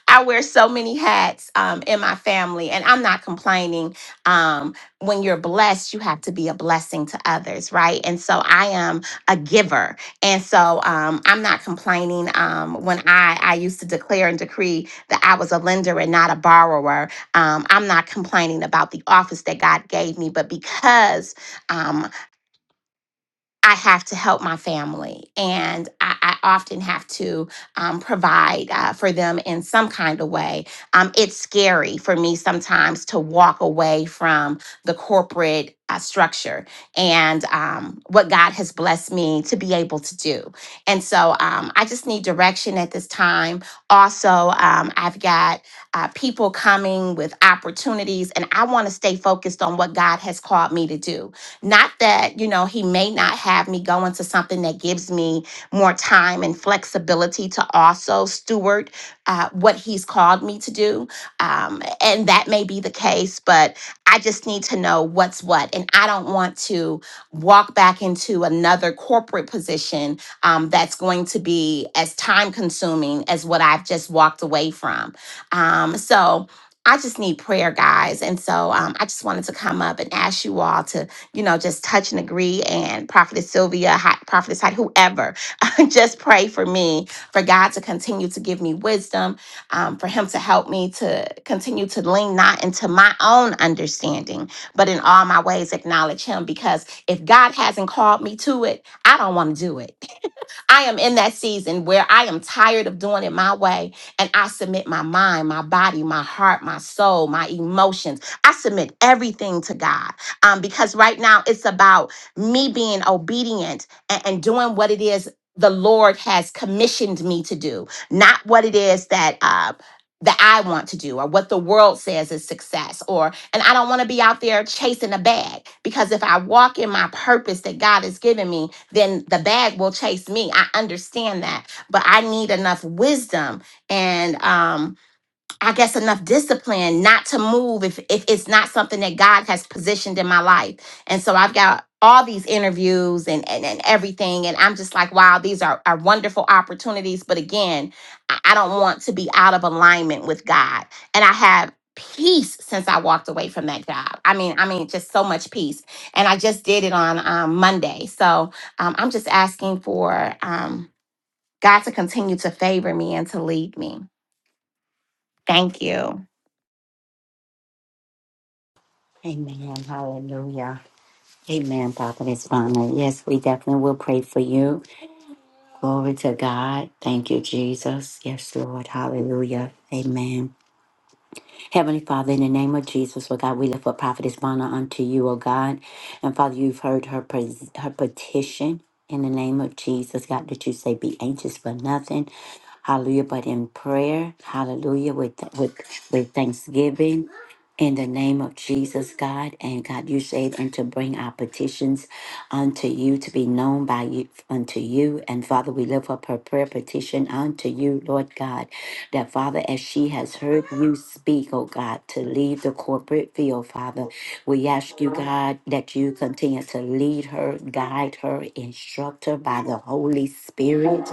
I wear so many hats um, in my family, and I'm not complaining. Um, when you're blessed, you have to be a blessing to others, right? And so I am a giver, and so um, I'm not complaining. Um, when I I used to declare and decree that I was a lender and not a borrower, um, I'm not complaining about the office that God gave me, but because um, I have to help my family, and I, I often have to um, provide uh, for them in some kind of way. Um, it's scary for me sometimes to walk away from the corporate uh, structure and um, what God has blessed me to be able to do. And so um, I just need direction at this time. Also, um, I've got uh, people coming with opportunities, and I want to stay focused on what God has called me to do not that, you know, he may not have me go into something that gives me more time and flexibility to also steward uh, what he's called me to do. Um, and that may be the case, but I just need to know what's what. And I don't want to walk back into another corporate position um, that's going to be as time consuming as what I've just walked away from. Um, so I just need prayer, guys. And so um, I just wanted to come up and ask you all to you know, just touch and agree. And Prophetess Sylvia, Hi- Prophetess Hyde, whoever, just pray for me, for God to continue to give me wisdom, um, for Him to help me to continue to lean not into my own understanding, but in all my ways acknowledge Him. Because if God hasn't called me to it, I don't want to do it. I am in that season where I am tired of doing it my way and I submit my mind, my body, my heart, my soul, my emotions. I submit everything to God um, because right now it's about me being obedient and, and doing what it is the Lord has commissioned me to do, not what it is that. Uh, that I want to do, or what the world says is success, or, and I don't want to be out there chasing a bag because if I walk in my purpose that God has given me, then the bag will chase me. I understand that, but I need enough wisdom and um I guess enough discipline not to move if if it's not something that God has positioned in my life. And so I've got all these interviews and and, and everything. And I'm just like, wow, these are, are wonderful opportunities. But again, I, I don't want to be out of alignment with God. And I have peace since I walked away from that job. I mean, I mean, just so much peace. And I just did it on um, Monday. So um, I'm just asking for um, God to continue to favor me and to lead me. Thank you. Amen. Hallelujah. Amen, Prophetess Bonnet. Yes, we definitely will pray for you. Glory to God. Thank you, Jesus. Yes, Lord. Hallelujah. Amen. Heavenly Father, in the name of Jesus, Lord God, we lift up Prophetess Bonner unto you, O God. And Father, you've heard her, pres- her petition in the name of Jesus, God, that you say, be anxious for nothing. Hallelujah. But in prayer, hallelujah, with, with, with thanksgiving, in the name of Jesus, God, and God, you said, and to bring our petitions unto you to be known by you unto you. And Father, we lift up her prayer petition unto you, Lord God. That, Father, as she has heard you speak, oh God, to leave the corporate field, Father, we ask you, God, that you continue to lead her, guide her, instruct her by the Holy Spirit.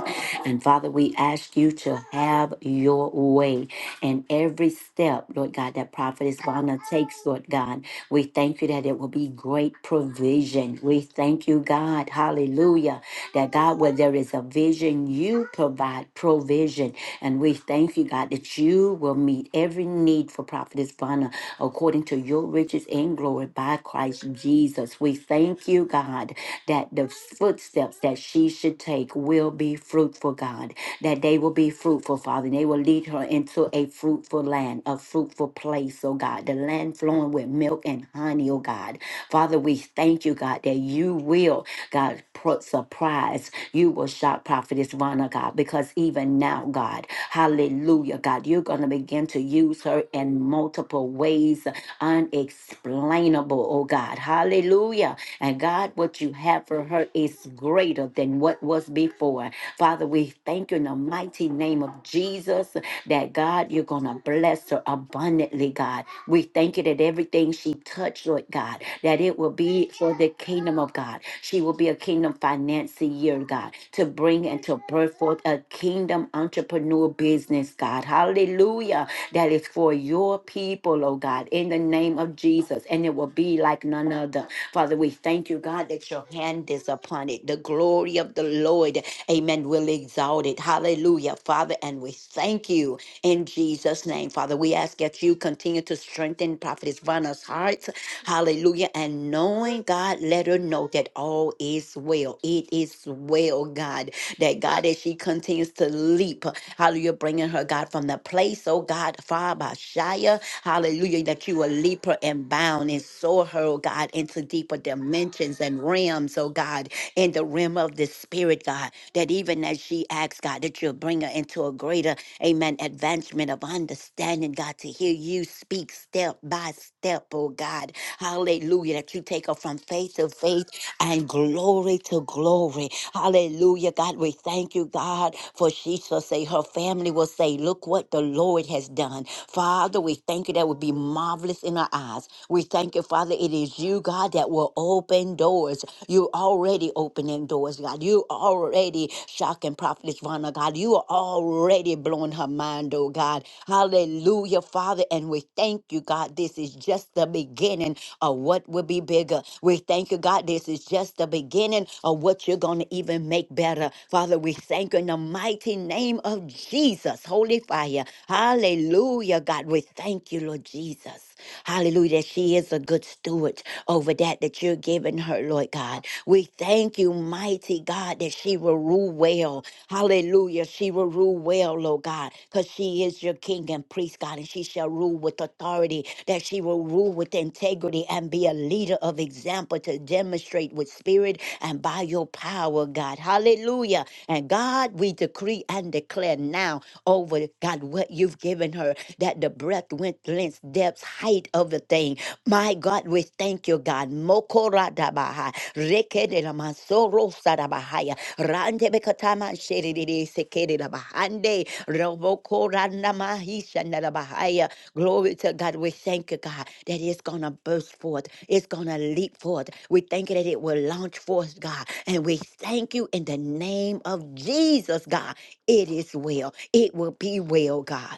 And, Father, we ask you to have your way and every step, Lord God, that Prophetess Vonna takes, Lord God. We thank you that it will be great provision. We thank you, God, hallelujah, that God, where there is a vision, you provide provision. And we thank you, God, that you will meet every need for Prophetess Vonna according to your riches and glory by Christ Jesus. We thank you, God, that the footsteps that she should take will be fruitful, God, that they will be fruitful fruitful, Father, and they will lead her into a fruitful land, a fruitful place, oh God, the land flowing with milk and honey, oh God. Father, we thank you, God, that you will, God, put surprise. You will shock Prophetess Rana, God, because even now, God, hallelujah, God, you're going to begin to use her in multiple ways, unexplainable, oh God, hallelujah. And God, what you have for her is greater than what was before. Father, Father, we thank you in the mighty name of Jesus that God, you're going to bless her abundantly, God. We thank you that everything she touched, Lord God, that it will be for the kingdom of God. She will be a kingdom financier, God, to bring and to birth forth a kingdom entrepreneur business, God. Hallelujah. That is for your people, oh God, in the name of Jesus. And it will be like none other. Father, we thank you, God, that your hand is upon it. The glory glory of the Lord, amen, will exalt it. Hallelujah, Father. And we thank you in Jesus' name, Father. We ask that you continue to strengthen Prophetess Vanna's hearts. Hallelujah. And knowing, God, let her know that all is well. It is well, God, that God, as she continues to leap, hallelujah, bringing her, God, from the place, oh God, Father, Shia, hallelujah, that you will leap her and bound and soar her, oh God, into deeper dimensions and realms realms, oh God, in the realm of the spirit, God, that even as she asks, God, that you'll bring her into a greater, amen, advancement of understanding, God, to hear you speak step by step, oh God. Hallelujah, that you take her from faith to faith and glory to glory. Hallelujah, God, we thank you, God, for she shall say, her family will say, look what the Lord has done. Father, we thank you that would be marvelous in our eyes. We thank you, Father, it is you, God. God, that will open doors. You're already opening doors, God. You already shocking Prophetess Vana, God. You are already blowing her mind, oh God. Hallelujah, Father. And we thank you, God. This is just the beginning of what will be bigger. We thank you, God. This is just the beginning of what you're going to even make better. Father, we thank you in the mighty name of Jesus. Holy fire. Hallelujah, God. We thank you, Lord Jesus us. Hallelujah. That she is a good steward over that that you're giving her, Lord God. We thank you, mighty God, that she will rule well. Hallelujah. She will rule well, Lord God, because she is your king and priest, God, and she shall rule with authority, that she will rule with integrity and be a leader of example to demonstrate with spirit and by your power, God. Hallelujah. And God, we decree and declare now over, God, what you've given her, that the breath breadth, width, length, depth, height of the thing. My God, we thank you, God. Mokoradabaha, rekedelamasorosarabahaya, randebekatamansherididisekedabahande, robokorandamahishanarabahaya. Glory to God. We thank you, God, that it's going to burst forth. It's going to leap forth. We thank you that it will launch forth, God. And we thank you in the name of Jesus, God. It is well. It will be well, God.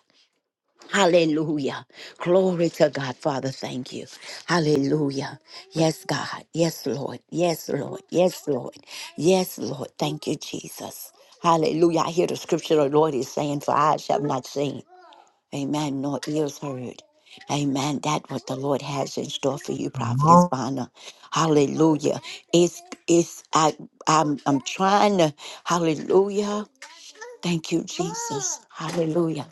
Hallelujah. Glory to God. Father, thank you. Hallelujah. Yes, God. Yes, Lord. Yes, Lord. Yes, Lord. Yes, Lord. Thank you, Jesus. Hallelujah. I hear the scripture the Lord is saying, For eyes have not seen. Amen. Nor ears heard. Amen. That what the Lord has in store for you, Come Prophetess on. Bonner. Hallelujah. It's it's I I'm I'm trying to hallelujah. Thank you, Jesus. Hallelujah.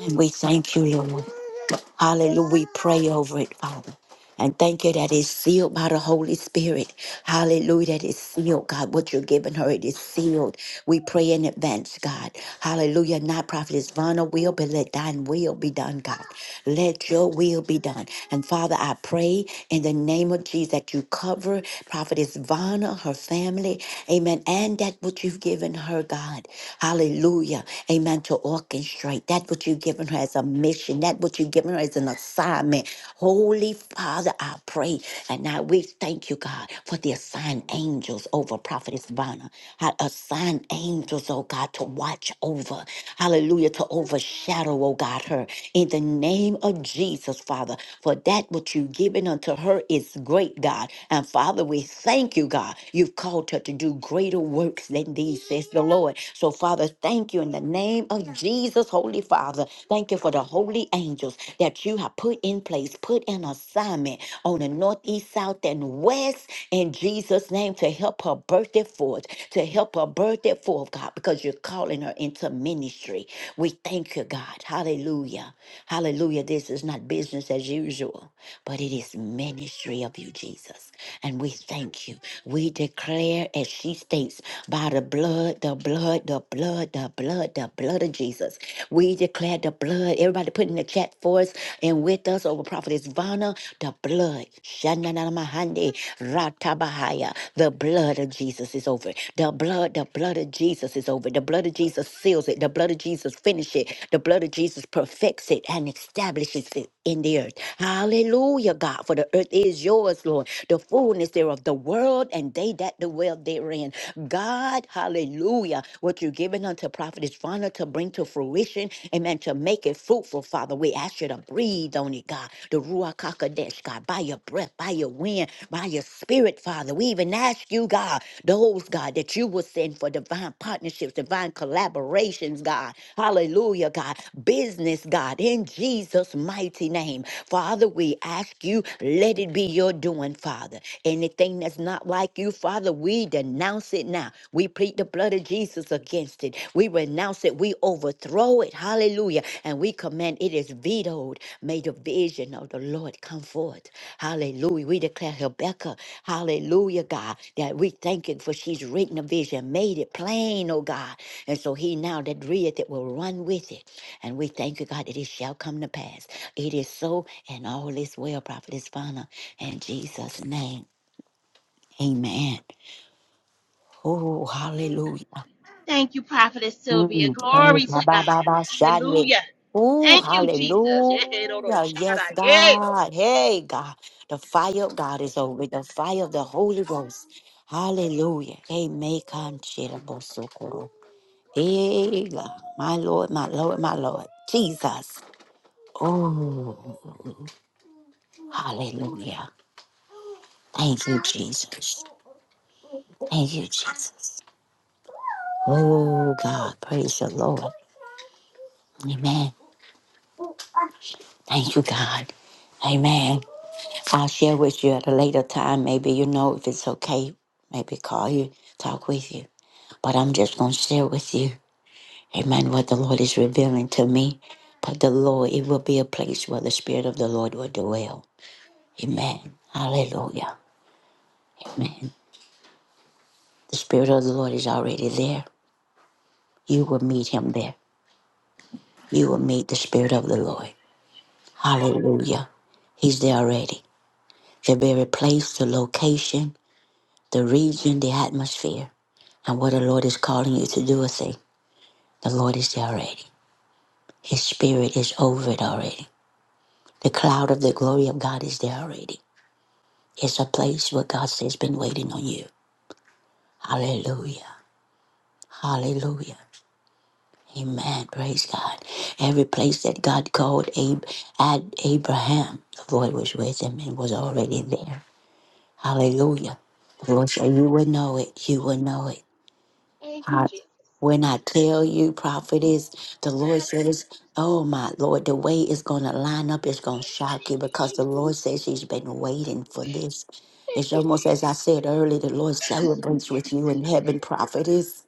And we thank you, Lord. Hallelujah. We pray over it, Father. And thank you that it's sealed by the Holy Spirit. Hallelujah. That it's sealed, God. What you're giving her, it is sealed. We pray in advance, God. Hallelujah. Not prophetess Vana will, but let thine will be done, God. Let your will be done. And Father, I pray in the name of Jesus that you cover Prophetess Vanna, her family, amen, and that what you've given her, God. Hallelujah. Amen. To orchestrate that what you've given her as a mission, that what you've given her as an assignment. Holy Father, I pray. And now we thank you, God, for the assigned angels over Prophetess Vanna. assigned angels, oh God, to watch over. Hallelujah. To overshadow, oh God, her in the name of Jesus, Father, for that which you've given unto her is great, God. And Father, we thank you, God. You've called her to do greater works than these, says the Lord. So, Father, thank you in the name of Jesus, Holy Father. Thank you for the holy angels that you have put in place, put in assignment on the northeast, south, and west in Jesus' name to help her birth it forth, to help her birth it forth, God, because you you're calling her into ministry. We thank you, God. Hallelujah. Hallelujah. This is not business as usual, but it is ministry of you, Jesus. And we thank you. We declare, as she states, by the blood, the blood, the blood, the blood, the blood of Jesus. We declare the blood. Everybody put in the chat for us and with us over Prophetess Vanna, the blood. Shananamahande, Ratabahaya. The blood of Jesus is over over it. The blood, the blood of Jesus is over it. The blood of Jesus seals it. The blood of Jesus finishes it. The blood of Jesus perfects it and establishes it in the earth. Hallelujah, God. For the earth is yours, Lord. The fullness thereof, the world and they that dwell therein. God, hallelujah. What you're giving unto prophet is Father to bring to fruition. Amen. To make it fruitful, Father. We ask you to breathe on it, God. The Ruach HaKodesh, God. By your breath, by your wind, by your spirit Spirit, Father. We even ask you, God, those, God, that you will send for divine partnerships, divine collaborations, God. Hallelujah, God. Business, God, in Jesus' mighty name. Father, we ask you, let it be your doing, Father. Anything that's not like you, Father, we denounce it now. We plead the blood of Jesus against it. We renounce it. We overthrow it. Hallelujah. And we command it is vetoed. May the vision of the Lord come forth. Hallelujah. We declare Rebecca, hallelujah, God, that we thank you for she's written a vision, made it plain, oh God. And so he now that readeth it will run with it. And we thank you, God, that it shall come to pass. It is so, and all is well, Prophetess Fana. In Jesus' name, amen. Oh, hallelujah. Thank you, Prophetess Sylvia. Mm, thank Glory you, ba, to God. ba, ba, shande. Hallelujah. Ooh, Thank you, Jesus. Yeah, hey, no, no, hallelujah. shout out. Yes, Yeah. God. Hey, God. The fire of God is over. The fire of the Holy Ghost. Hallelujah. Amen. Kanchirabosokoro. Hey, God. My Lord, my Lord, my Lord. Jesus. Oh, hallelujah. Thank you, Jesus. Thank you, Jesus. Oh, God. Praise the Lord. Amen. Thank you, God. Amen. I'll share with you at a later time. Maybe you know if it's okay. Maybe call you, talk with you. But I'm just going to share with you, amen, what the Lord is revealing to me. But the Lord, it will be a place where the Spirit of the Lord will dwell. Amen. Hallelujah. Amen. The Spirit of the Lord is already there. You will meet Him there. You will meet the Spirit of the Lord. Oh, Hallelujah. He's there already. The very place, the location, the region, the atmosphere. And what the Lord is calling you to do a thing, the Lord is there already. His spirit is over it already. The cloud of the glory of God is there already. It's a place where God says been waiting on you. Hallelujah. Hallelujah. Amen. Praise God. Every place that God called Ab- Ad- Abraham, the Lord was with him and was already there. Hallelujah. my The Lord said, God. You will know it. You will know it. Thank you, I- Jesus. when I tell you, prophetess, the Lord says, Hallelujah. Oh my Lord, the way is going to line up. It's going to shock Thank you you, because the Jesus. Lord says He's been waiting for this. Thank It's you, almost as Jesus. I said earlier, the Lord celebrates with you Praise in your heaven, name. prophetess.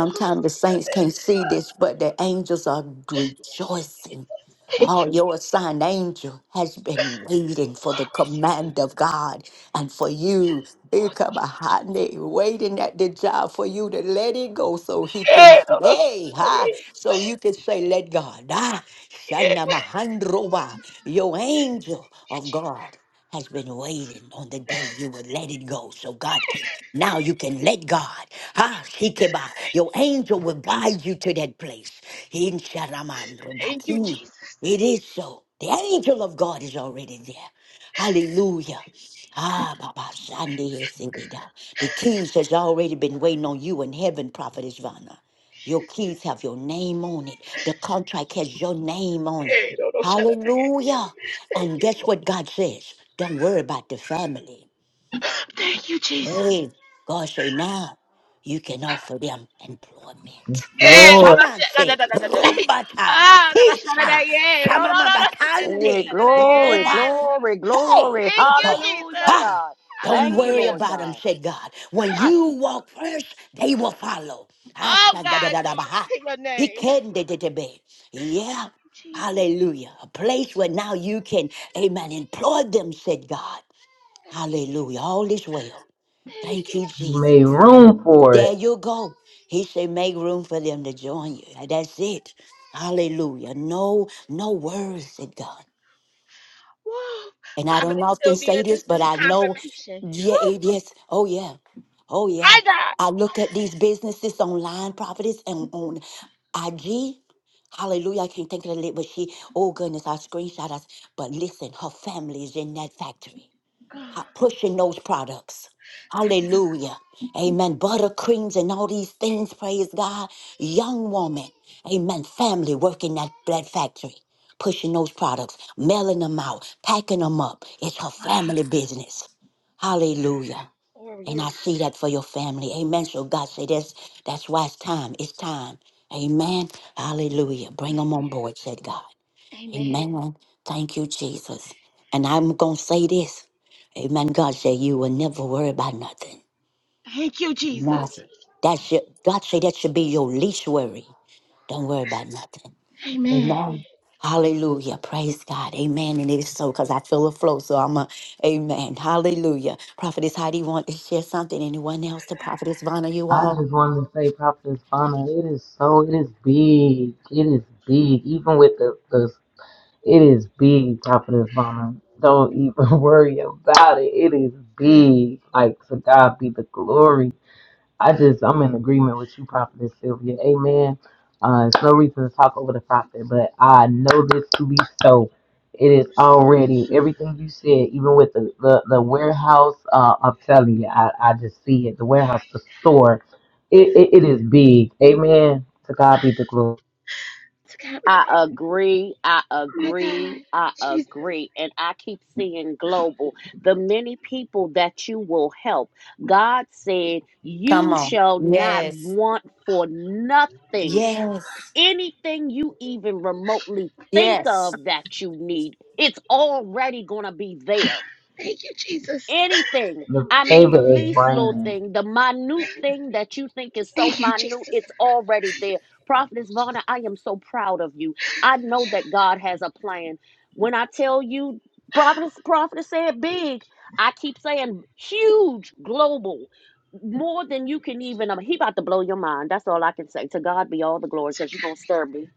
Glory the to your saints can't name, see God. this, but the angels are Thank you, rejoicing Jesus. Thank Oh, you, your assigned angel has Jesus. been waiting for the Glory to your name. command of God and for you. Here Oh, come thank a you, Jesus. hot nigga waiting at the job for you to let it go so he can Yeah, no, no, shout hey, out. Yeah, ha, so you can say, let God. Ah, yeah. Shana Mahandrova, your angel Thank you, of Jesus. God has been waiting on the day you would let it go. So God can now you can let God. Ah, Shikeba, your angel will guide you to that place. In Thank you, Sharaman Jesus. it is so. The angel of God is already there. Hallelujah. Ah, Baba Sunday. is in it. uh, The keys has already been waiting on you in heaven, Prophet Ivana. Your keys have your name on it. The contract has your name on it. Hey, no, no, shut up. Hallelujah. Thank And you, guess what Lord. God says? Don't worry about the family. Thank you, Jesus. Praise God say now you can offer them Yes, employment. Hey, Lord, no, Shaman no, shut up. say rumbatai, Ah, no, no, shut up. pizza, Yeah, no, no, no, no. Da, da, da, Hey, shut shamamabatande, up. da, glory, roba. Yeah, no, no, no. glory, Hey, glory. Thank good you, God. Hallelujah, Jesus. Huh? God. Don't Thank you, worry Hallelujah. Lord about them, God. said God. When you Mighty God. walk first, they will follow. Oh, God, glory Ashadadadabaha. to your He name. can de- de- de- be. Thank Yeah. you, Jesus. Hallelujah. A place where now you can, amen, employ them, said God. Thank you. Hallelujah. All is well. Thank Thank you. you, you Jesus. made room for There it. you go. He said, make room for them to join you. And That's it. Hallelujah. No, no words, said God. Whoa. And I Prophet don't often Sylvia, say this this, is but I know, confirmation. yeah, Whew. it is. Oh, yeah. Oh, yeah. My God. I look at these businesses online, properties, and on IG. Hallelujah. I can't think of the name, but she, oh, goodness, I screenshot us. But listen, her family is in that factory ha- pushing those products. Hallelujah. Amen. Buttercreams and all these things, praise God. Young woman, amen. Family working that that factory, pushing those products, mailing them out, packing them up. It's her family business. Hallelujah. Glory And to I see that for your family. Amen. So God say that's that's why it's time. It's time. Amen. Hallelujah. Bring them on board, said God. God. Amen. Amen. Thank you, Jesus. And I'm going to say this. Amen. God say you will never worry about nothing. Thank you, Jesus. Nothing. That should, God say that should be your least worry. Don't worry about nothing. Amen. Amen. Hallelujah. Praise God. Amen. And it is so because I feel a flow. So I'm a, amen. Hallelujah. Prophetess Heidi want to share something. Anyone else? The Prophetess Vonna, you I all? just wanted to say, Prophetess Fana, it is so, it is big. It is big, even with the the, It is big, Prophetess Vonna. Don't even worry about it. It is big. Like, to God be the glory. I just, I'm in agreement with you, Prophetess Sylvia. Amen. Uh, it's no reason to talk over the prophet, but I know this to be so. It is already everything you said, even with the, the, the warehouse. Uh, I'm telling you, I, I just see it. The warehouse, the store, it, it, it is big. Amen. To God be the glory. To God be the I glory. agree. I my agree. God. I Jesus. agree. And I keep seeing global. The many people that you will help. God said, Come You on. shall not Yes. want for nothing. Yes. Anything you even remotely think Yes. of that you need, it's already going to be there Thank you, Jesus. anything. The I Thank mean, favor you, the is least Jesus. little raining. thing, the minute thing that you think is so Thank you, minute, Jesus. it's already there. Prophetess Vonna, I am so proud of you. I know that God has a plan. When I tell you, Prophetess, Prophetess said big, I keep saying huge, global. More than you can even, um, he about to blow your mind. That's all I can say. To God be all the glory because you're going to stir me.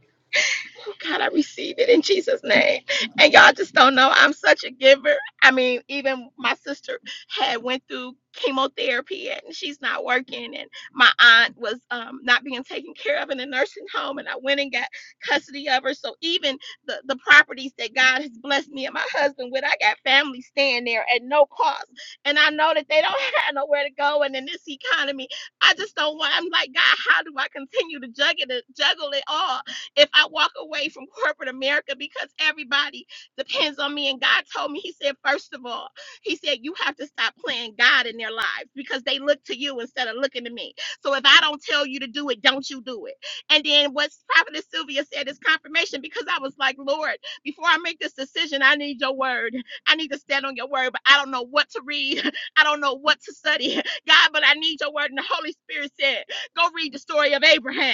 Oh God, I receive it in Jesus' name. And y'all just don't know. I'm such a giver. I mean, even my sister had went through chemotherapy and she's not working. And my aunt was um, not being taken care of in a nursing home. And I went and got custody of her. So even the, the properties that God has blessed me and my husband with, I got family staying there at no cost. And I know that they don't have nowhere to go. And in this economy, I just don't want, I'm like, God, how do I continue to juggle it, juggle it all? if I walk away from corporate America because everybody depends on me. And God told me, He said, first of all, He said, you have to stop playing God in their lives because they look to you instead of looking to me. So if I don't tell you to do it, don't you do it. And then what Prophetess Sylvia said is confirmation because I was like, Lord, before I make this decision, I need your word. I need to stand on your word, but I don't know what to read. I don't know what to study. God, but I need your word. And the Holy Spirit said, go read the story of Abraham.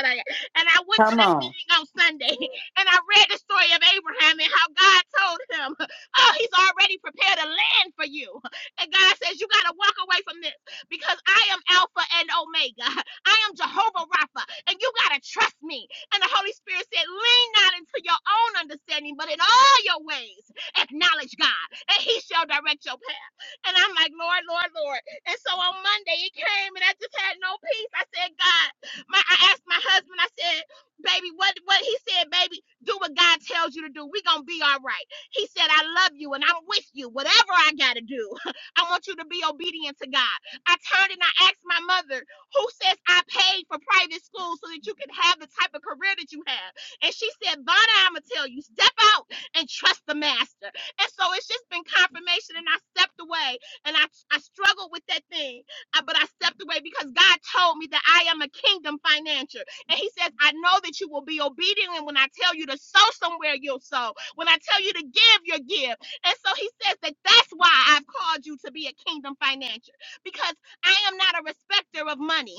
And I went to Come that on. meeting on Sunday and I read the story of Abraham and how God told him, Oh, he's already prepared a land for you. And God says, You got to walk away from this because I am Alpha and Omega. I am Jehovah Rapha. And you got to trust me. And the Holy Spirit said, Lean not into your own understanding, but in all your ways, acknowledge God, and he shall direct your path. And I'm like, Lord, Lord, Lord. And so on Monday, it came, and I just had no peace. I said, God, my, I asked my husband, I said, baby, what, what? He said, baby, do what God tells you to do. we going to be all right. He said, I love you and I'm with you. Whatever I got to do, I want you to be obedient to God. I turned and I asked my mother, who says I paid for private school so that you can have the type of career that you have? And she said, Vonna, I'm going to tell you, step out and trust the master. And so it's just been confirmation. And I stepped away and I, I struggled with that thing I- but I stepped away because God told me that I am a kingdom financier. And He says, I know that you will be obedient. And when I tell you to sow somewhere, you'll sow. When I tell you to give, you'll give. And so He says that that's why I've called you to be a kingdom financier because I am not a respecter of money.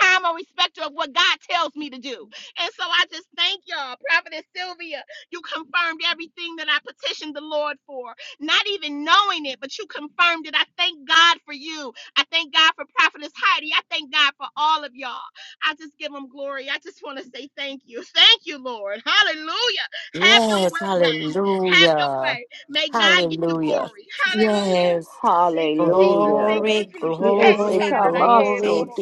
I'm a respecter of what God tells me to do. And so I just thank y'all. Prophetess Sylvia, you confirmed everything that I petitioned the Lord for, not even knowing it, but you confirmed it. I thank God for you. I thank God for Prophetess Heidi. I thank God for all of y'all. I just give them glory. I just want to say thank you. Thank you, Lord. Hallelujah. Have your Yes, way, God. Have your hallelujah. way. May God get the Hallelujah. glory. Hallelujah. Yes. Thank you, Jesus. Thank Hallelujah. you, Glory, Jesus. Yes, Hey, they glory, shout out, come I- yeah, us, no, no, glory. Lord. no.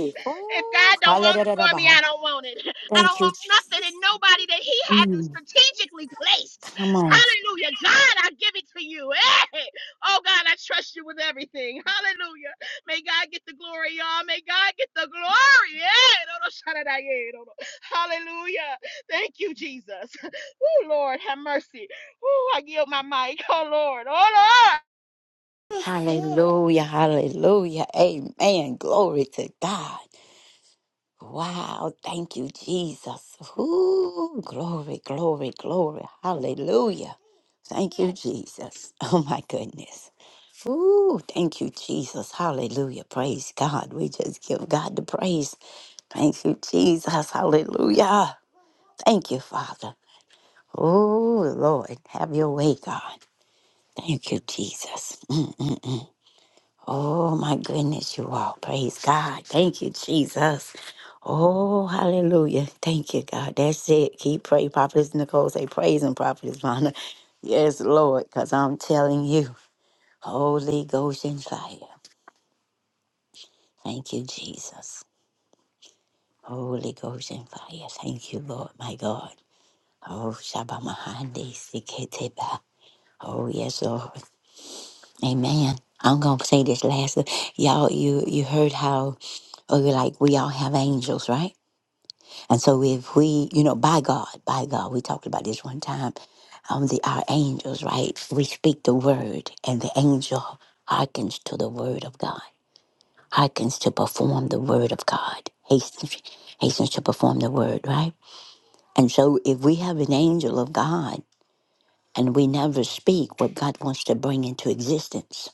If Oh, God don't want it for me, hallelujah. I don't want it. I don't Thank you, want nothing and Jesus. nobody that He hasn't Mm, strategically placed. come on. Hallelujah. God, I give it to you. Hey. Oh, God, I trust you with everything. Hallelujah. May God get the glory, y'all. May God get the glory. Yeah, no, no, shout out, I- yeah, no, no. Hallelujah. Thank you, Jesus. Oh, Lord, have mercy. Oh, I yield my mic. Oh, Lord. Oh, Lord. Hallelujah, hallelujah. Amen. Glory to God. Wow, thank you, Jesus. Ooh, glory, glory, glory. Hallelujah. Thank you, Jesus. Oh, my goodness. Ooh, thank you, Jesus. Hallelujah. Praise God. We just give God the praise. Thank you, Jesus. Hallelujah. Thank you, Father. Oh, Lord, have your way, God. Thank you, Jesus. Mm. Oh my goodness, you all. Praise God. Thank you, Jesus. Oh, hallelujah. Thank you, God. That's it. Keep praying. Prophetess Nicole say praise and prophetess Vonda. Yes, Lord, because I'm telling you, Holy Ghost and fire. Thank you, Jesus. Holy Ghost and fire. Thank you, Lord, my God. Oh, Shabbat Mahandi Siketeba. Oh, yes, Lord. Amen. I'm going to say this last. Y'all, you, you heard how, oh, you're like, we all have angels, right? And so if we, you know, by God, by God, we talked about this one time, um, the our angels, right? We speak the word, and the angel hearkens to the word of God, hearkens to perform the word of God, hastens, hastens to perform the word, right? And so if we have an angel of God and we never speak what God wants to bring into existence,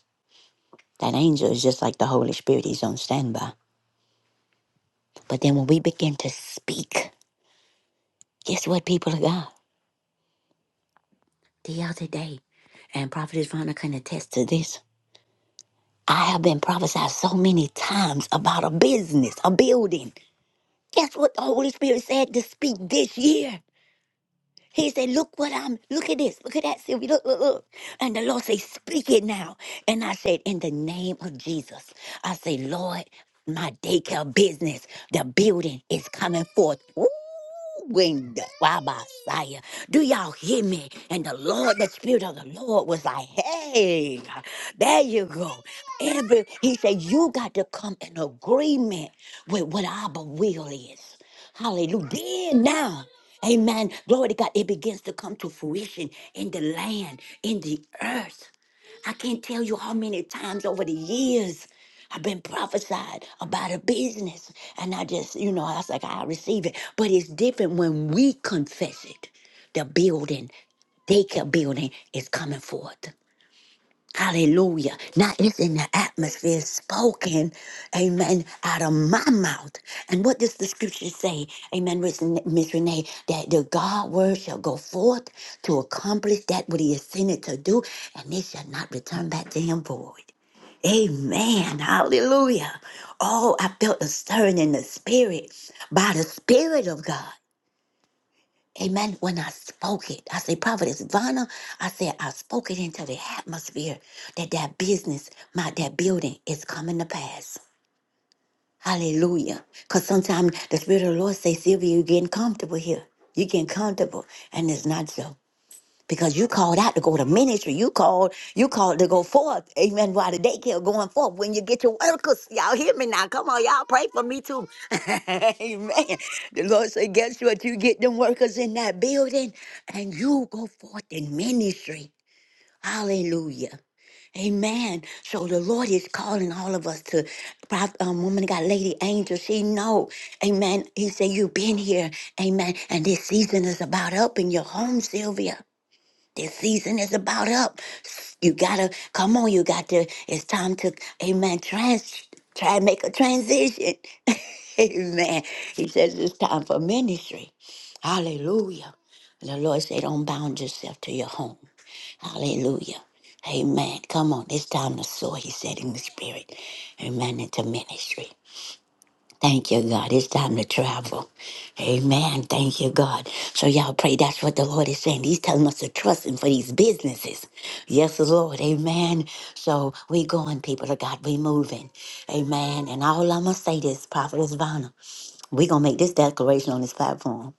that angel is just like the Holy Spirit, he's on standby. But then when we begin to speak, guess what, people of God? the other day, and Prophetess Verna can attest to this. I have been prophesied so many times about a business, a building. Guess what the Holy Spirit said to speak this year? He said, Look what I'm, look at this, look at that, Sylvia. look, look, look. And the Lord said, Speak it now. And I said, In the name of Jesus, I say, Lord, my daycare business, the building is coming forth. Woo! When the Wabasaya, do y'all hear me? And the Lord, the Spirit of the Lord was like, Hey, there you go. Every he said, You got to come in agreement with what Abba will is. Hallelujah. Then now, amen. Glory to God. It begins to come to fruition in the land, in the earth. I can't tell you how many times over the years I've been prophesied about a business. And I just, you know, I was like, I receive it. But it's different when we confess it. The building, daycare building is coming forth. Hallelujah. Now it's in the atmosphere spoken, amen, out of my mouth. And what does the scripture say? Amen, Miss Ren- Miss Renee, that the God word shall go forth to accomplish that what he has sent it to do, and it shall not return back to him void. Amen. Hallelujah. Oh, I felt a stirring in the spirit by the Spirit of God. Amen. When I spoke it, I said, Prophetess Vanna, I said, I spoke it into the atmosphere that that business, my that building is coming to pass. Hallelujah. Because sometimes the Spirit of the Lord says, Sylvia, you're getting comfortable here. You're getting comfortable. And it's not so because you called out to go to ministry. You called, you called to go forth. Amen. While the daycare going forth, when you get your workers, y'all hear me now. Come on, y'all pray for me too. Amen. The Lord said, guess what? You get them workers in that building and you go forth in ministry. Hallelujah. Amen. So the Lord is calling all of us to Prophet, um, woman of God, Lady Angel. She know, Amen. He said, "You've been here, Amen." And this season is about helping your home, Sylvia. This season is about up. You gotta come on. You got to. It's time to, amen. Trans, try and make a transition. amen. He says it's time for ministry. Hallelujah. And the Lord said, don't bound yourself to your home. Hallelujah. Amen. Come on. It's time to sow. He said in the spirit. Amen. Into ministry. Thank you, God. It's time to travel. Amen. Thank you, God. So, y'all pray that's what the Lord is saying. He's telling us to trust Him for these businesses. Yes, Lord. Amen. So, we going, people of God. we moving. Amen. And all I'm going to say this, Prophetess Vanna, we going to make this declaration on this platform.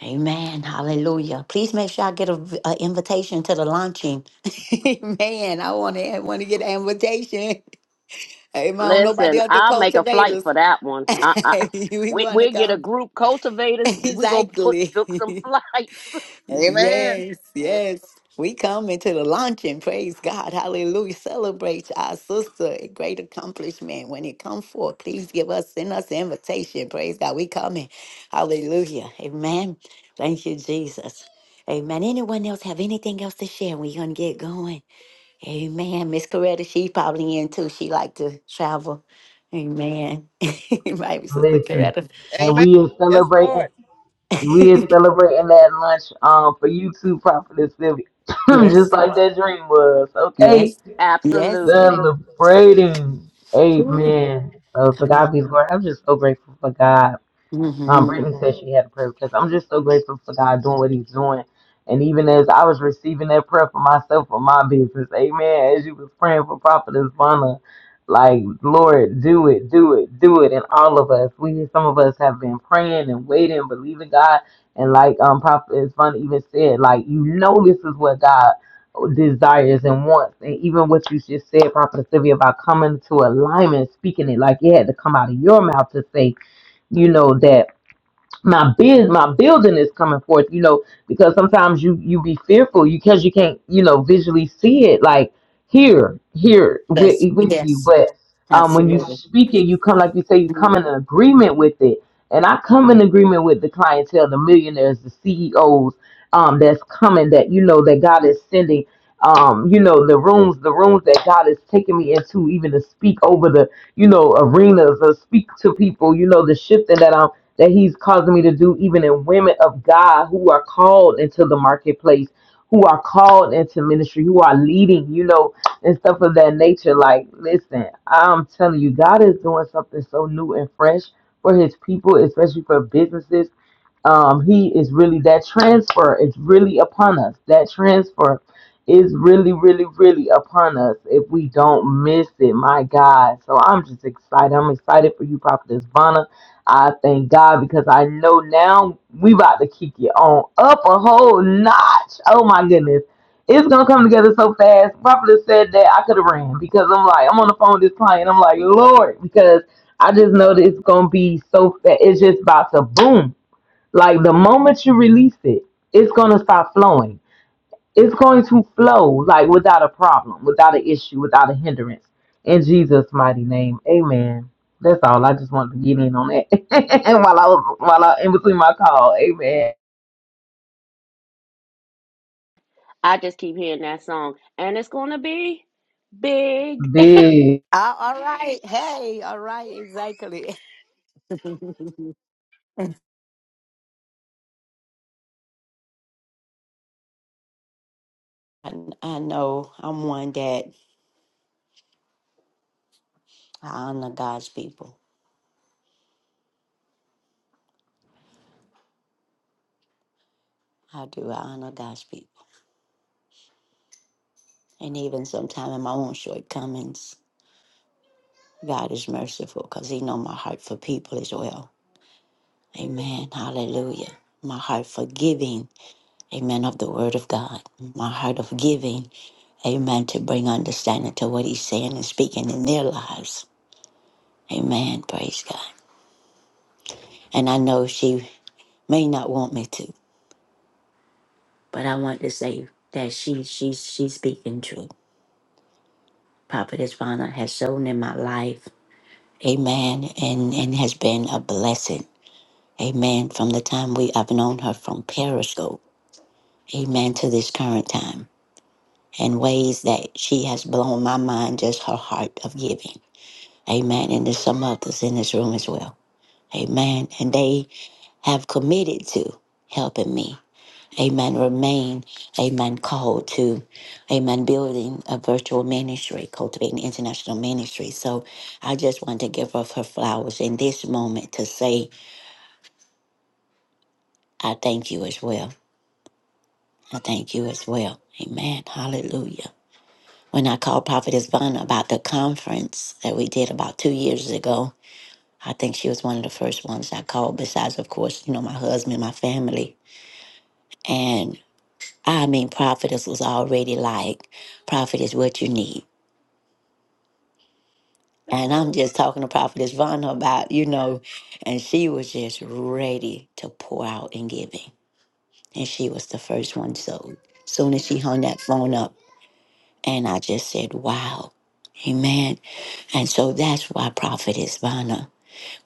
Amen. Hallelujah. Please make sure I get an invitation to the launching. Amen. I want to want to get an invitation. Amen. I don't know about the Listen, other I'll make a flight cultivators. for that one. I, I, we we want to we get a come. group cultivators. We gonna put Exactly. book some flights. Amen. yes, yes. We come into the luncheon. Praise God. Hallelujah. Celebrate our sister. A great accomplishment. When it comes forth, please give us, send us an invitation. Praise God. We coming. Hallelujah. Amen. Thank you, Jesus. Amen. Anyone else have anything else to share? We're going to get going. Amen. Miss Coretta, she probably in too. She like to travel. Amen. Maybe Sister Listen, Coretta. and Amen. we is Yes, Lord. celebrating. We is celebrating that lunch um for you too, Prophetess Sylvia, just Yes. like that dream was. Okay, Yes. Yes. Absolutely. celebrating. Ooh, Amen. So to come God on. be the glory. I'm just so grateful for God. Um, hmm Brittany said she had a prayer because I'm just so grateful for God doing what He's doing. And even as I was receiving that prayer for myself for my business, amen. As you was praying for Prophetess Vanna, like, Lord, do it, do it, do it. And all of us, we, some of us have been praying and waiting, believing God. And like um, Prophetess Vanna even said, like, you know, this is what God desires and wants. And even what you just said, Prophetess Sylvia, about coming to alignment, speaking it, like, it had to come out of your mouth to say, you know, that my biz, my building is coming forth, you know, because sometimes you you be fearful because you can't, you know, visually see it like here, here with Yes. with you. Yes. But um, when you Absolutely. speak it, you come like you say, you Mm. come in agreement with it, and I come in agreement with the clientele, the millionaires, the CEOs, um, that's coming that you know that God is sending. Um, you know the rooms, the rooms that God is taking me into, even to speak over the, you know, arenas or speak to people. You know the shifting that I'm that he's causing me to do even in women of God who are called into the marketplace, who are called into ministry, who are leading, you know, and stuff of that nature. Like, listen, I'm telling you, God is doing something so new and fresh for his people, especially for businesses um, he is really that transfer is really upon us. That transfer is really, really, really upon us if we don't miss it. My God. So I'm just excited. I'm excited for you, Prophetess Vanna. I thank God because I know now we about to kick it on up a whole notch. Oh my goodness. It's gonna come together so fast. Prophetess said that I could have ran because I'm like, I'm on the phone with this client. I'm like, Lord, because I just know that it's gonna be so fast. It's just about to boom. Like the moment you release it, it's going to stop flowing. It's going to flow like without a problem, without an issue, without a hindrance. In Jesus' mighty name, amen. That's all. I just wanted to get in on that while I was while I in between my call. Amen. I just keep hearing that song, and it's gonna be big. Big. Ah, all right. Hey. All right. Exactly. I, I know I'm one that I honor God's people. I do. I honor God's people. And even sometimes in my own shortcomings, God is merciful because He know my heart for people as well. Amen. Hallelujah. My heart for giving. Amen. Of the Word of God. My heart of giving. Amen. To bring understanding to what he's saying and speaking in their lives. Amen. Praise God. And I know she may not want me to, but I want to say that she she's she's speaking truth. Prophetess Vana has shown in my life. Amen. And and has been a blessing. Amen. From the time we I've known her from Periscope. Amen. To this current time. in ways that she has blown my mind just her heart of giving. Amen. And there's some others in this room as well. Amen. And they have committed to helping me. Amen. Remain, amen, called to, amen, building a virtual ministry, cultivating international ministry. So I just want to give her her flowers in this moment to say, I thank you as well. I thank you as well. Amen. Hallelujah. When I called Prophetess Vanna about the conference that we did about two years ago, I think she was one of the first ones I called, besides, of course, you know, my husband, my family. and. I mean, prophetess was already like, prophet is what you need. And I'm just talking to prophetess Vonna about, you know, and she was just ready to pour out in giving. And she was the first one. So soon as she hung that phone up, and I just said, wow, amen. And so that's why prophetess Vonna,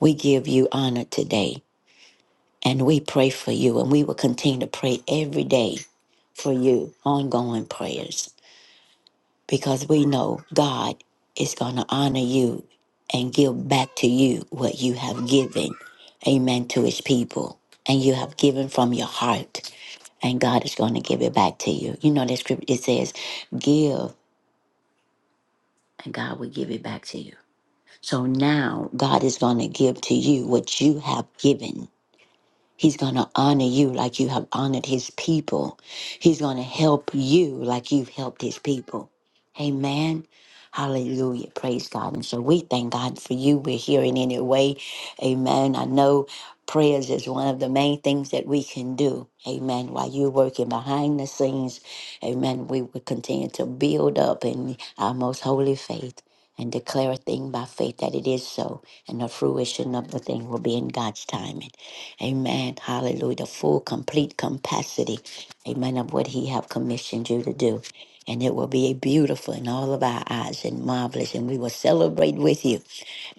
we give you honor today and we pray for you and we will continue to pray every day for you, ongoing prayers. because we know God is going to honor you and give back to you what you have given, amen, to his people. And you have given from your heart, and God is going to give it back to you. You know, that scripture it says, Give, and God will give it back to you. So now God is going to give to you what you have given He's going to honor you like you have honored his people. He's going to help you like you've helped his people. Amen. Hallelujah. Praise God. And so we thank God for you. We're here in any way. Amen. I know prayers is one of the main things that we can do. Amen. While you're working behind the scenes, amen, we will continue to build up in our most holy faith and declare a thing by faith that it is so. And the fruition of the thing will be in God's timing. Amen. Hallelujah. The full, complete capacity. Amen. Of what He have commissioned you to do. And it will be beautiful in all of our eyes and marvelous. And we will celebrate with you.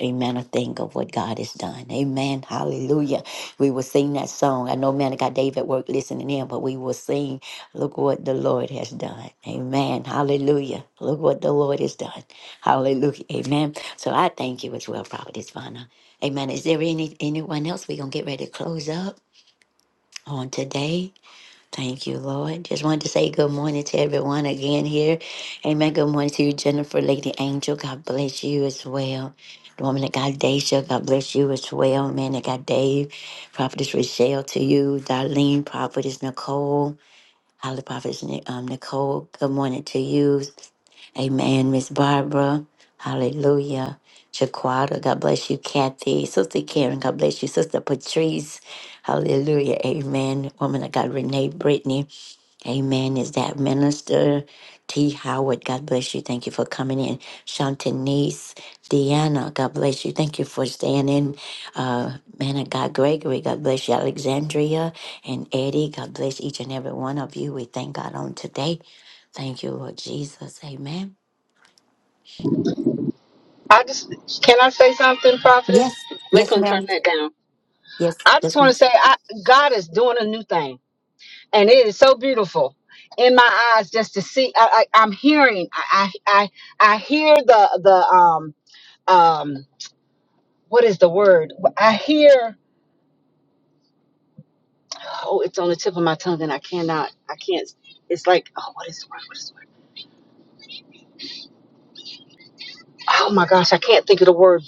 Amen. A thing of what God has done. Amen. Hallelujah. We will sing that song. I know man I got Dave at work listening in, but we will sing, look what the Lord has done. Amen. Hallelujah. Look what the Lord has done. Hallelujah. Amen. So I thank you as well, Prophet Ivana. Amen. Is there any anyone else? We're gonna get ready to close up on today. Thank you, Lord. Just wanted to say good morning to everyone again here. Amen. Good morning to you, Jennifer, Lady Angel. God bless you as well. The woman that God Daisha, God bless you as well. Man that God Dave, Prophetess Rochelle to you, Darlene, Prophetess Nicole, Holly Prophetess Ni- um, Nicole. Good morning to you. Amen. Miss Barbara. Hallelujah. Jaquada. God bless you, Kathy. Sister Karen. God bless you, Sister Patrice. Hallelujah. Amen. Woman of God, Renee Brittany. Amen. Is that minister? T. Howard, God bless you. Thank you for coming in. Shantanese, Deanna, God bless you. Thank you for staying in. Uh, man of God, Gregory, God bless you. Alexandria and Eddie, God bless each and every one of you. We thank God on today. Thank you, Lord Jesus. Amen. I just can I say something, prophetess? Yes, yes, Lakeland, turn ma'am. that down. Yes, I just yes, want ma'am. to say, I, God is doing a new thing, and it is so beautiful in my eyes just to see. I, I, I'm hearing, I, I, I I hear the the um um what is the word? I hear, oh, in my tongue out. I can't. It's like,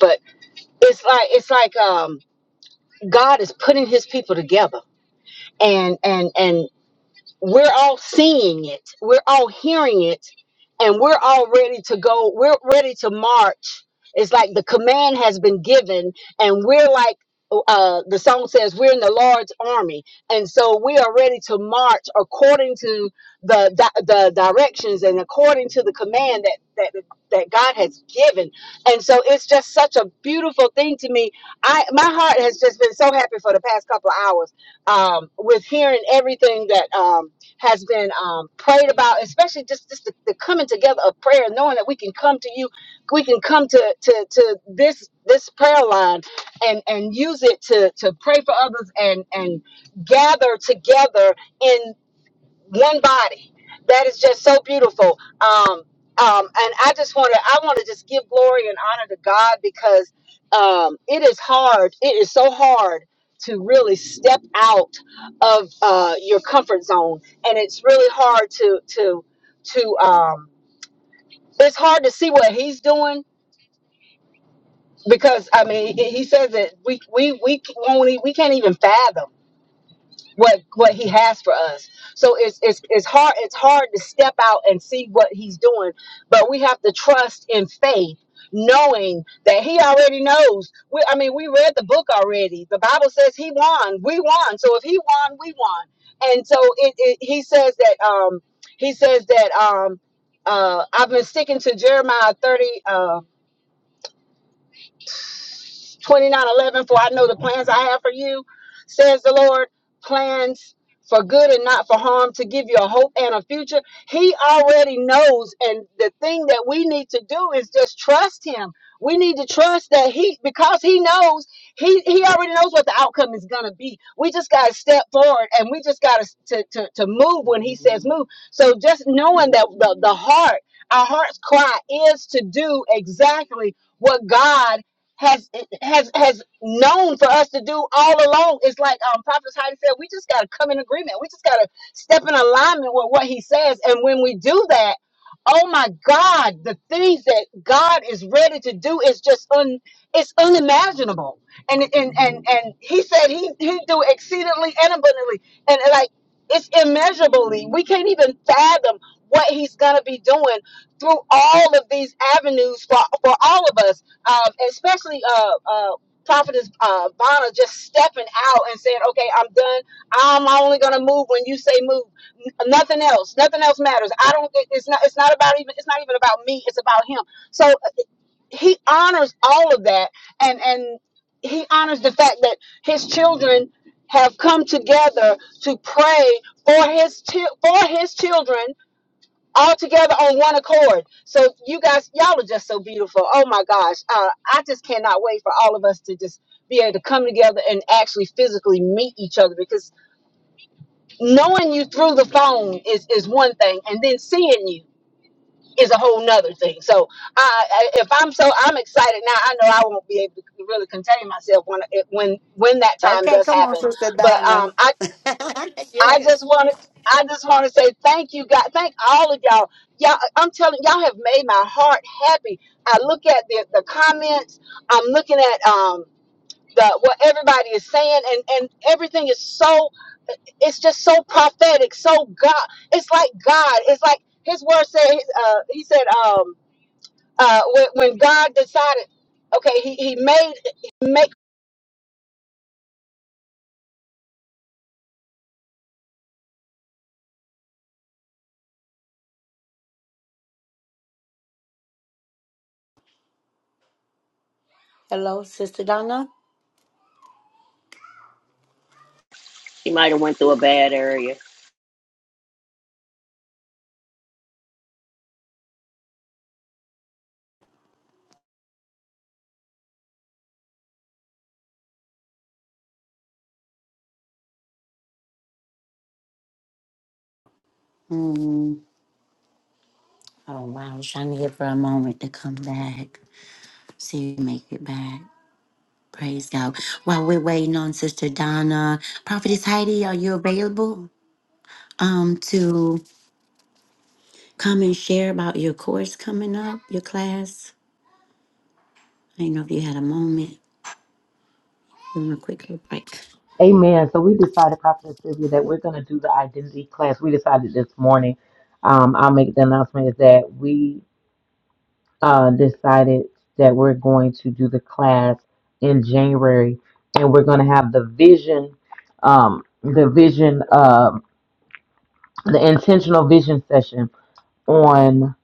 but it's um God is together, and and and we're all seeing it, we're all hearing it, and we're all ready to go. We're ready to march. It's like the command has been given, and we're like, uh, the song says, we're in the Lord's army, and so we are ready to march according to the di- the directions and according to the command that that that God has given. And so it's just such a beautiful thing to me. I my heart has just been so happy for the past couple of hours um, with hearing everything that. Um, has been um, prayed about, especially just, just the, the coming together of prayer, knowing that we can come to you, we can come to to, to this this prayer line and and use it to to pray for others and and gather together in one body. That is just so beautiful. Um, um, and I just want to, I want to just give glory and honor to God because um, it is hard. It is so hard to really step out of uh, your comfort zone, and it's really hard to to to. Um, it's hard to see what He's doing because I mean, He he says that we we we won't e- we can't even fathom. what what he has for us. So it's it's it's hard it's hard to step out and see what he's doing, but we have to trust in faith, knowing that he already knows. We I mean we read the book already. The Bible says he won, we won. So if he won, we won. And so it, it he says that um he says that um uh I've been sticking to Jeremiah 30 um 29 11 for I know the plans I have for you, says the Lord, plans for good and not for harm, to give you a hope and a future. He already knows. And the thing that we need to do is just trust Him. We need to trust that He, because He knows, He, he already knows what the outcome is going to be. We just got to step forward and we just got to, to, to move when He says move. So just knowing that the, the heart, our heart's cry is to do exactly what God has has has known for us to do all along. It's like um Prophet Heidi said, we just gotta come in agreement. We just gotta step in alignment with what he says. And when we do that, oh my God, the things that God is ready to do is just un it's unimaginable. And and and and he said he he do exceedingly and abundantly. And like it's immeasurably. We can't even fathom what he's gonna be doing through all of these avenues for, for all of us um, especially uh, uh, prophetess uh, Vanna just stepping out and saying, "Okay, I'm done. I'm only gonna move when you say move. N- nothing else. Nothing else matters. I don't. it- It's not. It's not about even. It's not even about me. It's about him. So uh, he honors all of that, and and he honors the fact that his children have come together to pray for his chi- for his children all together on one accord. So you guys, y'all are just so beautiful. Oh my gosh, uh, I just cannot wait for all of us to just be able to come together and actually physically meet each other because knowing you through the phone is is one thing, and then seeing you is a whole nother thing. So I, I if I'm so I'm excited now, I know I won't be able to really contain myself when it, when when that time Okay, does come on, happen. Sister But um, Donna. I just yes. want to. I just want to say thank you, God. Thank all of y'all. Y'all, I'm telling y'all have made my heart happy. I look at the, the comments. I'm looking at um the what everybody is saying, and and everything is so. It's just so prophetic. So God, it's like God. It's like His word said. Uh, he said um uh when, when God decided, okay, he he made Hello, Sister Donna. She might have went through a bad area. Hmm. Oh wow, I was trying to get for a moment to come back. See if you make it back. Praise God. While we're waiting on Sister Donna, Prophetess Heidi, are you available? Um, to come and share about your course coming up, your class. I didn't know if you had a moment. You want a quick little break. Amen. So we decided, Prophet Sylvia, that we're going to do the identity class. We decided this morning. Um, I'll make the announcement is that we uh, decided that we're going to do the class in January, and we're going to have the vision, um, the vision, uh, the intentional vision session on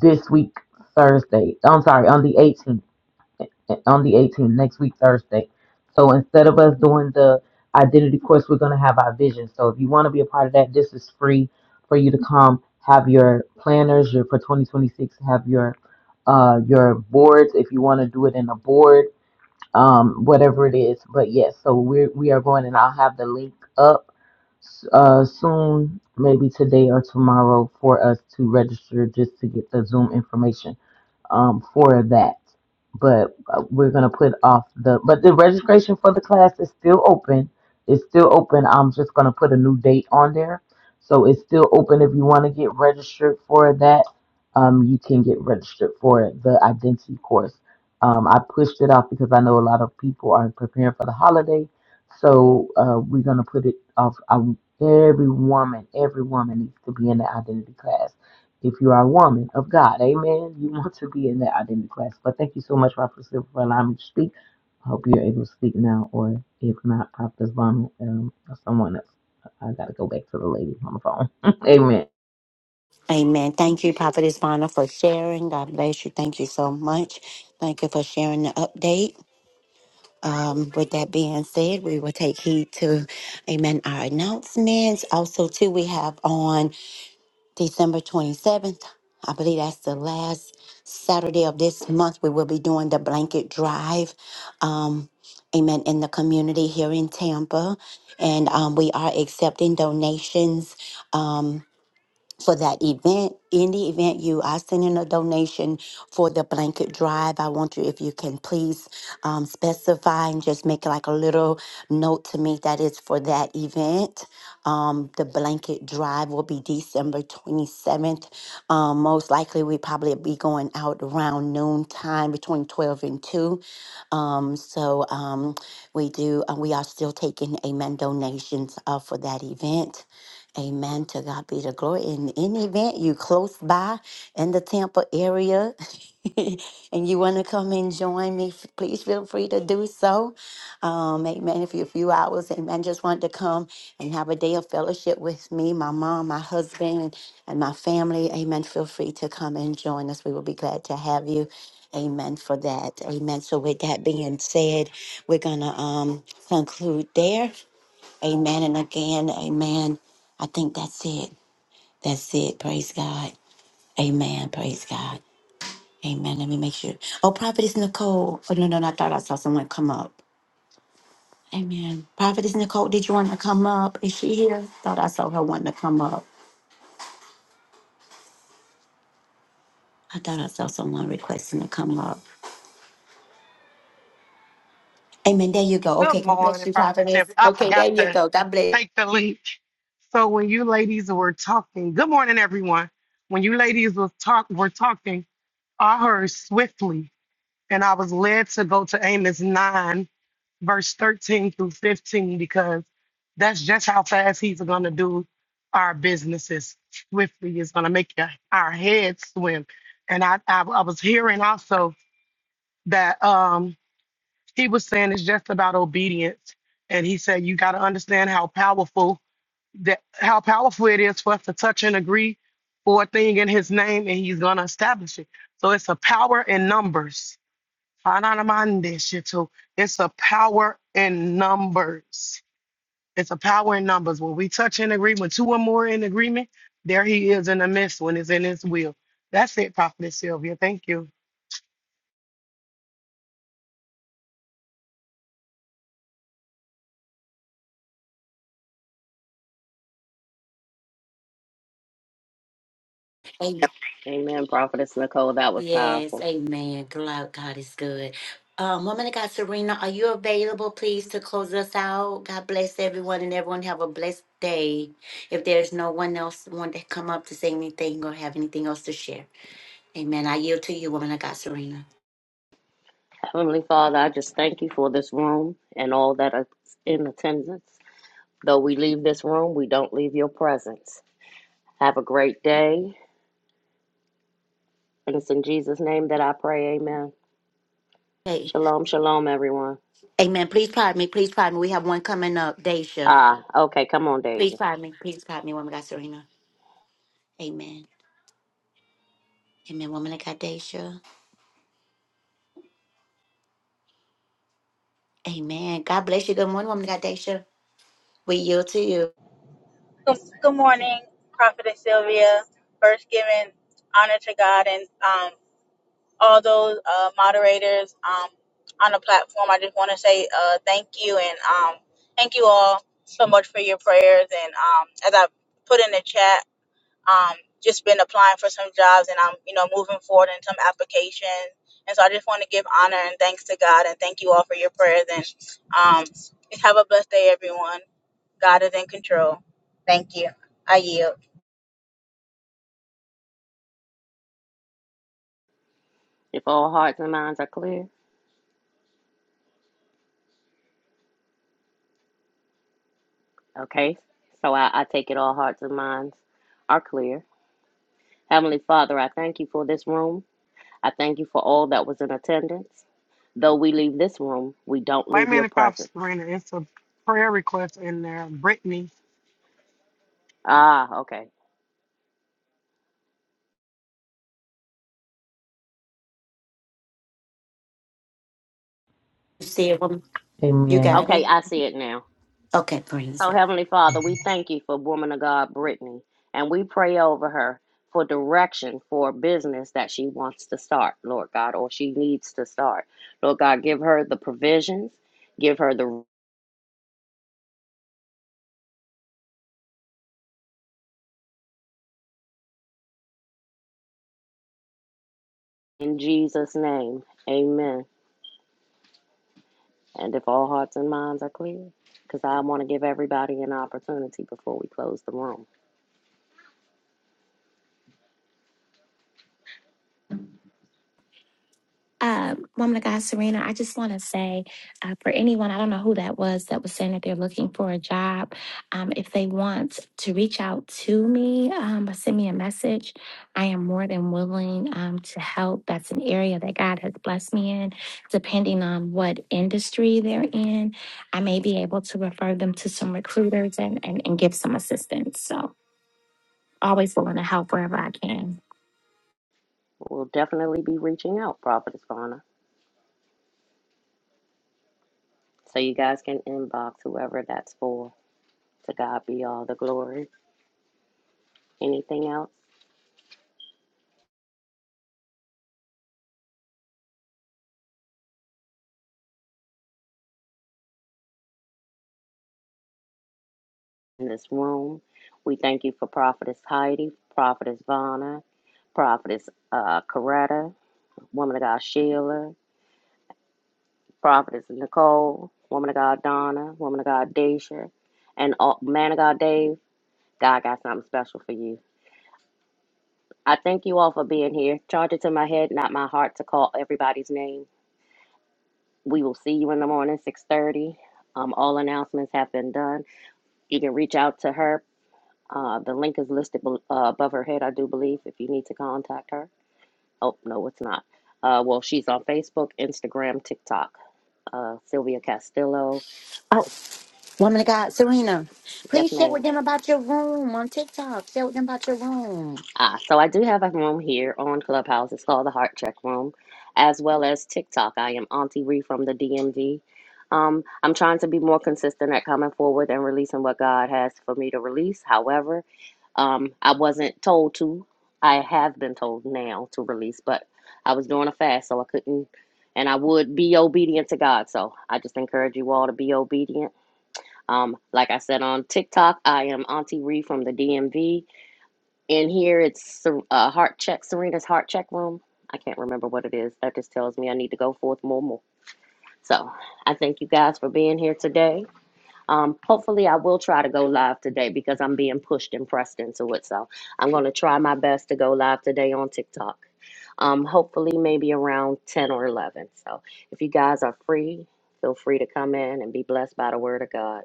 this week Thursday. I'm sorry, on the 18th on the 18th next week thursday so instead of us doing the identity course we're going to have our vision so if you want to be a part of that this is free for you to come have your planners your for 2026 have your uh your boards if you want to do it in a board um whatever it is but yes so we're we are going and i'll have the link up uh soon maybe today or tomorrow for us to register just to get the zoom information um, for that. But uh, we're going to put off the, but the registration for the class is still open. It's still open. I'm just going to put a new date on there. So it's still open if you want to get registered for that. Um, you can get registered for the identity course. Um, I pushed it off because I know a lot of people are preparing for the holiday. So uh, we're going to put it off. I, every woman, every woman needs to be in the identity class if you are a woman of God, amen, you want to be in that identity class. But thank you so much, Prophet Silver, for allowing me to speak. I hope you're able to speak now, or if not, Prophet Vaughn um, or someone else. I got to go back to the lady on the phone. amen. Amen. Thank you, Prophetess Bonner, for sharing. God bless you. Thank you so much. Thank you for sharing the update. Um, with that being said, we will take heed to, amen, our announcements. Also, too, we have on December 27th, I believe that's the last Saturday of this month, we will be doing the blanket drive, um, amen, in the community here in Tampa. And um, we are accepting donations. Um, for that event. In the event you are sending a donation for the blanket drive, I want you, if you can please um, specify and just make like a little note to me that it's for that event. Um, the blanket drive will be December 27th. Um, most likely, we probably be going out around noon time between 12 and 2. Um, so um, we do, uh, we are still taking amen donations uh, for that event. Amen. To God be the glory. In any event, you close by in the Tampa area and you want to come and join me, f- please feel free to do so. Um, amen. If you a few hours, amen. Just want to come and have a day of fellowship with me, my mom, my husband, and my family. Amen. Feel free to come and join us. We will be glad to have you. Amen for that. Amen. So with that being said, we're gonna um conclude there. Amen. And again, amen. I think that's it. That's it. Praise God. Amen. Praise God. Amen. Let me make sure. Oh, Prophetess Nicole. Oh, no, no, no. I thought I saw someone come up. Amen. Prophetess Nicole, did you want to come up? Is she here? Thought I saw her wanting to come up. I thought I saw someone requesting to come up. Amen. There you go. Good Okay. God bless morning, you, Prophet Tiffany. Prophetess. I Okay. forgot There you to go. God bless. take the link. So when you ladies were talking, good morning, everyone. When you ladies was talk were talking, I heard swiftly, and I was led to go to Amos nine, verse thirteen through fifteen, because that's just how fast he's gonna do our businesses. Swiftly is gonna make your, our heads swim. And I, I, I was hearing also that Um, he was saying it's just about obedience and he said you got to understand how powerful that how powerful it is for us to touch and agree for a thing in his name and he's going to establish it so it's a power in numbers Hananamandeshitu. it's a power in numbers it's a power in numbers when we touch and agree when two or more in agreement there he is in the midst when it's in his will that's it prophet sylvia thank you Amen. Amen, Prophetess Nicole. That was Yes, powerful. amen. God, God is good. Um, woman of God, Serena, are you available, please, to close us out? God bless everyone, and everyone have a blessed day. If there's no one else want to come up to say anything or have anything else to share, Amen. I yield to you, woman of God, Serena. Heavenly Father, I just thank you for this room and all that are in attendance. Though we leave this room, we don't leave your presence. Have a great day, and it's in Jesus' name that I pray. Amen. Hey, Shalom, shalom, everyone. Amen. Please pardon me. Please pardon me. We have one coming up, Daisha. Ah, okay, come on, Please Deja. pardon me. Please pardon me, woman of God, Serena. Amen. Amen. Woman of God, Daisha. Amen. God bless you. Good morning, woman of God, Daisha. We yield to you. Good, good morning, Prophetess Sylvia. First, giving honor to God and um, all those uh, moderators um, on the platform. I just want to say uh, thank you and um, thank you all so much for your prayers. And um, as I put in the chat, um, just been applying for some jobs and I'm, you know, moving forward in some applications. And so I just want to give honor and thanks to God and thank you all for your prayers and um, have a blessed day, everyone. God is in control. Thank you. I yield. If all hearts and minds are clear, okay, so I, I take it all hearts and minds are clear. Heavenly Father, I thank you for this room. I thank you for all that was in attendance. Though we leave this room, we don't wait leave a your minute prophet presence. serena it's a prayer request in there brittany Ah, okay. You See you, woman. You Amen. got Okay, it. I see it now. Okay, praise So, God. Heavenly Father, we thank you for woman of God, Brittany, and we pray over her for direction for a business that she wants to start, Lord God, or she needs to start. Lord God, give her the provisions, give her the in Jesus' name, amen. And if all hearts and minds are clear, because I want to give everybody an opportunity before we close the room. Uh, woman of God, Serena, I just want to say uh, for anyone, I don't know who that was that was saying that they're looking for a job. Um, if they want to reach out to me um, or send me a message, I am more than willing um, to help. That's an area that God has blessed me in. Depending on what industry they're in, I may be able to refer them to some recruiters and, and, and give some assistance. So, always willing to help wherever I can. We'll definitely be reaching out, Prophetess Fauna, so you guys can inbox whoever that's for. To God be all the glory. Anything else? in this room. We thank you for Prophetess Heidi, Prophetess Vonna, Prophetess uh, Coretta, Woman of God Sheila, Prophetess Nicole, Woman of God Donna, Woman of God Deja, and all, Man of God Dave. God got something special for you. I thank you all for being here. Charge it to my head, not my heart, to call everybody's name. We will see you in the morning, 6.30. Um, all announcements have been done. You can reach out to her Uh, the link is listed bel uh, above her head, I do believe, if you need to contact her. Oh, no, it's not. Uh, well, she's on Facebook, Instagram, TikTok. Uh, Sylvia Castillo. Oh, woman of God, Serena, Yes, please share ma'am. with them about your room on TikTok. Share with them about your room. Ah, so I do have a room here on Clubhouse. It's called the Heart Check Room, as well as TikTok. I am Auntie Ree from the DMV. Um, I'm trying to be more consistent at coming forward and releasing what God has for me to release. However, um, I wasn't told to. I have been told now to release, but I was doing a fast, so I couldn't. And I would be obedient to God. So I just encourage you all to be obedient. Um, like I said on TikTok, I am Auntie Ree from the DMV. And here it's Ser- uh, heart check, Serena's heart check room. I can't remember what it is. That just tells me I need to go forth more and more. So I thank you guys for being here today. Um, hopefully, I will try to go live today because I'm being pushed and pressed into it. So I'm going to try my best to go live today on TikTok. Um, hopefully, maybe around 10 or 11. So if you guys are free, feel free to come in and be blessed by the word of God.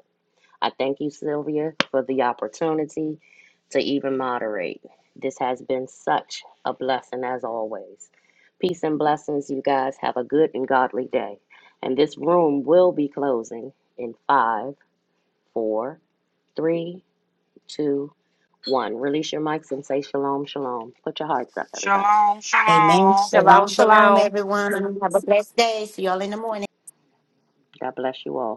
I thank you, Sylvia, for the opportunity to even moderate. This has been such a blessing as always. Peace and blessings, you guys. Have a good and godly day. And this room will be closing in five, four, three, two, one. Release your mics and say shalom, shalom. Put your hearts up, everybody. Shalom, Amen. shalom. Shalom, Shalom, shalom, shalom. everyone. Have a blessed day. See y'all in the morning. God bless you all.